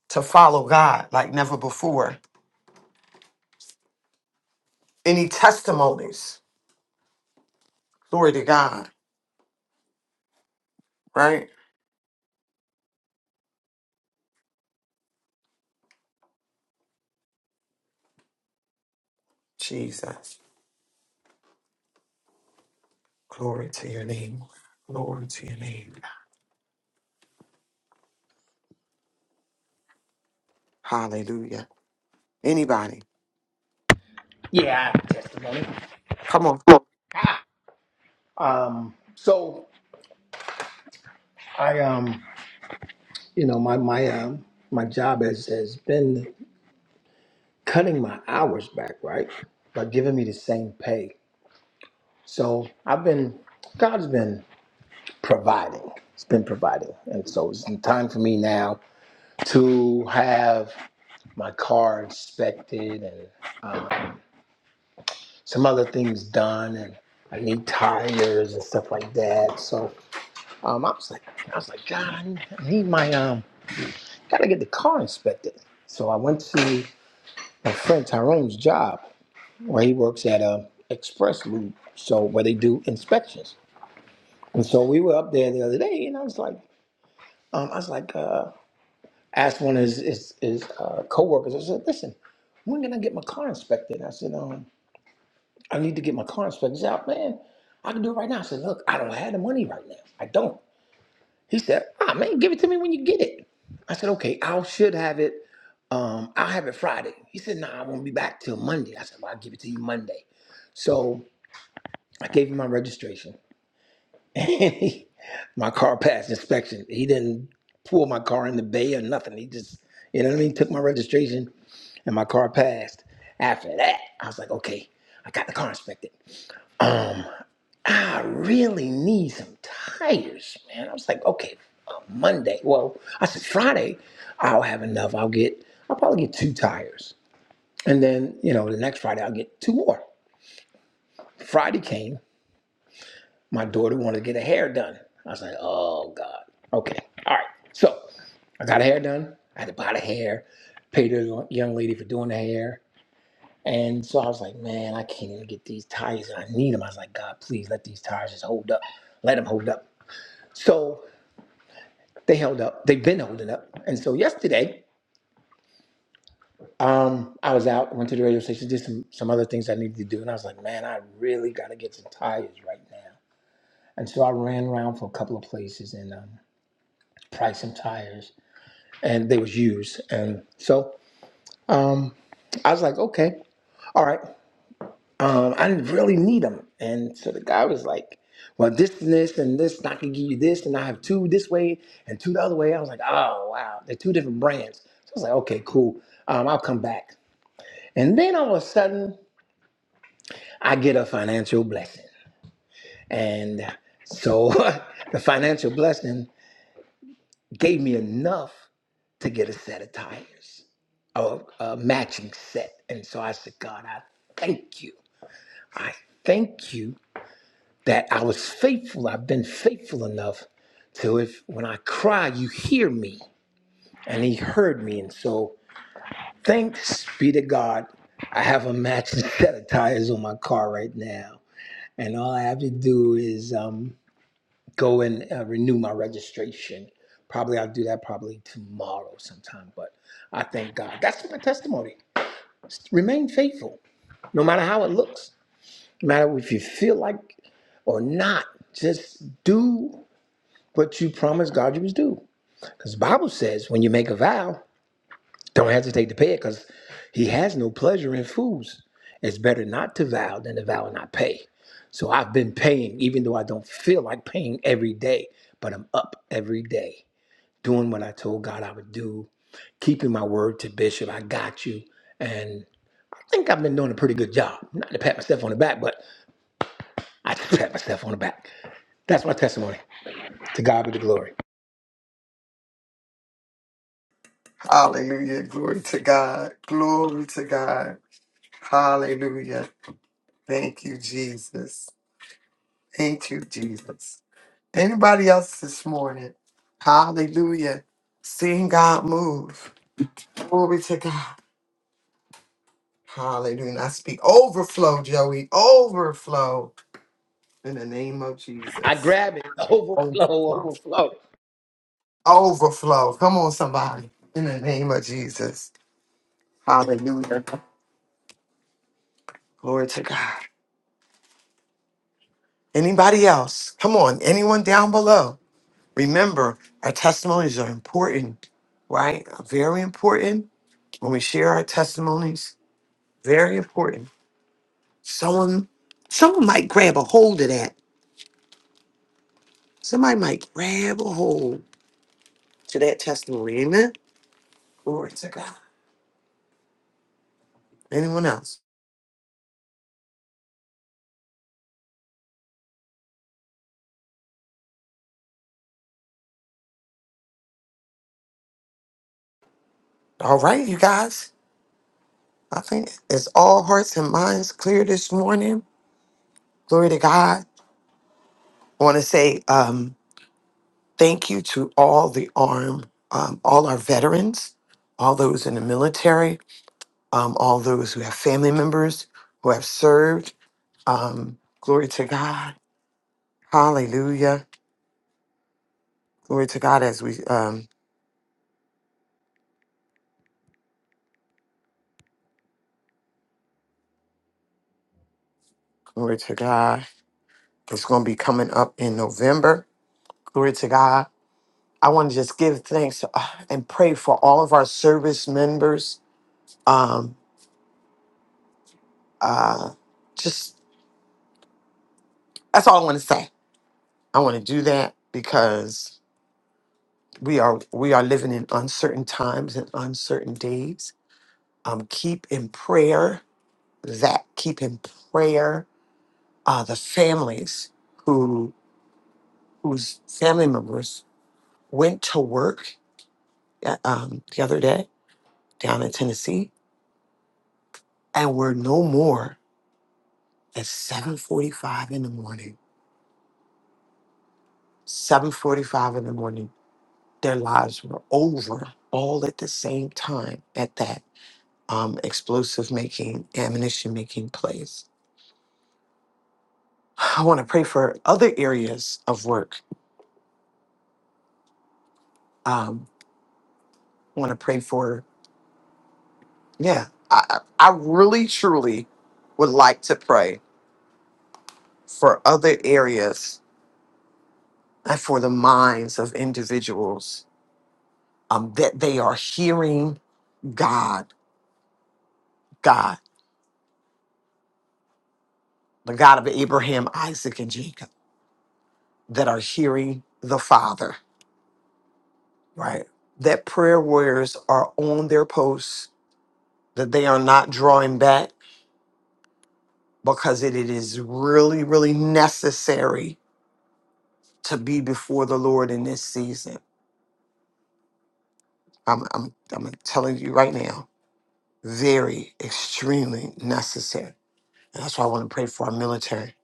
to follow God like never before. Any testimonies? Glory to God, right? Jesus. Glory to your name. Glory to your name. Hallelujah. Anybody. Come on. to have my car inspected and uh, some other things done and I need tires and stuff like that. So um, I was like, I was like, God, I need, I need my um, gotta get the car inspected. So I went to my friend Tyrone's job where he works at um, Express Loop, so where they do inspections. And so we were up there the other day, and I was like, um, I was like. his, his, his uh, coworkers. I said, "Listen, when can I get my I said, um, I need out, man. I can do it right now." I said, "Look, I don't have the money right now. I don't." He said, "Ah, man, give it to me when you get it." I said, "Okay, I should have it um out Friday. He's back till Monday." I said, "Well, I'll give it to you Monday." So I get and he, my car passed inspection. He didn't pull my car in the bay or nothing. He just, you know what I mean, took my registration and my car passed. After that, I was like, okay, I got the car inspected. Um. I really need some tires, man. I was like, okay, uh, Monday. Well, I said Friday, I'll have enough. I'll get, I'll probably get two tires, and then you know the next Friday I'll get two more. Friday came. My daughter wanted to get her hair done. I was like, oh god. Okay, all right. So I got her hair done. I had to buy the hair, paid the young lady for doing the hair. And so I was like, man, I can't even get these tires and I need them. I was like, God, please let these tires just hold up. Let them hold up. So They held up. They've been holding up. And so yesterday, um, I was out, went to the radio station, did some some other things I needed to do, and I was like, man, I really got to get some tires right now. And so I ran around for a couple of places and um, priced some tires, and they was used. And so um, I was like, okay, all right. Um, I didn't really need them. And so the guy was like, well, this and this and this, and I can give you this, and I have two this way and two the other way. I was like, oh, wow, they're two different brands. So I was like, okay, cool. Um, I'll come back. And then all of a sudden, I get a financial blessing. And so the financial blessing gave me enough to get a set of tires, a, a matching set. And so I said, God, I thank you. I thank you that I was faithful. I've been faithful enough to if when I cry, he heard so hard and we would go and uh, renew my registration. Probably I'll do that probably tomorrow sometime. But I thank God. That's my testimony. Remain faithful, no matter how it looks, no matter if you feel like or not. Just do what you promised God you was do. The Bible says when you make a vow, don't hesitate to pay it because He has no pleasure in fools. It's better not to vow than to vow and not pay. So I've been paying, even though I don't feel like paying every day, but I'm up every day doing what I told God I would do, keeping my word to Bishop. I got you. And I think I've been doing a pretty good job. Not to pat myself on the back, but I just pat myself on the back. That's my testimony. To God be the glory. Hallelujah. Glory to God. Glory to God. Hallelujah. Thank you, Jesus. Thank you, Jesus. Anybody else this morning? Hallelujah. Seeing God move. Glory to God. Hallelujah. And I speak overflow, Joey. Overflow in the name of I Jesus. grab it. Overflow, Overflow. overflow. All Overflow. Come on, somebody. In the name of Jesus. Hallelujah. Glory to God. Anybody else? Come on, anyone down below? Remember, our testimonies are important, right? Very important. When we share our testimonies, very important. Someone, someone might grab a hold of that. Somebody might grab a hold to that testimony. Amen. Glory to God. Anyone else? All right, you guys. I think it's all hearts and minds clear this morning. Glory to God. I want to say, um, Thank you to all the arm, um, all our veterans, all those in the military, um, all those who have family members who have served. Um, glory to God. Hallelujah. Glory to God as we, um, glory to God. It's going to be coming up in November. Glory to God. I want to just give thanks uh, and pray for all of our service members. Um, uh, just that's all I want to say. I want to do that because we are we are living in uncertain times and uncertain days um keep in prayer that keep in prayer uh the families who whose family members went to work uh, um the other day down in tennessee and were no more at 7.45 in the morning 7.45 in the morning their lives were over all at the same time at that um, explosive making ammunition making place I want to pray for other areas of work. Um, I want to pray for, yeah, I, I I really, truly would like to pray for other areas and for the minds of individuals um, that they are hearing God, God, the God of Abraham, Isaac, and Jacob, that are hearing the Father, right? That prayer warriors are on their posts, that they are not drawing back, because it it is really, really necessary to be before the Lord in this season. I'm, I'm, I'm telling you right now, very, extremely necessary. And that's why I want to pray for our military.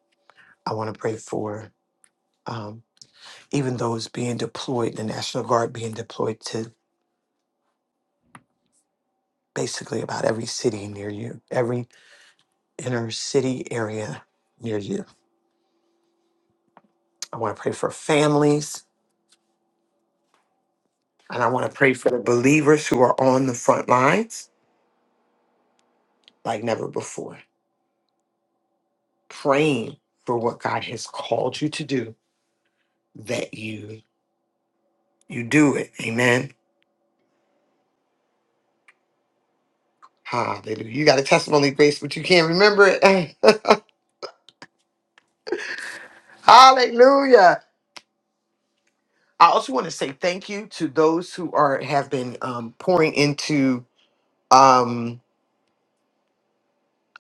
I want to pray for um, even those being deployed, the National Guard being deployed to basically about every city near you, every inner city area near you. I want to pray for families, and I want to pray for the believers who are on the front lines like never before. praying for what God has called you to do, that you you do it. Amen. Hallelujah. You got a testimony, Grace, but you can't remember it. Hallelujah. I also want to say thank you to those who are have been um, pouring into um,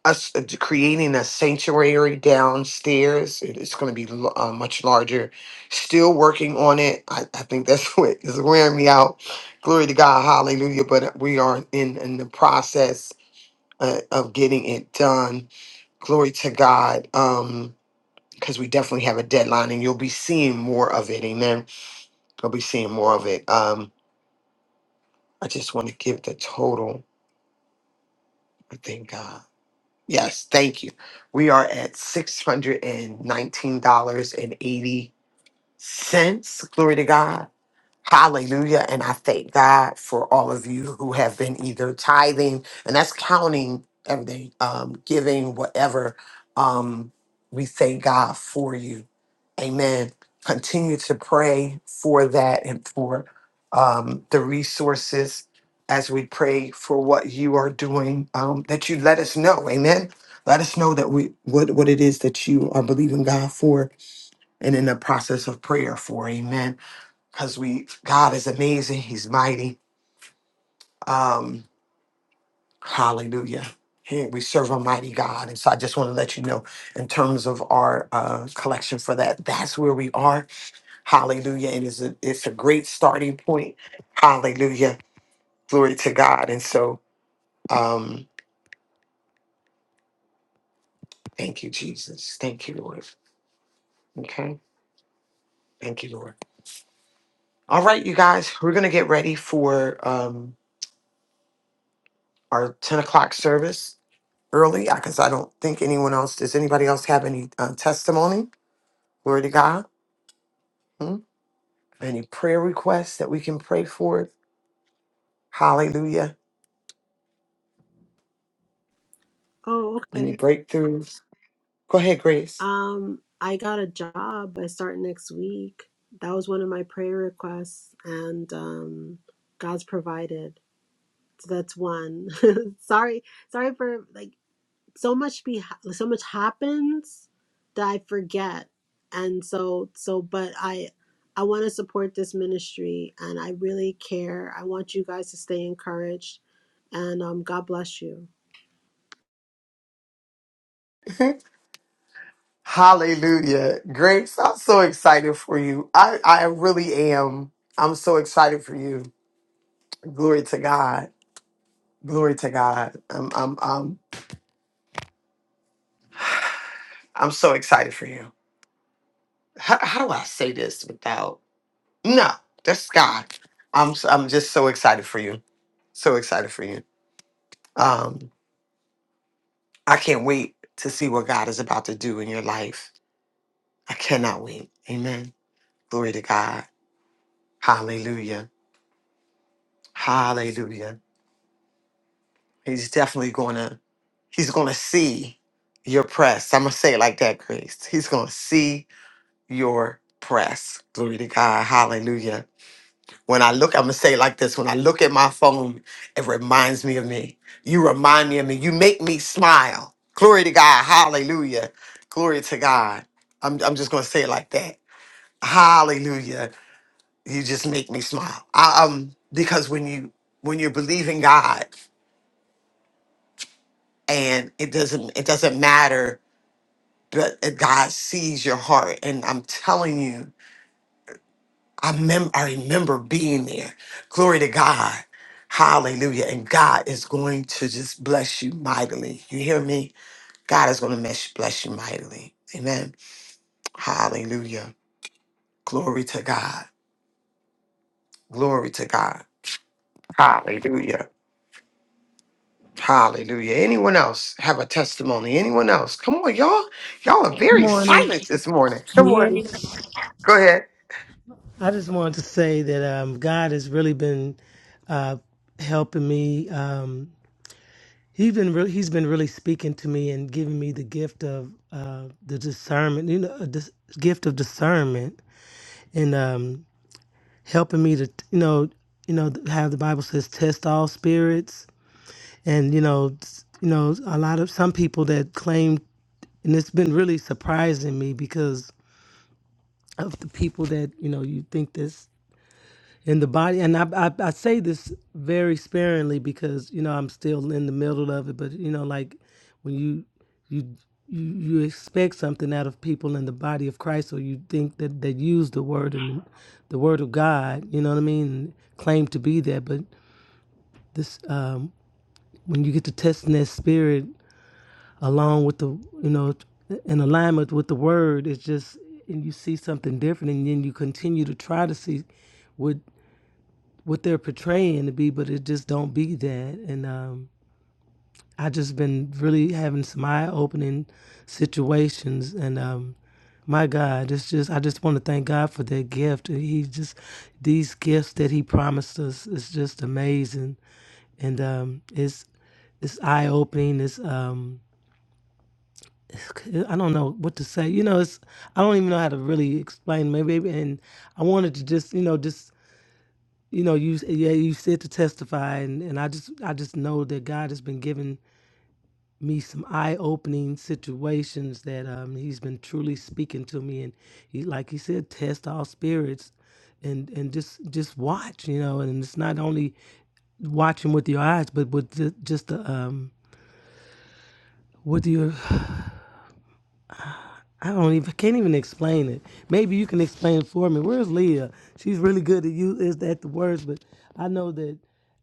us uh, creating a sanctuary downstairs. It is going to be lo- uh, much larger. Still working on it. I, I think that's what is wearing me out. Glory to God. Hallelujah. But we are in in the process uh, of getting it done. Glory to God. Um, because we definitely have a deadline and you'll be seeing more of it. Amen. You'll be seeing more of it. Um, I just want to give the total. I thank God. Yes, thank you. We are at $619.80. since. Glory to God. Hallelujah. And I thank God for all of you who have been either tithing, and that's counting everything, um, giving, whatever. Um, we thank God for you. Amen. Continue to pray for that and for um, the resources as we pray for what you are doing, um, that you let us know. Amen. Let us know that we what, what it is that you are believing God for and in the process of prayer for. Amen. Because we God is amazing. He's mighty. Um, hallelujah. He- We serve a mighty God. And so I just want to let you know in terms of our uh, collection for that, that's where we are. Hallelujah. And it's a, it's a great starting point. Hallelujah. Glory to God. And so um, thank you, Jesus. Thank you, Lord. Okay. Thank you, Lord. All right, you guys, we're going to get ready for um, our 10 o'clock service. early because I don't think anyone else. Does anybody else have any uh, testimony? Glory to God. Hmm? Any prayer requests that we can pray for? Hallelujah. Oh, Any okay. breakthroughs? Go ahead, Grace. Um, I got a job. I start next week. That was one of my prayer requests, and um, God's provided. So that's one. sorry, sorry for like so much be so much happens that I forget, and so so. But I I want to support this ministry, and I really care. I want you guys to stay encouraged, and um, God bless you. Hallelujah. Grace, I'm so excited for you. I, I really am. I'm so excited for you. Glory to God. Glory to God. I'm I'm I'm I'm so excited for you. How, how do I say this without? No, that's God. I'm s- I'm just so excited for you. So excited for you. Um, I can't wait to see what God is about to do in your life. I cannot wait. Amen. Glory to God. Hallelujah. Hallelujah. He's definitely gonna he's gonna see your press. I'm gonna say it like that, Grace. He's gonna see your press. Glory to God. Hallelujah When I look, I'm gonna say it like this. When I look at my phone, it reminds me of me. You remind me of me. You make me smile. Glory to God. Hallelujah. Glory to God. I'm I'm just gonna say it like that. Hallelujah. You just make me smile. I, um, because when you when you're believing God and it doesn't it doesn't matter, but uh, God sees your heart. And I'm telling you, I mem- I remember being there. Glory to God. Hallelujah. And God is going to just bless you mightily. You hear me? God is going to mes- bless you mightily. Amen. Hallelujah. Glory to God. Glory to God. Hallelujah. Hallelujah. Anyone else have a testimony? Anyone else? Come on, y'all. Y'all are very Morning. silent this morning. Can Come you hear on. me? Go ahead. I just wanted to say that um, God has been uh, helped me um, gift of uh, you know a dis- gift of discernment and um, helping me to you know you know how the Bible says test all spirits and you know s- you know a lot of some people that claim and it's been really surprising me because of the people that you know you think this in the body and I, I i say this very sparingly because you know i'm still in the middle of it but you know like when you you you, you expect something out of people in the body of christ or you think that they use the word and the word of god you know what i mean and claim to be that but this um when you get to testing that spirit along with the you know in alignment with the word it's just and you see something different and then you continue to try to see what what they're portraying to be, but it just don't be that. And um, I just been really having some eye opening situations, and um, my God, it's just I just want to thank God for that gift. He just these gifts that He promised us is just amazing, and um, it's it's eye opening. It's um, I don't know what to say. You know, it's I don't even know how to really explain. Maybe and I wanted to just you know just you know you yeah you said to testify and, and i just i just know that god has been giving me some eye-opening situations that um, he's been truly speaking to me and he like he said test all spirits and and just just watch you know and it's not only watching with your eyes but with the, just the um with your I don't even can't even explain it. Maybe you can explain it for me. Where's Leah? She's really good at you is at the words, but I know that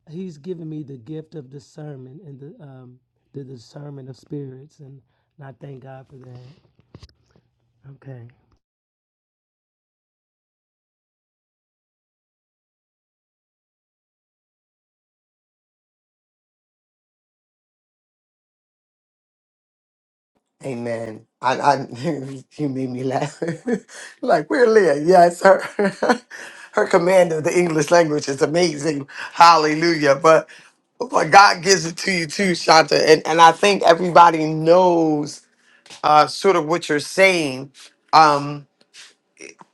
he's given me the gift of discernment and the um the discernment of spirits and I thank God for that. Okay. Amen. I, I you made me laugh. like we're Leah, yes, her her command of the English language is amazing. Hallelujah. But but God gives it to you too, Shanta. And and I think everybody knows uh sort of what you're saying. Um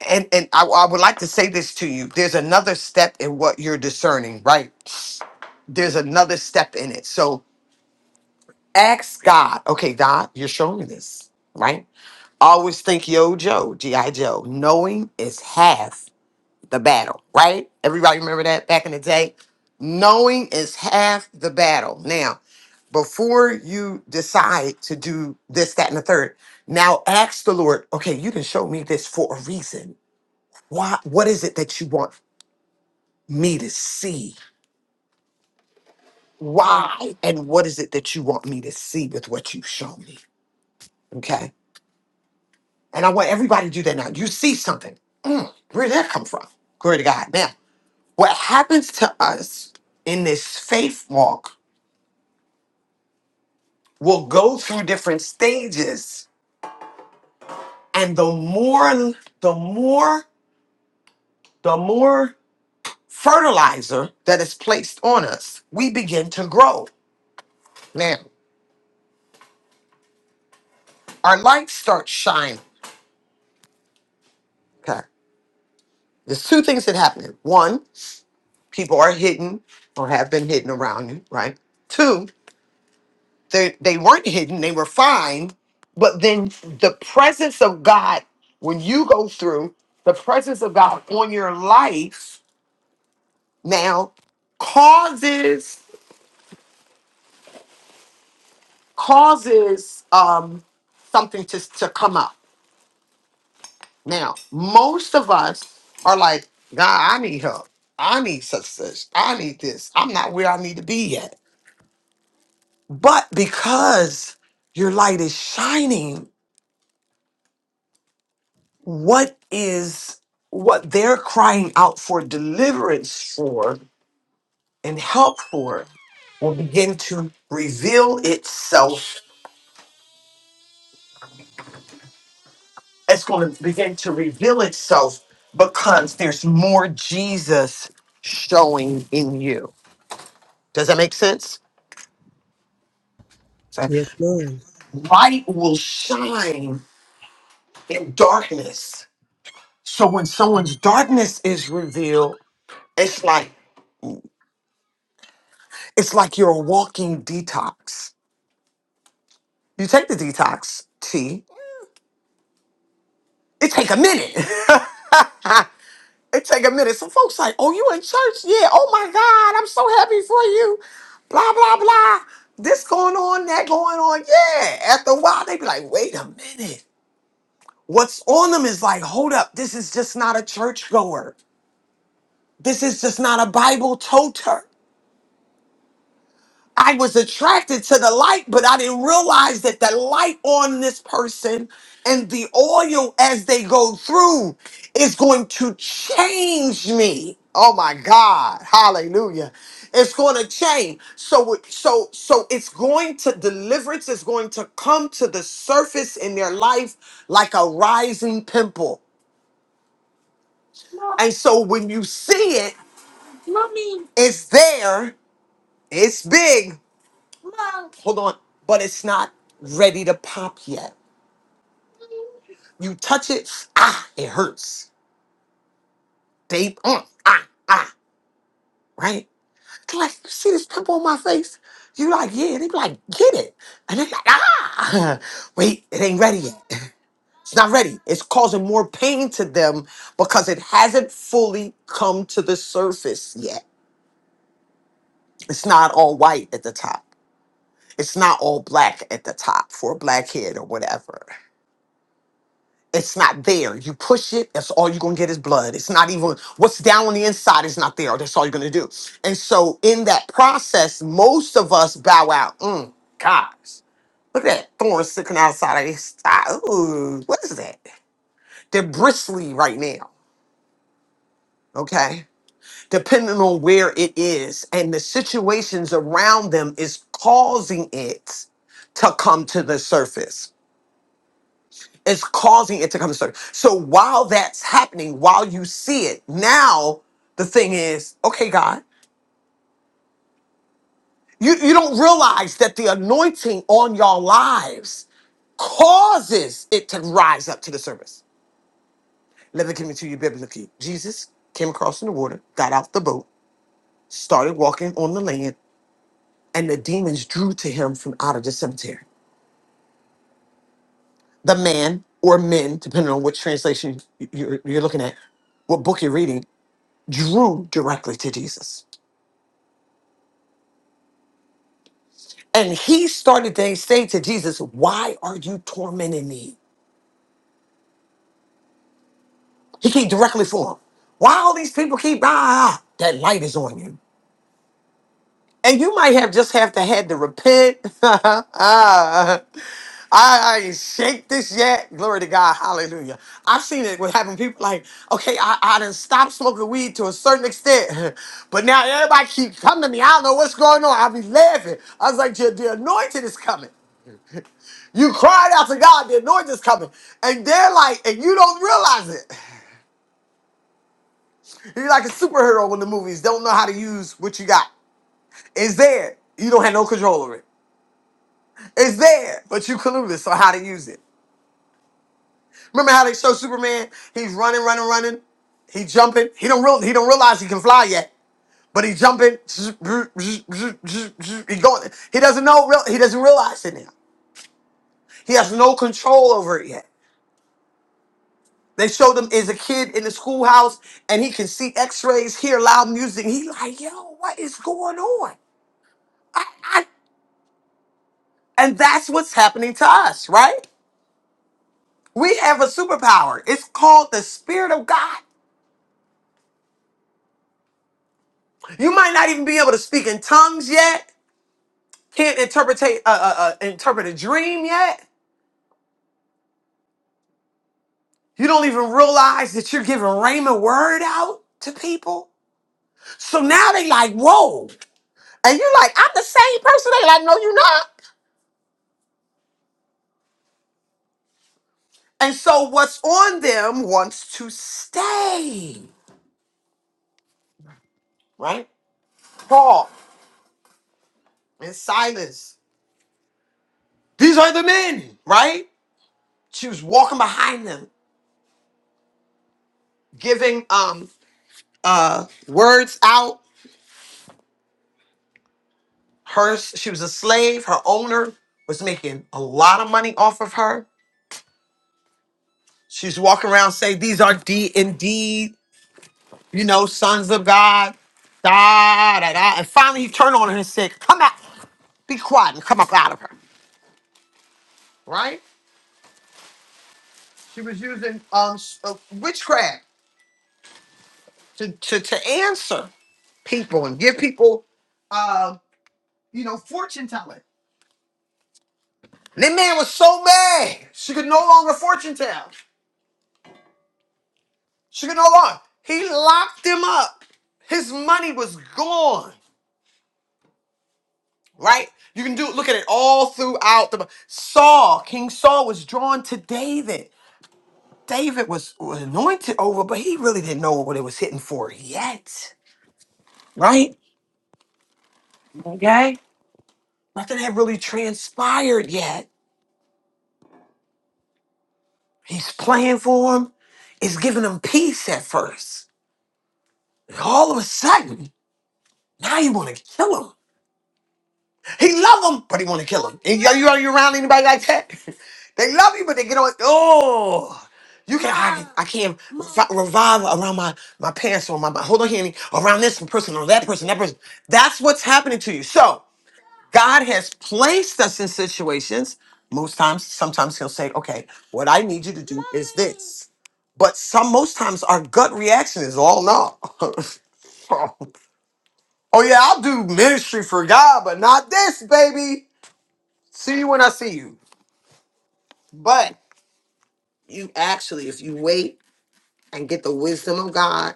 and, and I, I would like to say this to you. There's another step in what you're discerning, right? There's another step in it. So ask God, okay, God, you're showing me this, right? always think Yo Joe, G.I. Joe. Knowing is half the battle, right? Everybody remember that back in the day? Knowing is half the battle. Now, before you decide to do this, that, and the third, now ask the Lord, okay, you didn't show me this for a reason. Why what is it that you want me to see? Why? And what is it that you want me to see with what you've shown me? Okay. And I want everybody to do that now. You see something. Mm, where did that come from? Glory to God. Now, what happens to us in this faith walk will go through different stages. And the more, the more, the more fertilizer that is placed on us, we begin to grow. Now, our light starts shining. Okay. There's two things that happen. One, people are hidden or have been hidden around you, right? Two, they they weren't hidden they were fine but then the presence of god when you go through the presence of god on your life now causes causes um something to to come up now most of us are like god i need help i need success i need this i'm not where i need to be yet but because your light is shining what is what they're crying out for deliverance for and help for will begin to reveal itself. It's going to begin to reveal itself because there's more Jesus showing in you. Does that make sense? So Yes, ma'am. light will shine in darkness. So when someone's darkness is revealed, it's like it's like you're a walking detox. You take the detox tea It take a minute. it take a minute. Some folks like, oh, you in church? Yeah. Oh my God, I'm so happy for you. Blah blah blah. This going on, that going on. Yeah. After a while, they be like, wait a minute. What's on them is like, hold up. This is just not a churchgoer. This is just not a Bible toter. I was attracted to the light, but I didn't realize that the light on this person and the oil as they go through is going to change me. Oh my God. Hallelujah. It's going to change. So so so it's going to deliverance is going to come to the surface in their life like a rising pimple. And so when you see it, it's there. It's big Hold on. But it's not ready to pop yet. You touch it, ah, it hurts. They, mm, ah, ah, right? They're like, you see this pimple on my face? You like, yeah. They be like, get it. And they're like, ah, wait, it ain't ready yet. It's not ready. It's causing more pain to them because it hasn't fully come to the surface yet. It's not all white at the top. It's not all black at the top for a blackhead or whatever. It's not there. You push it, that's all you're gonna get is blood. It's not even what's down on the inside is not there. That's all you're gonna do. And so in that process, most of us bow out. Mm, gosh, look at that thorn sticking outside of his side. Ooh, what is that? They're bristly right now. Okay. Depending on where it is and the situations around them is causing it to come to the surface. Is causing it to come to surface. So while that's happening, while you see it, now the thing is, okay, God, you, you don't realize that the anointing on your lives causes it to rise up to the surface. Let me give it to you biblically. Jesus came across in the water, got out the boat, started walking on the land, and the demons drew to him from out of the cemetery. The man or men, depending on which translation you- you're, you're looking at, what book you're reading, drew directly to Jesus. And he started to say to Jesus, Why are you tormenting me? He came directly for him. Why all these people keep, ah, that light is on you. And you might have just have to had to repent. Ah, I, I ain't shake this yet. Glory to God. Hallelujah. I've seen it with having people like, okay, I, I done stopped smoking weed to a certain extent, but now everybody keep coming to me. I don't know what's going on. I be laughing. I was like, the the anointing is coming. You cried out to God, the anointing's coming. And they're like, and you don't realize it. You're like a superhero in the movies, don't know how to use what you got. It's there. You don't have no control over it. It's there, but you clueless on how to use it. Remember how they show Superman? He's running, running, running. He jumping. He don't real, he don't realize he can fly yet. But he jumping. He going. He doesn't know. real- He doesn't realize it now. He has no control over it yet. They showed him as a kid in the schoolhouse, and he can see X-rays, hear loud music. He like, yo, what is going on? I, I, and that's what's happening to us, right? We have a superpower. It's called the Spirit of God. You might not even be able to speak in tongues yet. Can't interpret uh, uh, uh, interpret a dream yet. You don't even realize that you're giving Raymond word out to people. So now they like, whoa. And you're like, I'm the same person. They like, no, you're not. And so what's on them wants to stay, right? Paul and Silas. These are the men, right? She was walking behind them, giving um uh words out. Her she was a slave, her owner was making a lot of money off of her. She's walking around saying, These are D indeed, you know, sons of God. Da da da. And finally he turned on her and said, Come out, be quiet and come up out of her. Right? She was using um s- uh, witchcraft to, to to answer people and give people uh you know fortune telling. And That man was so mad she could no longer fortune tell. She could no longer. He locked him up. His money was gone. Right? You can do look at it all throughout the Saul. King Saul was drawn to David. David was, was anointed over, but he really didn't know what it was hitting for yet. Right? Okay. Nothing had really transpired yet. He's playing for him. It's giving him peace at first. All of a sudden, now you want to kill him. He love him, but he want to kill him. And Are you, are you around anybody like that? They love you, but they get on. Oh, you can. I, can- I can't revi- revive around my my parents or my, my hold on, Henny. Around this person or that person, that person. That's what's happening to you. So, God has placed us in situations. Most times, sometimes He'll say, okay, what I need you to do is this. But some, most times, our gut reaction is, oh no. oh yeah, I'll do ministry for God, but not this, baby. See you when I see you. But you actually, if you wait and get the wisdom of God,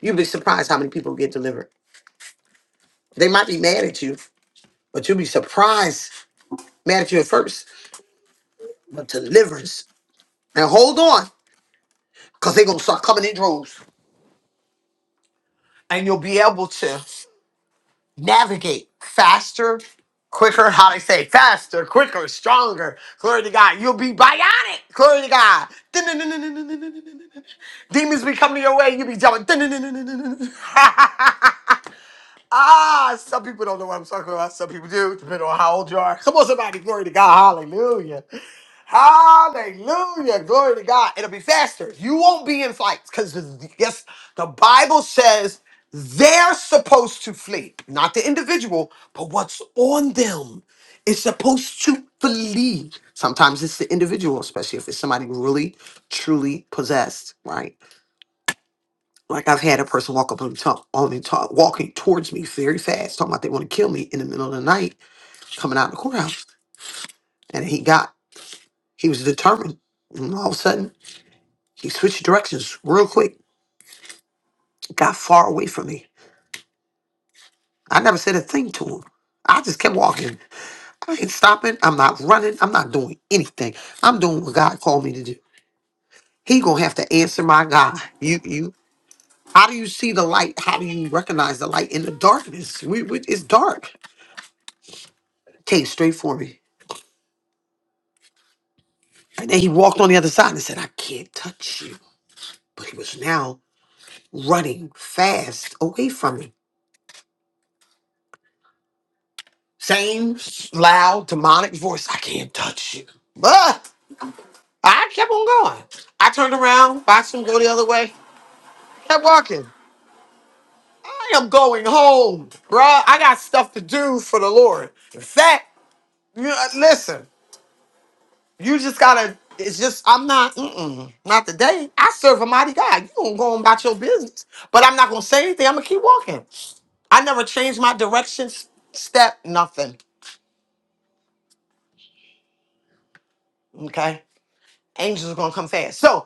you'd be surprised how many people get delivered. They might be mad at you, but you'll be surprised, mad at you at first, but deliverance. Now hold on. because they're going to start coming in droves and you'll be able to navigate faster, quicker. How they say faster, quicker, stronger. Glory to God. You'll be bionic. Glory to God. Demons be coming your way. You'll be jumping. Ah, some people don't know what I'm talking about. Some people do, depending on how old you are. Come on, somebody. Glory to God. Hallelujah. Hallelujah. Glory to God. It'll be faster. You won't be in fights because, yes, the Bible says they're supposed to flee, not the individual, but what's on them is supposed to flee. Sometimes it's the individual, especially if it's somebody really, truly possessed, right? Like I've had a person walk up on me, talk, on me talk, walking towards me very fast, talking about they want to kill me in the middle of the night, coming out of the courthouse. And he got, he was determined. And all of a sudden, he switched directions real quick, got far away from me. I never said a thing to him. I just kept walking. I ain't stopping. I'm not running. I'm not doing anything. I'm doing what God called me to do. He gonna have to answer my God. You, you. How do you see the light? How do you recognize the light in the darkness? We, we it's dark. Came straight for me. And then he walked on the other side and said, I can't touch you. But he was now running fast away from me. Same loud, demonic voice, I can't touch you. But I kept on going. I turned around, watched him go the other way, kept walking. I am going home, bruh. I got stuff to do for the Lord. In fact, you- uh, listen. You just gotta. It's just I'm not. Mm-mm, not today. I serve a mighty God. You gonna go on about your business, but I'm not gonna say anything. I'm gonna keep walking. I never changed my direction, s- step, nothing. Okay, angels are gonna come fast. So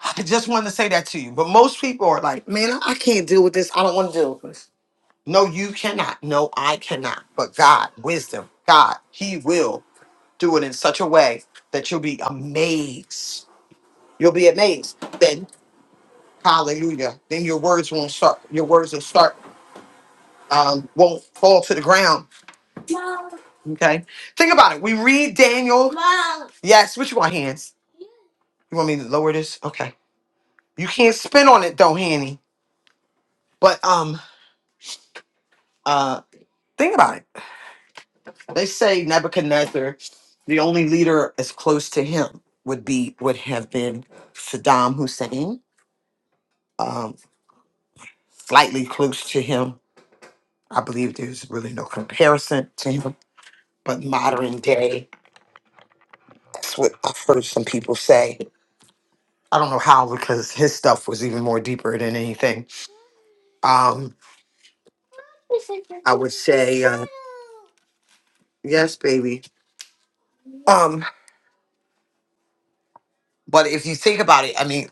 I just wanted to say that to you. But most people are like, man, I I can't deal with this. I don't want to deal with this. No, you cannot. No, I cannot. But God, wisdom, God, He will do it in such a way that you'll be amazed. You'll be amazed. Hallelujah. Then your words won't start, your words will start, um, won't fall to the ground. Okay. Think about it. We read Daniel. Yes, what you want, hands? You want me to lower this? Okay. You can't spin on it though, Hanny. But um uh think about it. They say Nebuchadnezzar, the only leader as close to him would be would have been Saddam Hussein. Um, slightly close to him. I believe there's really no comparison to him. but modern day. That's what I've heard some people say. I don't know how because his stuff was even more deeper than anything. Um, I would say, uh, yes, baby. Um, but if you think about it, I mean,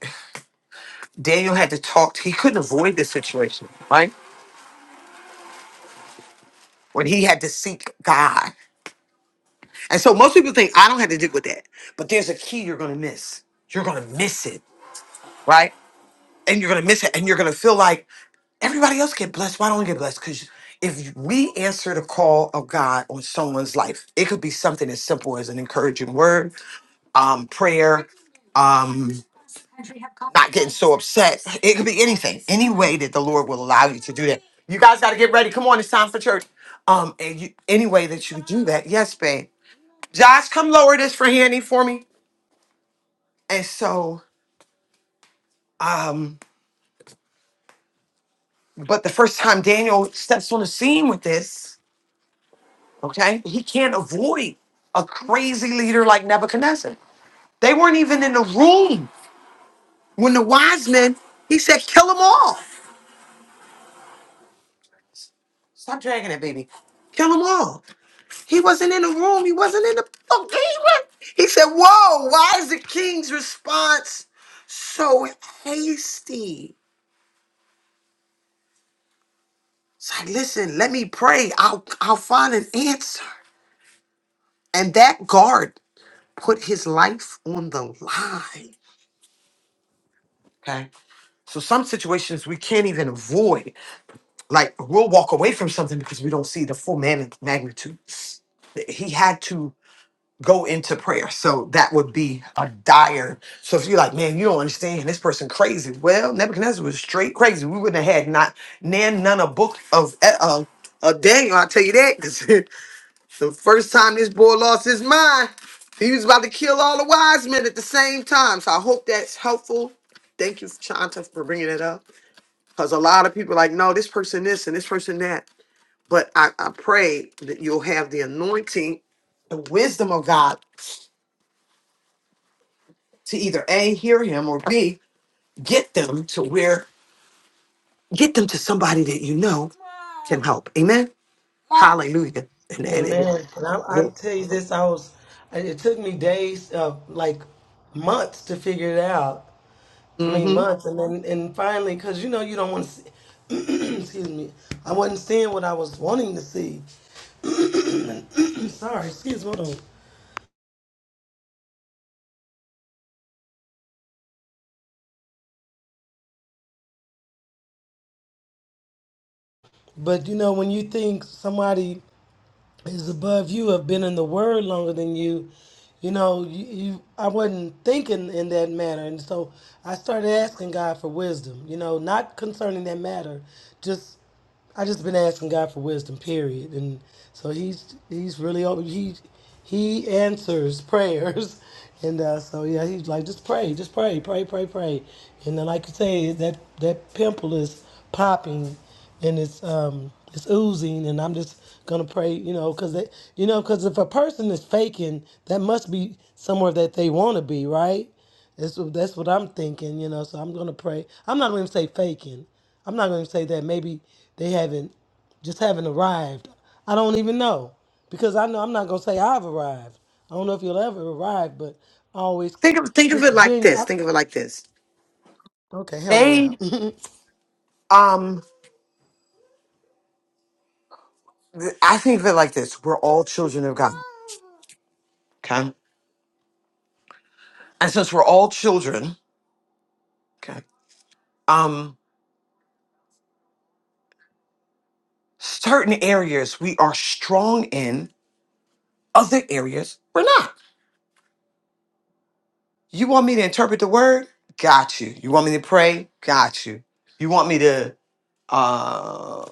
Daniel had to talk. He couldn't avoid this situation, right? When he had to seek God. And so most people think I don't have to deal with that, but there's a key you're going to miss. You're going to miss it, right? and you're gonna miss it, and you're gonna feel like everybody else get blessed. Why don't we get blessed? Because if we answer the call of God on someone's life, it could be something as simple as an encouraging word, um, prayer, um, not getting so upset. It could be anything, any way that the Lord will allow you to do that. You guys got to get ready. Come on, it's time for church. Um, and you, any way that you do that, yes, babe. Josh, come lower this for Handy for me. And so, um, but the first time Daniel steps on the scene with this. Okay? He can't avoid a crazy leader like Nebuchadnezzar. They weren't even in the room when the wise men, he said, kill them all. Stop dragging it, baby. Kill them all. He wasn't in the room. He wasn't in the. Oh, he, wa- he said, whoa, why is the king's response so hasty? It's like, listen, let me pray. I'll, I'll find an answer. And that guard put his life on the line. Okay So some situations we can't even avoid. Like we'll walk away from something because we don't see the full man- magnitude. He had to go into prayer. So that would be a dire. So if you're like, man, you don't understand this person crazy. Well, Nebuchadnezzar was straight crazy. We wouldn't have had not nan none a book of uh, uh Daniel. I tell you that because the first time this boy lost his mind, he was about to kill all the wise men at the same time. So I hope that's helpful. Thank you, Shanta, for bringing it up because a lot of people are like, no, this person this and this person that. But I, I pray that you'll have the anointing, the wisdom of God to either A, hear him, or B, get them to where, get them to somebody that you know can help. Amen. Hallelujah. And, and, Amen. And I, I and tell you this, I was, it took me days, uh, like months to figure it out. I mean, hmm months. And then, and finally, cause you know, you don't want to see, excuse me, I wasn't seeing what I was wanting to see. Sorry, excuse me. Hold on. But you know, when you think somebody is above you, have been in the word longer than you, you know, you, you I wasn't thinking in that manner, and so I started asking God for wisdom. You know, not concerning that matter, just I just been asking God for wisdom, period. And so he's he's really open. he he answers prayers, and uh, so yeah, he's like just pray, just pray, pray, pray, pray. And then like you say, that that pimple is popping, and it's um it's oozing and i'm just gonna pray you know because they you know because if a person is faking that must be somewhere that they want to be right that's what that's what i'm thinking you know so i'm gonna pray i'm not gonna say faking i'm not gonna say that maybe they haven't just haven't arrived i don't even know because i know i'm not gonna say i've arrived i don't know if you'll ever arrive but I always think of think of it just like this. genuine Think of it like this. okay help me They out um th- I think of it like this. We're all children of God. Okay. And since we're all children, okay. um, Certain areas we are strong in, other areas we're not. You want me to interpret the word? Got you. You want me to pray? Got you. You want me to uh,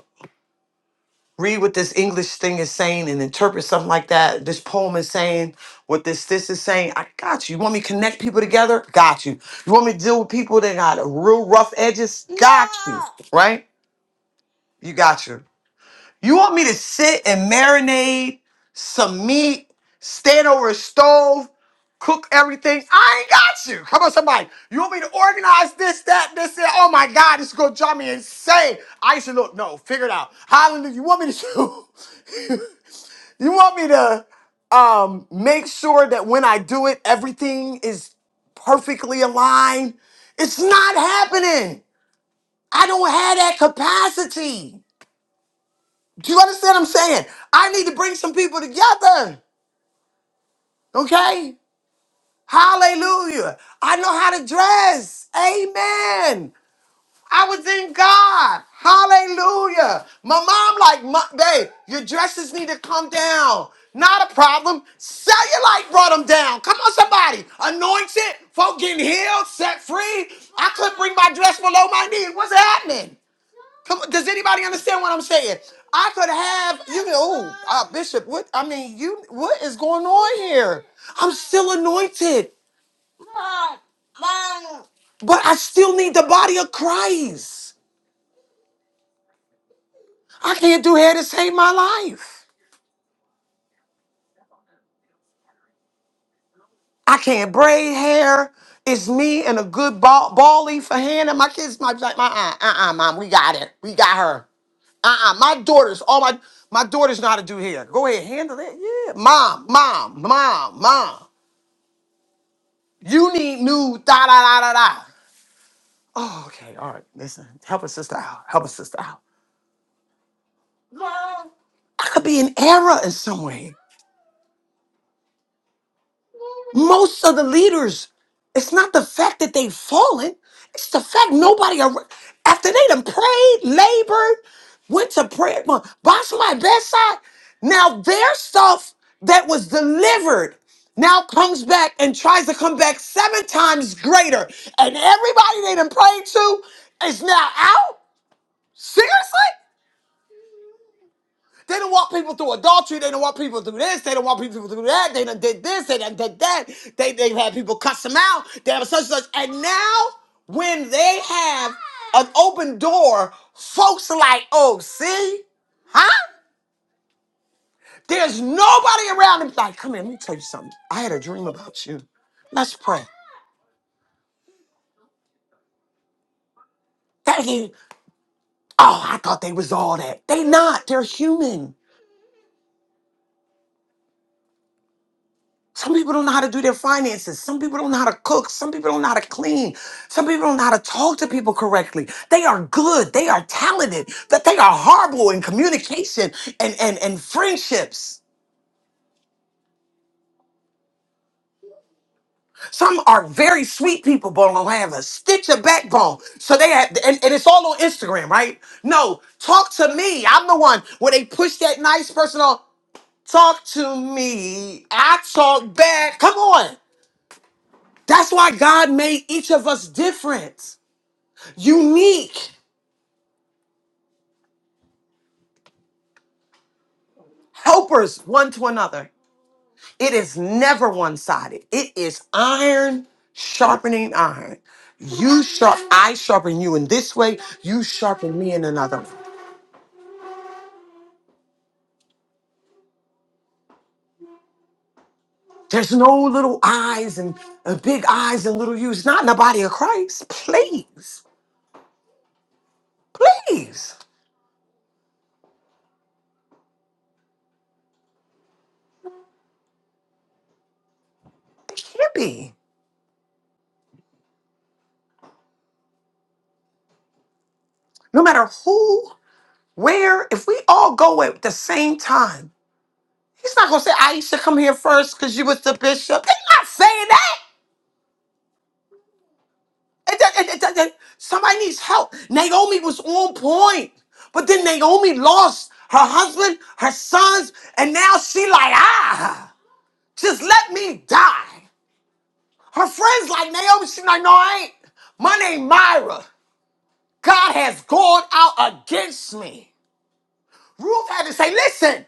read what this English thing is saying and interpret something like that? This poem is saying what this this is saying. I got you. You want me to connect people together? Got you. You want me to deal with people that got real rough edges? Got you. Right? You got you. You want me to sit and marinate some meat, stand over a stove, cook everything? I ain't got you. Come on, somebody. You want me to organize this, that, this, that? Oh my God, this is gonna drive me insane. I used to look, no, figure it out. Hallelujah. You want me to do? You want me to um make sure that when I do it, everything is perfectly aligned? It's not happening. I don't have that capacity. Do you understand what I'm saying? I need to bring some people together. Okay? Hallelujah. I know how to dress. Amen. I was in God. Hallelujah. My mom, like, "Ma- babe, your dresses need to come down. Not a problem. Cellulite brought them down. Come on, somebody. Anointed, folk getting healed, set free. I couldn't bring my dress below my knee. What's happening? Come on, does anybody understand what I'm saying? I could have you know, ooh, uh, Bishop. What I mean, you what is going on here? I'm still anointed, but I still need the body of Christ. I can't do hair to save my life. I can't braid hair. It's me and a good ball, bally for Hannah. My kids, my my uh uh uh, uh, mom, we got it. We got her. Uh-uh. My daughters, all my my daughters know how to do hair. Go ahead, handle it. Yeah. Mom, mom, mom, mom. You need new da da da da da. Oh, okay. All right. Listen. Help a sister out. Help a sister out. Mom. I could be an error in some way. Most of the leaders, it's not the fact that they've fallen, it's the fact nobody, ar- after they done prayed, labored, went to prayer, well, by somebody's bedside, now their stuff that was delivered now comes back and tries to come back seven times greater. And everybody they done prayed to is now out? Seriously? They don't want people through adultery. They don't want people through this. They don't want people through that. They done did this. They done did that. They, they've had people cuss them out. They have such and such. And now, when they have an open door, folks are like, oh, see? Huh? There's nobody around and like, come here, let me tell you something. I had a dream about you. Let's pray. Thank you. Oh, I thought they was all that. They not. They're human. Some people don't know how to do their finances. Some people don't know how to cook. Some people don't know how to clean. Some people don't know how to talk to people correctly. They are good. They are talented. but they are horrible in communication and, and, and friendships. Some are very sweet people, but don't have a stitch of backbone. So they have, and, and it's all on Instagram, right? No, talk to me. I'm the one where they push that nice person on. Talk to me. I talk back. Come on. That's why God made each of us different. unique helpers one to another. It is never one sided. It is iron sharpening iron. You sharp, I sharpen you in this way, you sharpen me in another. way. There's no little eyes and uh, big eyes and little U's. Not in the body of Christ. Please, please. It can't be. No matter who, where, if we all go at the same time, he's not going to say, Aisha, come here first because you was the bishop. They're not saying that. And that- that- that- that- Somebody needs help. Naomi was on point, but then Naomi lost her husband, her sons, and now she like ah, just let me die. Her friends like Naomi, she like no, I ain't. My name Myra. God has gone out against me. Ruth had to say, listen.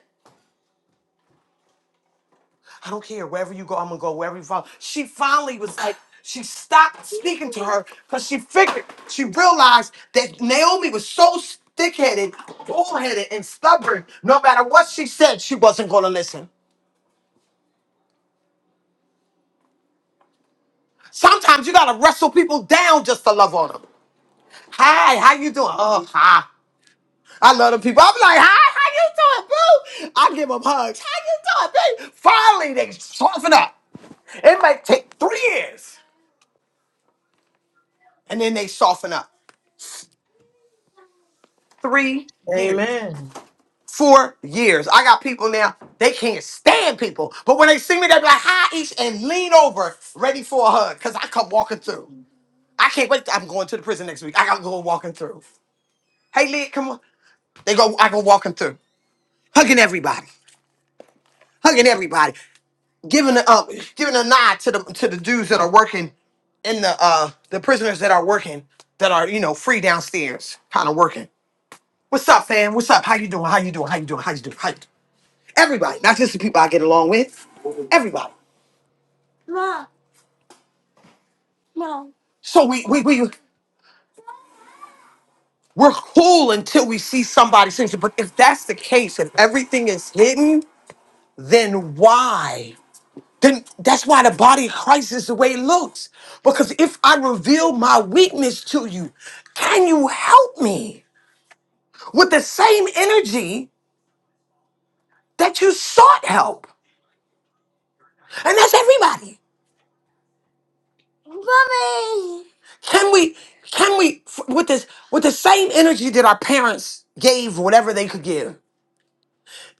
I don't care. Wherever you go, I'm gonna go. Wherever you follow. She finally was like, she stopped speaking to her because she figured, she realized that Naomi was so stick-headed, bullheaded, and stubborn. No matter what she said, she wasn't gonna listen. Sometimes you gotta wrestle people down just to love on them. Hi, how you doing? Oh, hi. I love them people. I'm like, hi, how you doing, boo? I give them hugs. How you doing, babe? Finally, they soften up. It might take three years, and then they soften up. three years, Amen. four years. I got people now, they can't stand people. But when they see me, they be like, hi, Ish, and lean over, ready for a hug, because I come walking through. I can't wait. I'm going to the prison next week. I got to go walking through. Hey, Lid, come on. They go, I go walking through, hugging everybody, hugging everybody, giving a, uh, giving a nod to the, to the dudes that are working in the, uh, the prisoners that are working, that are, you know, free downstairs, kind of working. What's up, fam? What's up? How you doing? How you doing? How you doing? How you doing? How you doing? Everybody, not just the people I get along with. Everybody. No, no. So we we we we're cool until we see somebody sings it. But if that's the case, if everything is hidden, then why? Then that's why the body of Christ is the way it looks. Because if I reveal my weakness to you, can you help me with the same energy that you sought help? And that's everybody. Mommy. Can we can we f- with this with the same energy that our parents gave whatever they could give?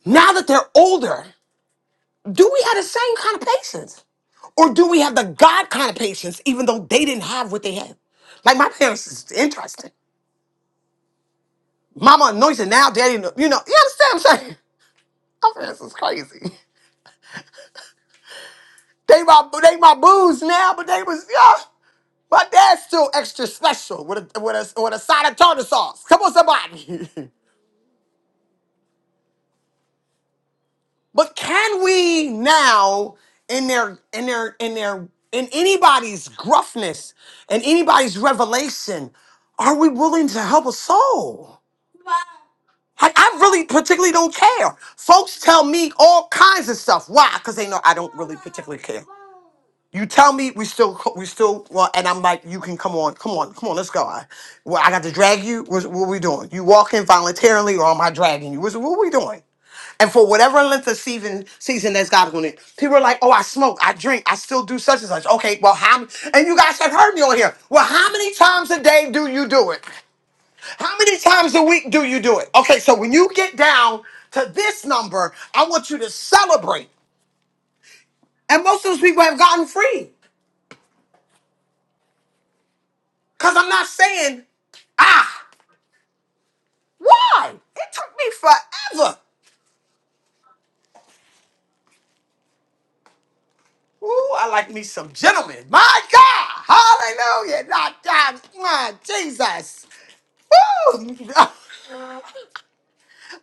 Now that they're older, do we have the same kind of patience? Or do we have the God kind of patience even though they didn't have what they had? Like my parents is interesting. Mama anointed now, daddy, ano- you know, you understand what I'm saying? My parents is crazy. They my they my booze now, but they was yeah. My dad's still extra special with a with a with a side of tartar sauce. Come on, somebody. But can we now, in their in their in their in anybody's gruffness and anybody's revelation, are we willing to help a soul? I, I really particularly don't care. Folks tell me all kinds of stuff. Why? Because they know I don't really particularly care. You tell me we still co- we still well, and I'm like, you can come on, come on, come on, let's go. I, well, I got to drag you. What, what we doing? You walking voluntarily, or am I dragging you? What's, what we doing? and for whatever length of season season that's God's going to. People are like, oh, I smoke, I drink, I still do such and such. Okay, well, how? m- And you guys have heard me on here. Well, how many times a day do you do it? How many times a week do you do it? Okay, so when you get down to this number, I want you to celebrate. And most of those people have gotten free because I'm not saying ah why. It took me forever. Ooh, I like me some gentlemen. My God. Hallelujah. Not God. My Jesus. Woo.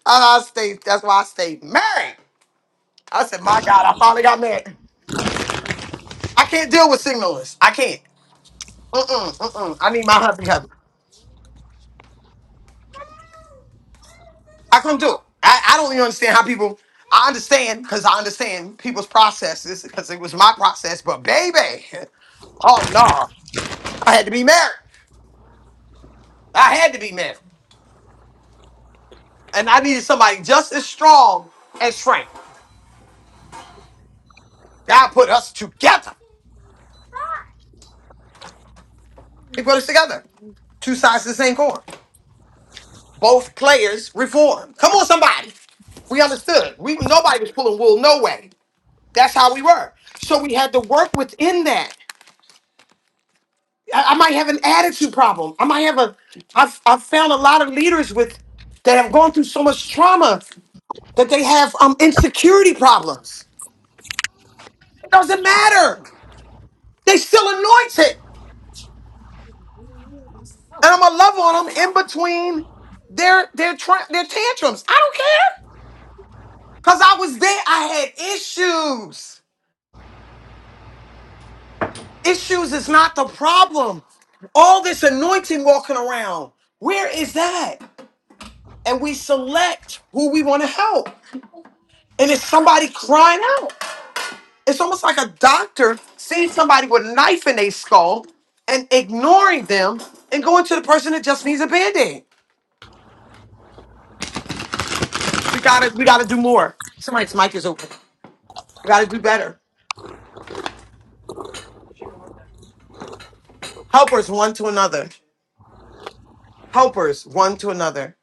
And I stay, that's why I stay married. I said, my God, I finally got married. I can't deal with signalers. I can't. Mm-mm, mm-mm. I need my husband husband. I couldn't do it. I, I don't even understand how people, I understand because I understand people's processes because it was my process, but baby, oh no, I had to be married. I had to be married. and I needed somebody just as strong as Frank. God put us together. He put us together. Two sides of the same coin. Both players reformed. Come on, somebody. We understood. We nobody was pulling wool. No way. That's how we were. So we had to work within that. I, I might have an attitude problem. I might have a. I've I've found a lot of leaders with that have gone through so much trauma that they have um insecurity problems. It doesn't matter. They still anointed. and I'm gonna love on them in between their their tra- their tantrums. I don't care because I was there. I had issues. Issues is not the problem. All this anointing walking around. Where is that? And we select who we want to help. And it's somebody crying out. It's almost like a doctor seeing somebody with a knife in their skull and ignoring them and going to the person that just needs a band-aid. We gotta we gotta do more. Somebody's mic is open. We gotta do better. Helpers one to another. Helpers one to another.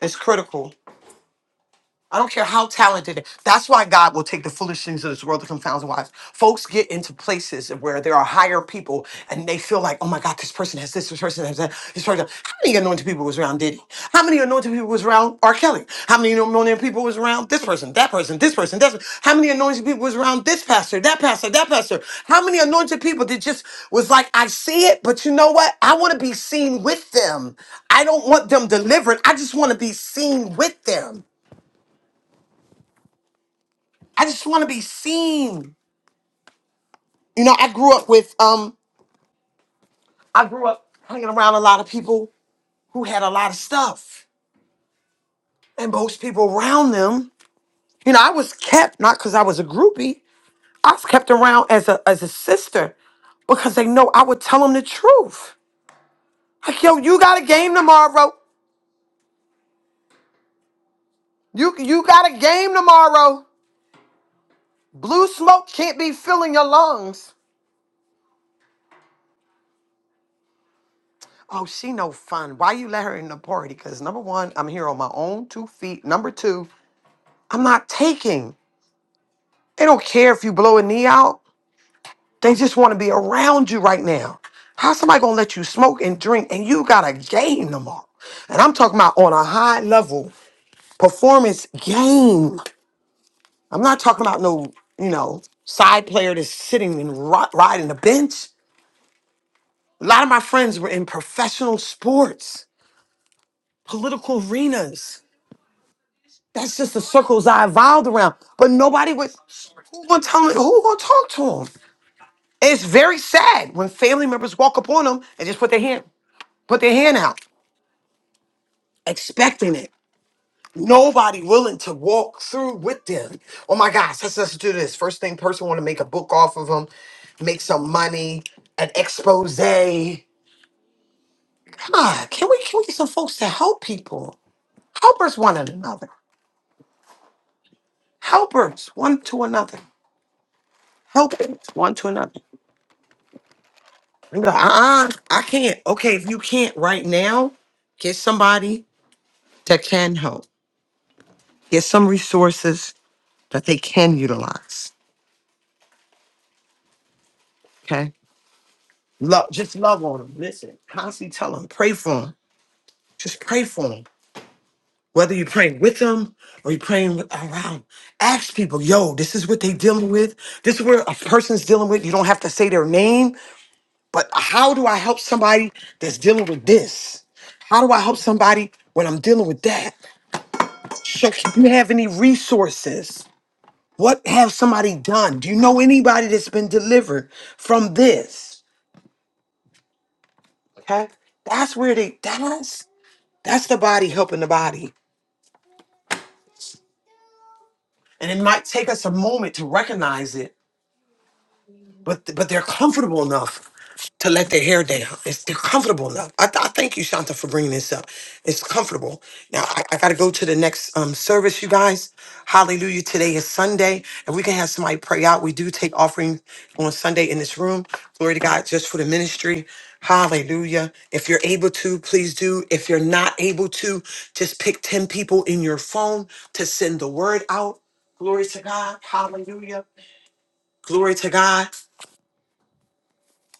It's critical. I don't care how talented. they- That's why God will take the foolish things of this world to confound the wise. Folks get into places where there are higher people, and they feel like, oh my God, this person has this, this person has that, this person. How many anointed people was around Diddy? How many anointed people was around R. Kelly? How many anointed people was around this person, that person, this person, that? Person? How many anointed people was around this pastor, that pastor, that pastor? How many anointed people that just was like, I see it, but you know what? I want to be seen with them. I don't want them delivered. I just want to be seen with them. I just want to be seen. You know, I grew up with um I grew up hanging around a lot of people who had a lot of stuff. And most people around them, you know, I was kept not because I was a groupie. I was kept around as a as a sister because they know I would tell them the truth. Like, yo, you got a game tomorrow. You you got a game tomorrow. Blue smoke can't be filling your lungs. Oh, she no fun. Why you let her in the party? Because number one, I'm here on my own two feet. Number two, I'm not taking. They don't care if you blow a knee out. They just want to be around you right now. How's somebody gonna let you smoke and drink and you got a game tomorrow? And I'm talking about on a high level performance game. I'm not talking about no, you know, side player that's sitting and ri- riding the bench. A lot of my friends were in professional sports, political arenas. That's just the circles I evolved around. But nobody would who gonna tell me who gonna talk to them? It's very sad when family members walk up on them and just put their hand, put their hand out, expecting it. Nobody willing to walk through with them. Oh my gosh, let's, let's do this. First thing, person want to make a book off of them, make some money, an expose. God, can we can we get some folks to help people? Helpers one another. Helpers one to another. Helpers one to another. You be like, uh-uh, I can't. Okay, if you can't right now, get somebody that can help Get some resources that they can utilize. Okay. Love, just love on them. Listen, constantly tell them, pray for them. Just pray for them. Whether you're praying with them or you're praying with, around, ask people, yo, this is what they dealing with. This is where a person's dealing with. You don't have to say their name, but how do I help somebody that's dealing with this? How do I help somebody when I'm dealing with that? So, can you have any resources? What have somebody done? Do you know anybody that's been delivered from this? Okay. That's where they that's that's the body helping the body. And it might take us a moment to recognize it but but they're comfortable enough to let their hair down. It's, they're comfortable enough. I, I thank you, Shanta, for bringing this up. It's comfortable. Now I, I got to go to the next um, service, you guys. Hallelujah! Today is Sunday, and we can have somebody pray out. We do take offering on Sunday in this room. Glory to God, just for the ministry. Hallelujah. If you're able to, please do. If you're not able to, just pick 10 people in your phone to send the word out. Glory to God. Hallelujah. Glory to God.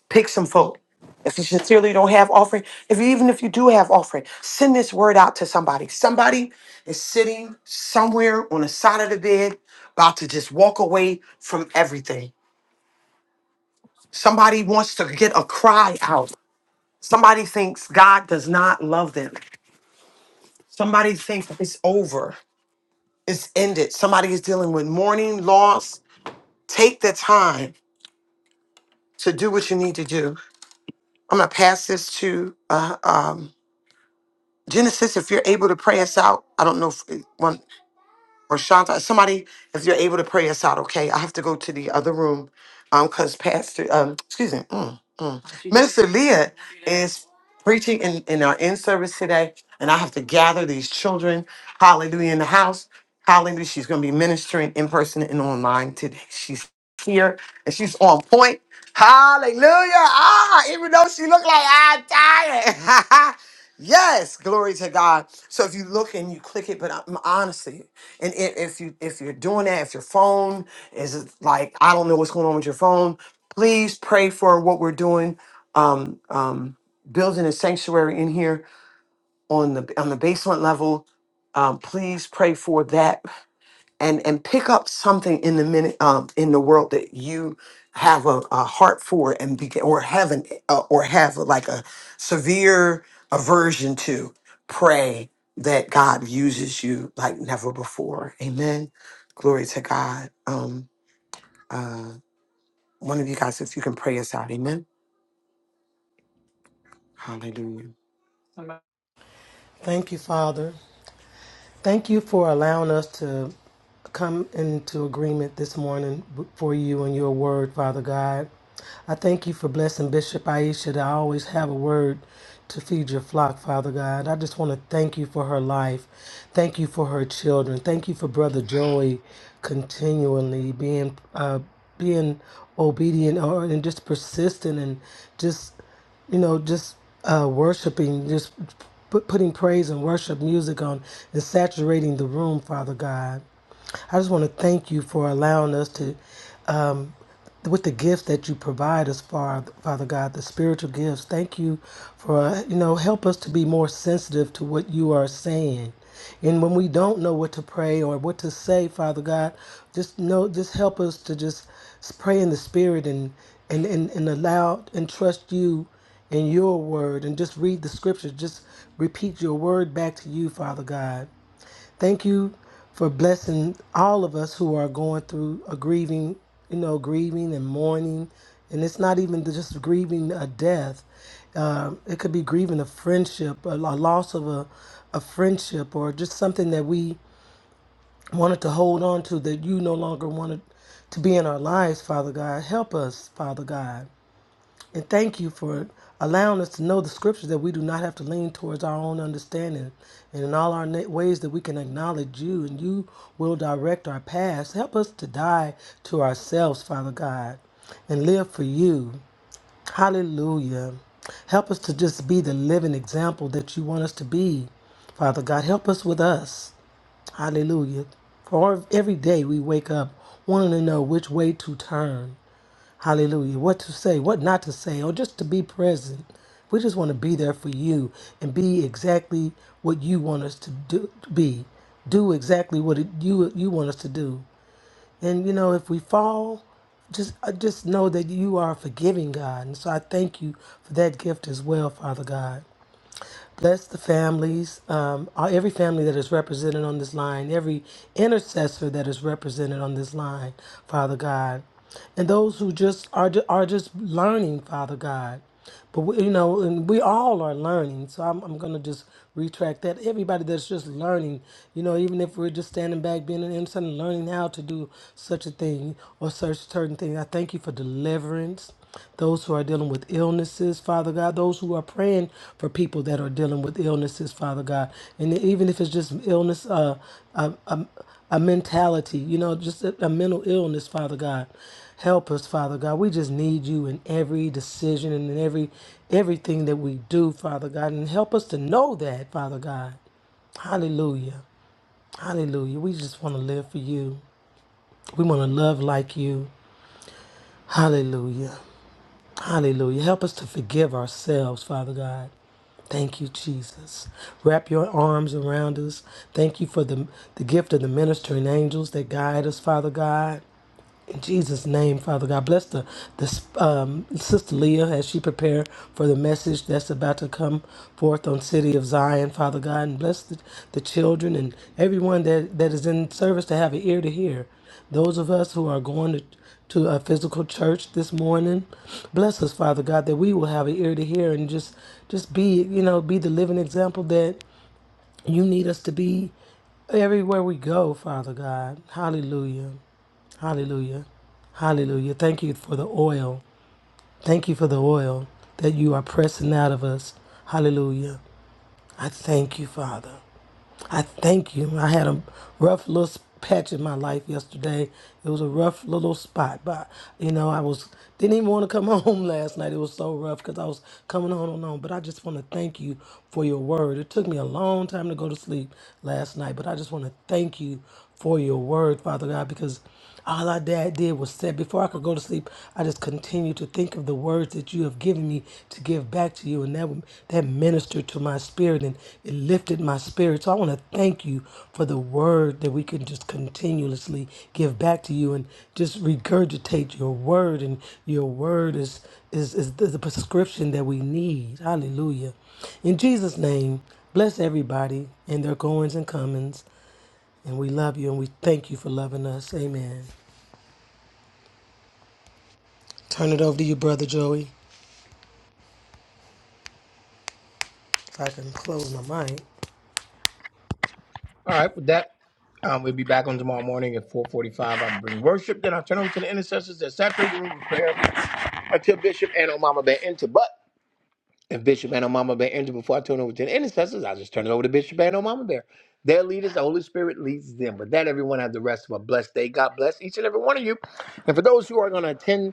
Pick some folk. If you sincerely don't have offering, if you, even if you do have offering, send this word out to somebody. Somebody is sitting somewhere on the side of the bed, about to just walk away from everything. Somebody wants to get a cry out. Somebody thinks God does not love them. Somebody thinks it's over, it's ended. Somebody is dealing with mourning, loss. Take the time to do what you need to do. I'm gonna pass this to uh, um, Genesis, if you're able to pray us out, I don't know if one or Shanta, somebody, if you're able to pray us out, okay? I have to go to the other room, um, because Pastor, um, excuse me, mm, mm. Minister Leah is preaching in in our in service today, and I have to gather these children, hallelujah, in the house, hallelujah. She's going to be ministering in person and online today. She's here and she's on point, hallelujah. Ah, even though she looked like I'm tired. Yes, glory to God. So if you look and you click it, but i honestly, and i- if you if you're doing that, if your phone is like I don't know what's going on with your phone, please pray for what we're doing. Um, um, building a sanctuary in here on the on the basement level. Um, please pray for that and and pick up something in the minute um, in the world that you have a, a heart for and begin or have an uh, or have like a severe aversion to pray that God uses you like never before. Amen. Glory to God. Um, uh, one of you guys, if you can pray us out. Amen. Hallelujah. thank you father Thank you for allowing us to come into agreement this morning for you and your word, Father God. I thank you for blessing Bishop Aisha to always have a word to feed your flock, Father God. I just want to thank you for her life. Thank you for her children. Thank you for Brother Joey continually being uh, being obedient or and just persistent and just you know, just uh, worshiping, just put, putting praise and worship music on and saturating the room, Father God. I just want to thank you for allowing us to um, with the gift that you provide us, Father, Father God, the spiritual gifts. Thank you for, uh, you know, help us to be more sensitive to what you are saying. And when we don't know what to pray or what to say, Father God, just know, just help us to just pray in the spirit and, and, and, and allow and trust you in your word and just read the scriptures. Just repeat your word back to you, Father God. Thank you for blessing all of us who are going through a grieving, you know, grieving and mourning. And it's not even just grieving a death. Um, it could be grieving a friendship, a, a loss of a, a friendship, or just something that we wanted to hold on to that you no longer wanted to be in our lives, Father God. Help us, Father God. And thank you for allowing us to know the scriptures that we do not have to lean towards our own understanding. And in all our na- ways that we can acknowledge you and you will direct our paths. Help us to die to ourselves, Father God, and live for you. Hallelujah. Help us to just be the living example that you want us to be, Father God. Help us with us. Hallelujah. For every day we wake up wanting to know which way to turn. Hallelujah. What to say, what not to say, or just to be present. We just want to be there for you and be exactly what you want us to do, be. Do exactly what it, you you want us to do. And you know, if we fall, just uh, just know that you are a forgiving God. And so I thank you for that gift as well, Father God. Bless the families, um, all- every family that is represented on this line, every intercessor that is represented on this line, Father God, and those who just are ju- are just learning, Father God. But we, you know, and we all are learning. So I'm, I'm gonna just retract that. Everybody that's just learning, you know, even if we're just standing back, being an innocent, and learning how to do such a thing or such certain thing. I thank you for deliverance those who are dealing with illnesses, Father God, those who are praying for people that are dealing with illnesses, Father God, and even if it's just illness, uh, a, a, a mentality, you know, just a, a mental illness, Father God, help us, Father God. We just need you in every decision and in every everything that we do, Father God, and help us to know that, Father God. Hallelujah, Hallelujah. We just want to live for you. We want to love like you. Hallelujah. Hallelujah. Help us to forgive ourselves, Father God. Thank you, Jesus. Wrap your arms around us. Thank you for the, the gift of the ministering angels that guide us, Father God. In Jesus' name, Father God, bless the, the um, Sister Leah as she prepare for the message that's about to come forth on City of Zion, Father God, and bless the, the children and everyone that, that is in service to have an ear to hear. Those of us who are going to, to a physical church this morning, bless us, Father God, that we will have an ear to hear and just just be, you know, be the living example that you need us to be everywhere we go, Father God. Hallelujah. Hallelujah. Hallelujah. Thank you for the oil. Thank you for the oil that you are pressing out of us. Hallelujah. I thank you, Father. I thank you. I had a rough little patch in my life yesterday. It was a rough little spot, but you know, I was didn't even want to come home last night. It was so rough because I was coming on and on. But I just want to thank you for your word. It took me a long time to go to sleep last night, but I just want to thank you for your word, Father God, because all I did was said, before I could go to sleep, I just continued to think of the words that you have given me to give back to you. And that, that ministered to my spirit and it lifted my spirit. So I want to thank you for the word that we can just continuously give back to you and just regurgitate your word. And your word is, is, is the the prescription that we need. Hallelujah. In Jesus' name, bless everybody and their goings and comings. And we love you and we thank you for loving us. Amen. Turn it over to you, brother Joey. If I can close my mic. right, with that, um, we'll be back on tomorrow morning at 445. I'll bring worship. Then I'll turn over to the intercessors that saturate the room with prayer until Bishop and Omama Bear enter. But If Bishop and Mama Bear enter before I turn over to the intercessors, I just turn it over to Bishop and Mama Bear. Their leaders, the Holy Spirit leads them. But that everyone have the rest of a blessed day. God bless each and every one of you. And for those who are going to attend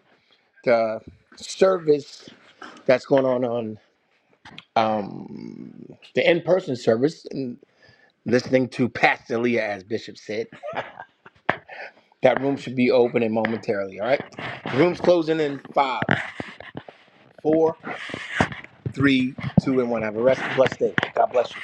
the service that's going on on um, the in-person service, and listening to Pastor Leah, as Bishop said, that room should be opening momentarily. All right, the room's closing in five, four, three, two, and one. Have a rest, blessed day. God bless you.